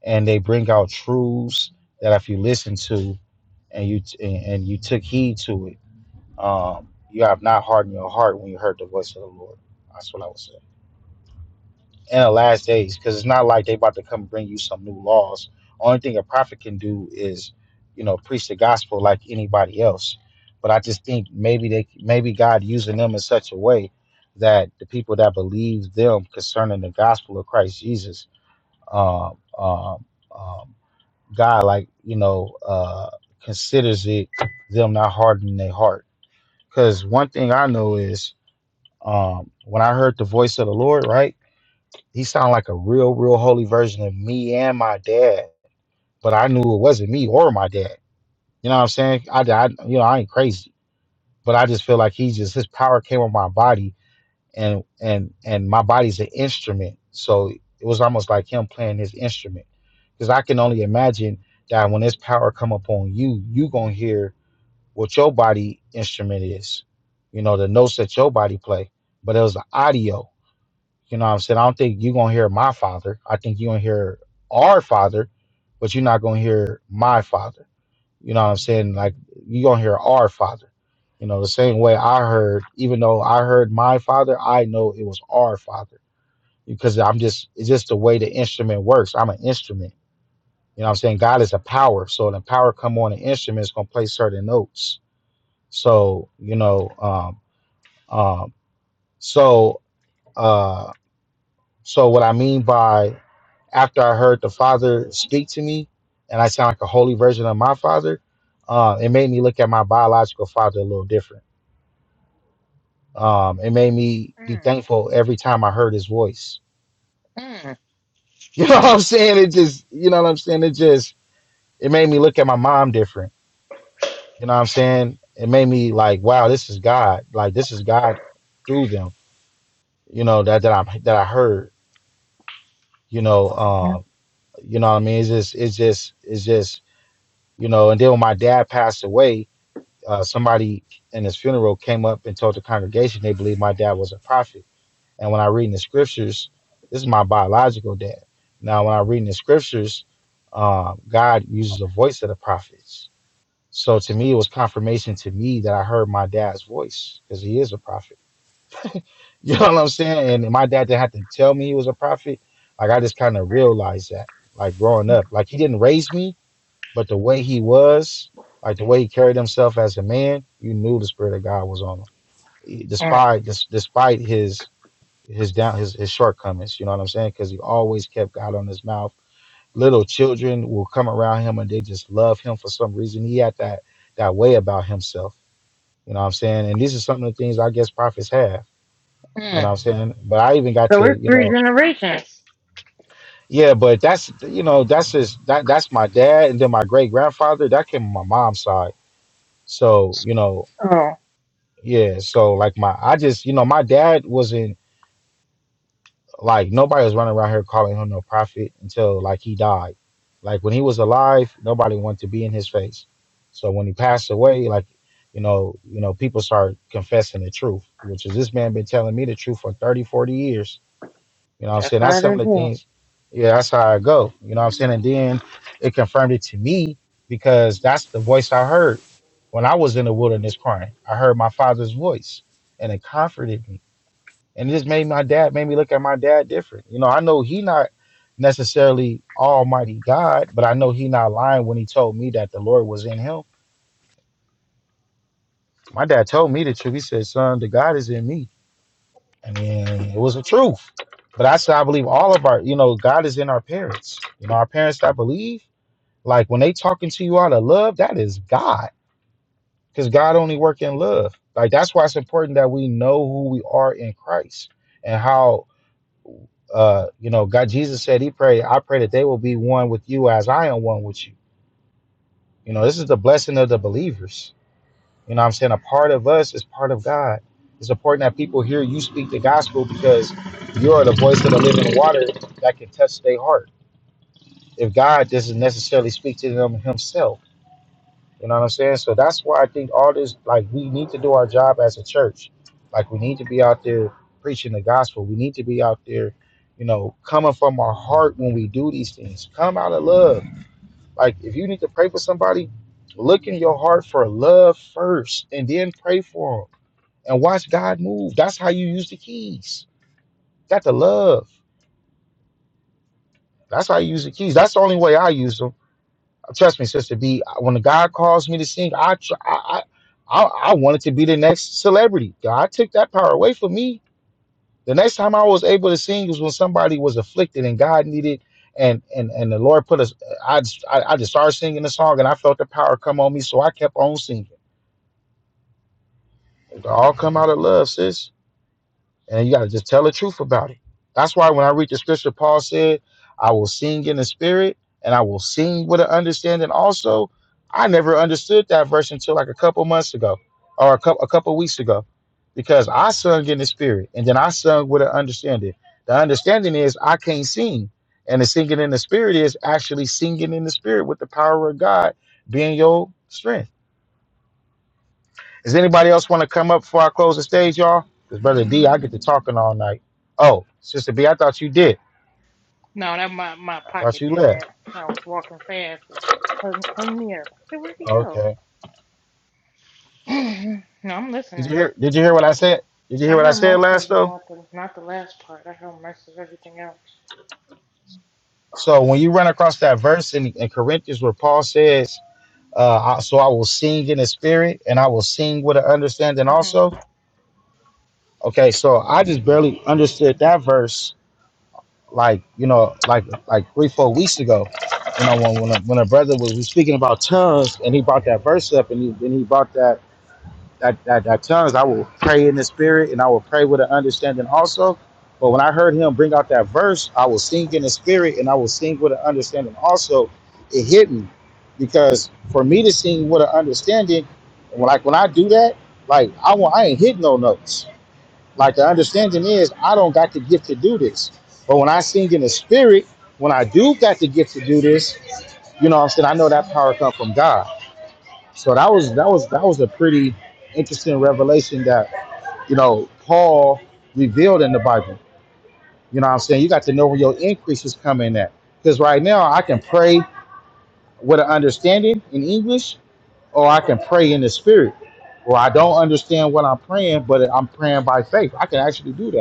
S3: and they bring out truths that if you listen to and you and, and you took heed to it, um, you have not hardened your heart when you heard the voice of the Lord. That's what I would say. In the last days, because it's not like they about to come bring you some new laws. Only thing a prophet can do is, you know, preach the gospel like anybody else. But I just think maybe they maybe God using them in such a way that the people that believe them concerning the gospel of Christ Jesus um, um, um, God, like you know, uh, considers it them not hardening their heart. Because one thing I know is, um, when I heard the voice of the Lord, right, He sounded like a real, real holy version of me and my dad. But I knew it wasn't me or my dad. You know what I'm saying? I, I you know, I ain't crazy, but I just feel like He just His power came on my body and and and my body's an instrument so it was almost like him playing his instrument because i can only imagine that when this power come upon you you gonna hear what your body instrument is you know the notes that your body play but it was the audio you know what i'm saying i don't think you're gonna hear my father i think you're gonna hear our father but you're not gonna hear my father you know what I'm saying? Like you gonna hear our father. You know, the same way I heard, even though I heard my father, I know it was our father. Because I'm just it's just the way the instrument works. I'm an instrument. You know what I'm saying? God is a power. So the power come on an instrument, it's gonna play certain notes. So, you know, um um so uh so what I mean by after I heard the father speak to me and I sound like a holy version of my father, uh, it made me look at my biological father a little different um, it made me be
S1: Mm,
S3: thankful every time I heard his voice.
S1: mm,
S3: You know what I'm saying? It just, you know what I'm saying? It just, it made me look at my mom different. You know what I'm saying? It made me like, wow, this is God. Like this is God through them. You know that that I that I heard. You know,
S1: mm,
S3: um, you know what I mean? It's just, it's just, it's just, you know. And then when my dad passed away, uh, somebody in his funeral came up and told the congregation they believed my dad was a prophet And when I read in the scriptures, this is my biological dad. Now, when I read in the scriptures, um, God uses the voice of the prophets. So to me, it was confirmation to me that I heard my dad's voice because he is a prophet. You know what I'm saying? And my dad didn't have to tell me he was a prophet. Like I just kind of realized that, like growing up, like he didn't raise me, but the way he was, like the way he carried himself as a man, you knew the spirit of God was on him.
S1: mm,
S3: Despite, des- despite his his down his, his shortcomings you know what i'm saying because he always kept god on his mouth little children will come around him and they just love him for some reason he had that that way about himself you know what i'm saying and these are some of the things i guess prophets have you know
S1: mm.
S3: what i'm saying but i even got
S1: So,
S3: to
S1: it's
S3: you
S1: three
S3: know
S1: generations.
S3: yeah but that's you know that's just that that's my dad and then my great grandfather that came on my mom's side so you know
S1: Oh,
S3: yeah so like my i just you know my dad wasn't Like nobody was running around here calling him no prophet until like he died. Like when he was alive, nobody wanted to be in his face. So when he passed away, like you know, you know, people start confessing the truth, which is this man been telling me the truth for 30, 40 years. You know what I'm
S1: that's
S3: saying?
S1: how
S3: That's
S1: they
S3: some of the
S1: do.
S3: things. Yeah, that's how I go. You know what I'm saying? And then it confirmed it to me because that's the voice I heard when I was in the wilderness crying. I heard my father's voice and it comforted me and it just made my dad made me look at my dad different. You know, I know he not necessarily Almighty God, but I know he not lying when he told me that the Lord was in him. My dad told me the truth. He said, "Son, the God is in me," and yeah, it was the truth. But I said, I believe all of our, you know, God is in our parents. You know, our parents I believe, like when they talking to you out of love, that is God, because God only work in love. Like that's why it's important that we know who we are in Christ and how uh, you know, God Jesus said he prayed, I pray that they will be one with you as I am one with you. You know, this is the blessing of the believers. You know what I'm saying? A part of us is part of God. It's important that people hear you speak the gospel because you are the voice of the living water that can touch their heart. If God doesn't necessarily speak to them himself. You know what I'm saying? So that's why I think all this, like, we need to do our job as a church. Like, we need to be out there preaching the gospel. We need to be out there, you know, coming from our heart when we do these things. Come out of love. Like, if you need to pray for somebody, look in your heart for love first and then pray for them and watch God move. That's how you use the keys. Got the love. That's how you use the keys. That's the only way I use them Trust me, Sister B. When God calls me to sing, I tr- I I, I I wanted to be the next celebrity. God took that power away from me. The next time I was able to sing was when somebody was afflicted and God needed, and and and the Lord put us. I just, I, I just started singing the song and I felt the power come on me, so I kept on singing. It all come out of love, sis. And you got to just tell the truth about it. That's why when I read the scripture, Paul said, I will sing in the spirit and I will sing with an understanding also. I never understood that verse until like a couple months ago or a couple, a couple weeks ago because I sung in the spirit and then I sung with an understanding. The understanding is I can't sing. And the singing in the spirit is actually singing in the spirit with the power of God being your strength. Does anybody else want to come up before I close the stage, y'all? Because brother D, I get to talking all night. Oh, sister B, I thought you did.
S1: No, that my, my
S3: I thought
S1: pocket
S3: you
S1: did
S3: left.
S1: that. I was walking fast. It hung, hung me up. I said, Where'd he go?
S3: Okay.
S1: no, I'm
S3: Did
S1: listening.
S3: you hear? Did you hear what I said? Did you hear
S1: I
S3: what I
S1: heard
S3: said
S1: most of
S3: last
S1: it,
S3: though?
S1: not the not the last part. I heard most of everything else.
S3: So when you run across that verse in, in Corinthians where Paul says, uh, I- "So I will sing in the spirit, and I will sing with an understanding
S1: hmm
S3: also." Okay, so I just barely understood that verse like you know like like three four weeks ago you know when when a, when a brother was, was speaking about tongues and he brought that verse up and he, and he brought that that, that that tongues i will pray in the spirit and i will pray with an understanding also but when i heard him bring out that verse i will sing in the spirit and i will sing with an understanding also it hit me because for me to sing with an understanding like when i do that like i want i ain't hit no notes like the understanding is, I don't got the gift to do this. But when I sing in the spirit, when I do got the gift to do this, you know what I'm saying? I know that power come from God. So that was that was that was a pretty interesting revelation that, you know, Paul revealed in the Bible. You know what I'm saying? You got to know where your increase is coming at. Because right now I can pray with an understanding in English, or I can pray in the spirit. Or I don't understand what I'm praying, but I'm praying by faith. I can actually do that.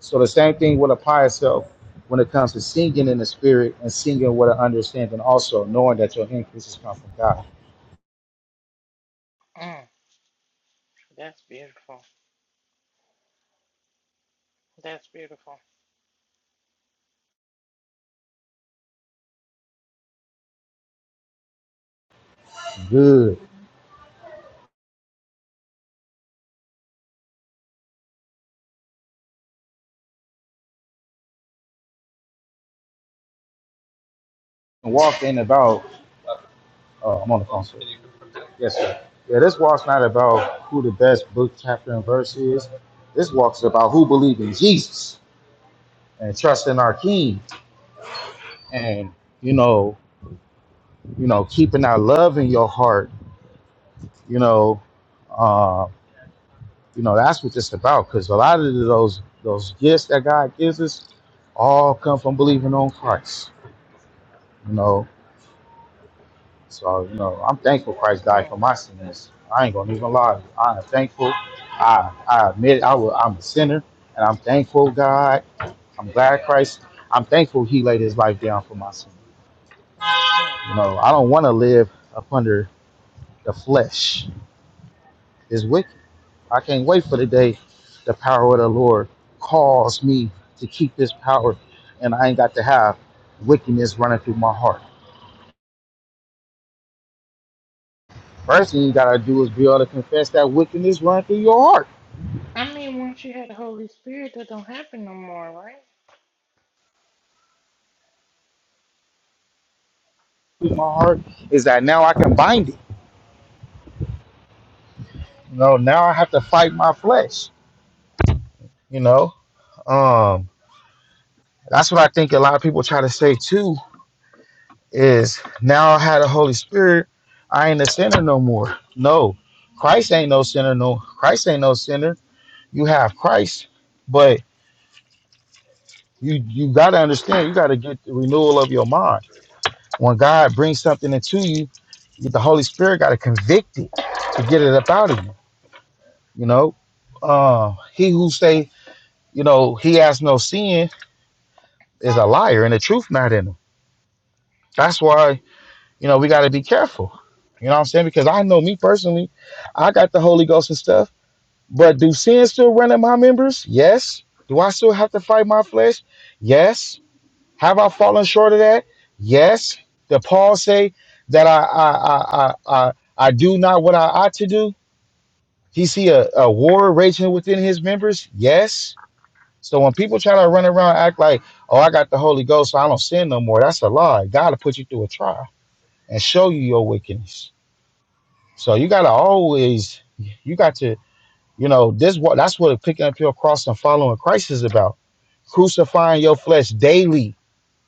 S3: So the same thing will apply itself when it comes to singing in the spirit and singing with an understanding also, knowing that your increases come from God.
S1: Mm, that's beautiful. That's beautiful.
S3: Good. And walk ain't about, uh, I'm on the phone, sir. Yes, sir. Yeah, this walk's not about who the best book, chapter, and verse is. This walk's about who believes in Jesus and trust in our King and, you know, you know, keeping our love in your heart, you know, uh, You know, that's what it's about. Because a lot of those those gifts that God gives us all come from believing on Christ. You know, so you know, I'm thankful Christ died
S1: Mm,
S3: for my sins. I ain't gonna even lie. I am thankful. I I admit I will, I'm a sinner, and I'm thankful God. I'm glad Christ. I'm thankful He laid His life down for my sins.
S1: mm, mm,
S3: You know, I don't want to live up under the flesh. It's wicked. I can't wait
S1: mm.
S3: for the day the power of the Lord calls me to keep this power and I ain't got to have wickedness running through my heart. First thing you gotta do is be able to confess that wickedness running through your heart.
S1: I mean, once you had the Holy Spirit, that don't happen no more, right?
S3: Through my heart is that now I can bind it. You know, now I have to fight my flesh. You know, um, that's what I think a lot of people try to say too. Is now I had the Holy Spirit, I ain't a sinner no more. No, Christ ain't no sinner. No, Christ ain't no sinner you have Christ, but you you got to understand, you got to get the renewal of your mind. When God brings something into you, the Holy Spirit got to convict it to get it up out of you. You know, uh, he who say you know he has no sin is a liar, and the truth not in him. That's why you know we got to be careful. You know what I'm saying? Because I know me personally, I got the Holy Ghost and stuff, but do sin still run in my members? Yes. Do I still have to fight my flesh? Yes Have I fallen short of that? Yes. Did Paul say that I I I I, I, do not what I ought to do? He see a, a war raging within his members? Yes. So when people try to run around and act like, oh, I got the Holy Ghost, so I don't sin no more, that's a lie. God will put you through a trial and show you your wickedness. So you gotta always you got to, you know, this what that's what picking up your cross and following Christ is about. Crucifying your flesh daily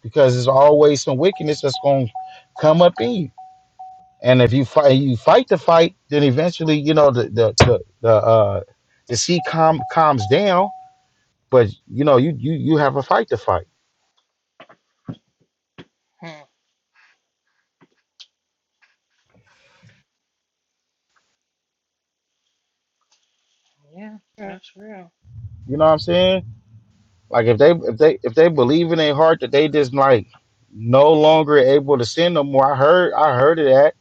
S3: because there's always some wickedness that's going to come up in you. And if you fight, you fight the fight, then eventually, you know, the the the, the uh the sea calm calms down. But you know, you you you have a fight to fight.
S1: Mm, yeah,
S3: You
S1: that's real.
S3: know what I'm saying? Like if they if they if they believe in their heart that they just like no longer able to sin no more. I heard I heard of that,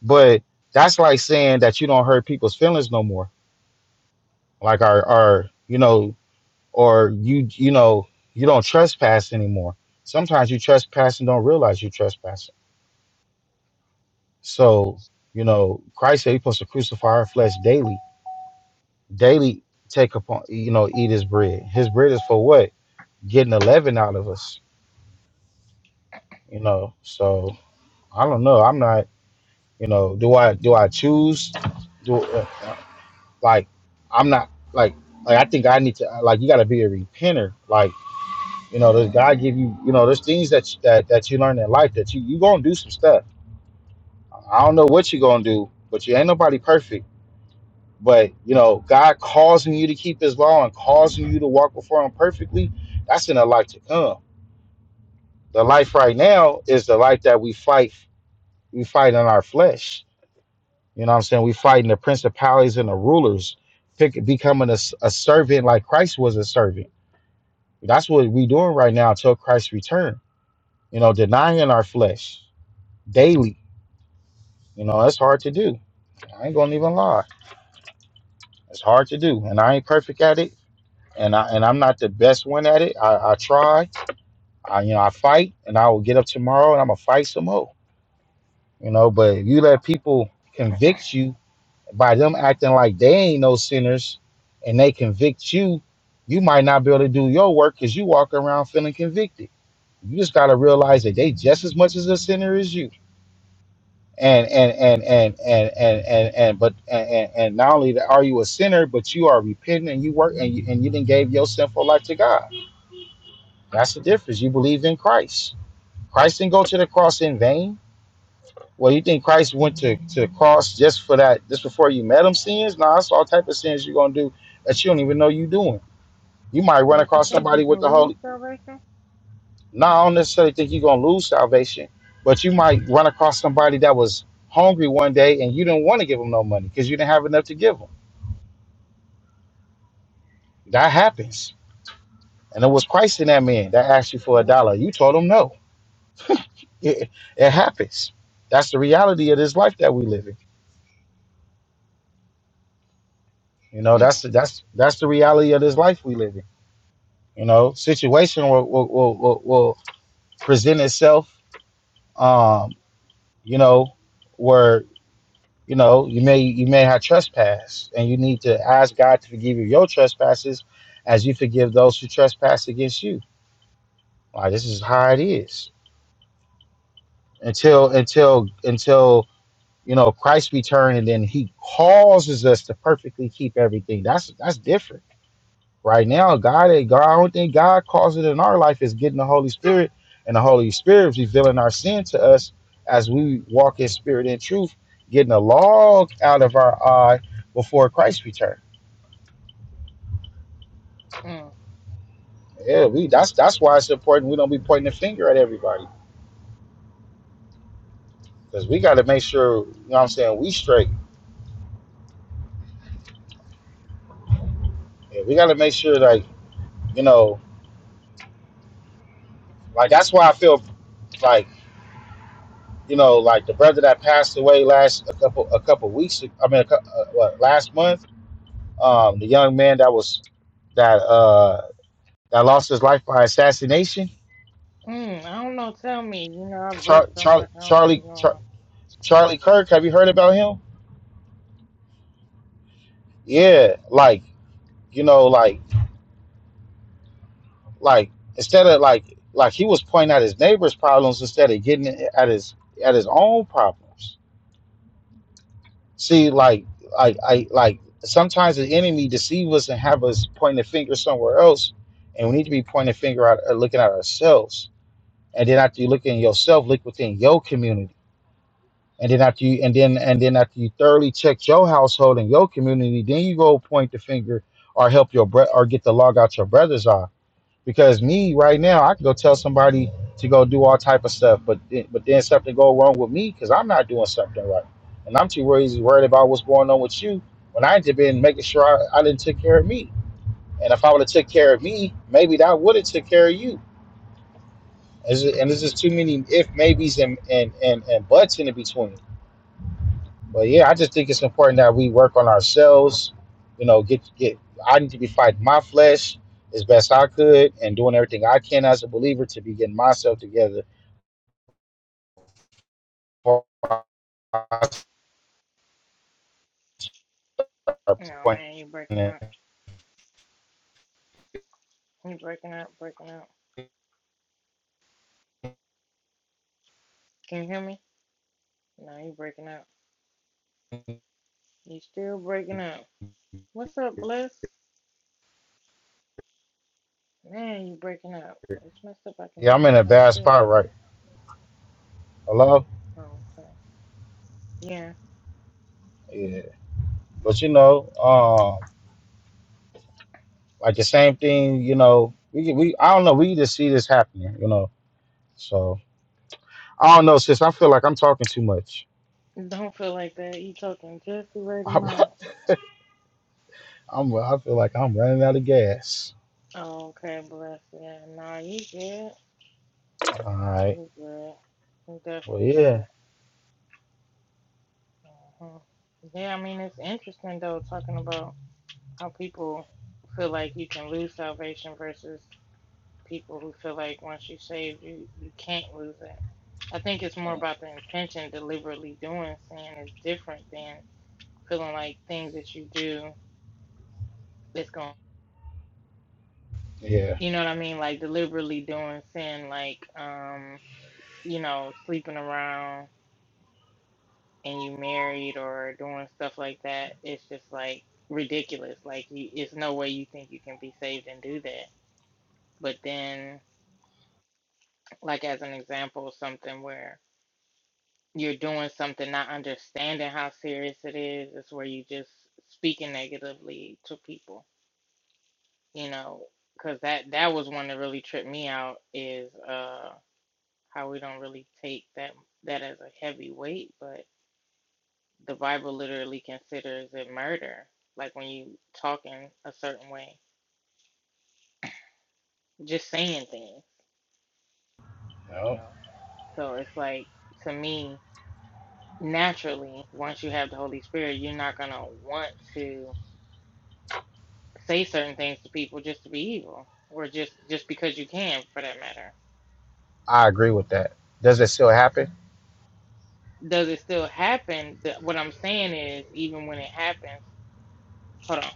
S3: but that's like saying that you don't hurt people's feelings no more. Like our our you know or you you know you don't trespass anymore sometimes you trespass and don't realize you trespassing so you know christ said you're supposed to crucify our flesh daily daily take upon you know eat his bread his bread is for what getting the leaven out of us you know so i don't know i'm not you know do i do i choose do uh, uh, like i'm not like like i think i need to like you got to be a repenter like You know, there's God give you, you know, there's things that that that you learn in life that you you gonna do some stuff. I don't know what you're gonna do, but you ain't nobody perfect. But you know, God causing you to keep His law and causing you to walk before Him perfectly. That's in the life to come. The life right now is the life that we fight. We fight in our flesh. You know what I'm saying? We fighting the principalities and the rulers, pick, becoming a, s- a servant like Christ was a servant. That's what we doing right now until Christ return. You know, denying our flesh daily You know, that's hard to do. I ain't gonna even lie. It's hard to do, and I ain't perfect at it, and I and I'm not the best one at it. I, I try. I you know I fight, and I will get up tomorrow, and I'm gonna fight some more. You know, but if you let people convict you by them acting like they ain't no sinners, and they convict you, you might not be able to do your work because you walk around feeling convicted. You just gotta realize that they just as much as a sinner as you and and and and and and and, and but and, and and not only that are you a sinner but you are repenting and you work and you and you then gave your sinful life to god that's the difference you believe in christ christ didn't go to the cross in vain well you think christ went to, to the cross just for that just before you met him sins no that's all type of sins you're gonna do that you don't even know you doing you might run
S1: But you
S3: across
S1: think
S3: somebody
S1: you
S3: with
S1: can
S3: the holy
S1: lose salvation?
S3: Now I don't necessarily think you're gonna lose salvation, but you might run across somebody that was hungry one day and you didn't want to give them no money because you didn't have enough to give them. That happens. And it was Christ in that man that asked you for a dollar. You told him no. It, it happens. That's the reality of this life that we live in. You know,
S1: Mm,
S3: that's the, that's that's the reality of this life we live in. You know, situation will will, will, will will present itself. Um, you know, where you know you may you may have trespass and you need to ask god to forgive you your trespasses as you forgive those who trespass against you Like this is how it is until until until you know christ return and then he causes us to perfectly keep everything that's that's different right now god god i don't think god calls it in our life is getting the holy spirit and the holy spirit is revealing our sin to us as we walk in spirit and truth getting a log out of our eye before christ return
S1: mm,
S3: Yeah, we that's that's why it's important we don't be pointing the finger at everybody. Because we gotta make sure, you know what I'm saying, we straight. Yeah, we gotta make sure like, you know, like that's why I feel like, you know, like the brother that passed away last a couple a couple weeks I mean a, cou- uh, what, last month, um, the young man that was that uh that lost his life by assassination,
S1: mm. I don't know. Tell me. You know, I've
S3: Char-
S1: worked so
S3: Char-
S1: much. I don't be
S3: Charlie Char-
S1: going.
S3: Charlie Kirk, have you heard about him? Yeah, like, you know, like like instead of like like he was pointing out his neighbor's problems instead of getting at his at his own problems. See, like like I like sometimes the enemy deceives us and have us point the finger somewhere else, and we need to be pointing the finger out, uh, looking at ourselves. And then after you look in yourself, look within your community. And then after you and then and then after you thoroughly check your household and your community, then you go point the finger or help your brother or get the log out your brother's eye Because me right now, I can go tell somebody to go do all type of stuff, but then- but then something go wrong with me because I'm not doing something right, and I'm too worried worried about what's going on with you when I just been making sure I, I didn't take care of me. And if I would have took care of me, maybe that would have took care of you. It's ju- and there's just too many if maybes and and and, and buts in the between. But yeah, I just think it's important that we work on ourselves. You know, get get. I need to be fighting my flesh as best I could and doing everything I can as a believer to be getting myself together.
S1: No, man, you breaking up. You breaking up, breaking up. Can you hear me? No, you breaking up. You still breaking up. What's up, Bliss? Man, you breaking up. It's messed up. I can
S3: Yeah,
S1: hear
S3: I'm in
S1: you
S3: a
S1: coming
S3: bad
S1: through.
S3: spot right. Hello.
S1: Oh, okay. Yeah.
S3: Yeah, but you know, um, like the same thing. You know, we we I don't know. We just see this happening. You know, so I don't know, sis. I feel like I'm talking too much.
S1: Don't feel like that. You talking just the right amount.
S3: I'm I feel like I'm running out of gas.
S1: Oh, okay, Bliss. Yeah. Nah, you good.
S3: All right.
S1: You good. You
S3: Well,
S1: definitely
S3: yeah,
S1: good. uh Yeah, I mean, it's interesting, though, talking about how people feel like you can lose salvation versus people who feel like once you save you you can't lose it. I think it's more
S3: Mm,
S1: about the intention deliberately doing sin is different than feeling like things that you do it's going
S3: yeah,
S1: you know what I mean? Like deliberately doing sin like um, you know, sleeping around and you married or doing stuff like that, it's just like ridiculous. Like you it's no way you think you can be saved and do that. But then like as an example, something where you're doing something, not understanding how serious it is, is where you just speaking negatively to people, you know, because that that was one that really tripped me out is uh how we don't really take that that as a heavy weight, but the Bible literally considers it murder, like when you talking a certain way, just saying things, you
S3: no,
S1: know. So it's like to me, naturally, once you have the Holy Spirit, you're not gonna want to say certain things to people just to be evil or just just because you can for that matter
S3: I agree with that. Does it still happen?
S1: does it still happen The- what i'm saying is even when it happens hold on.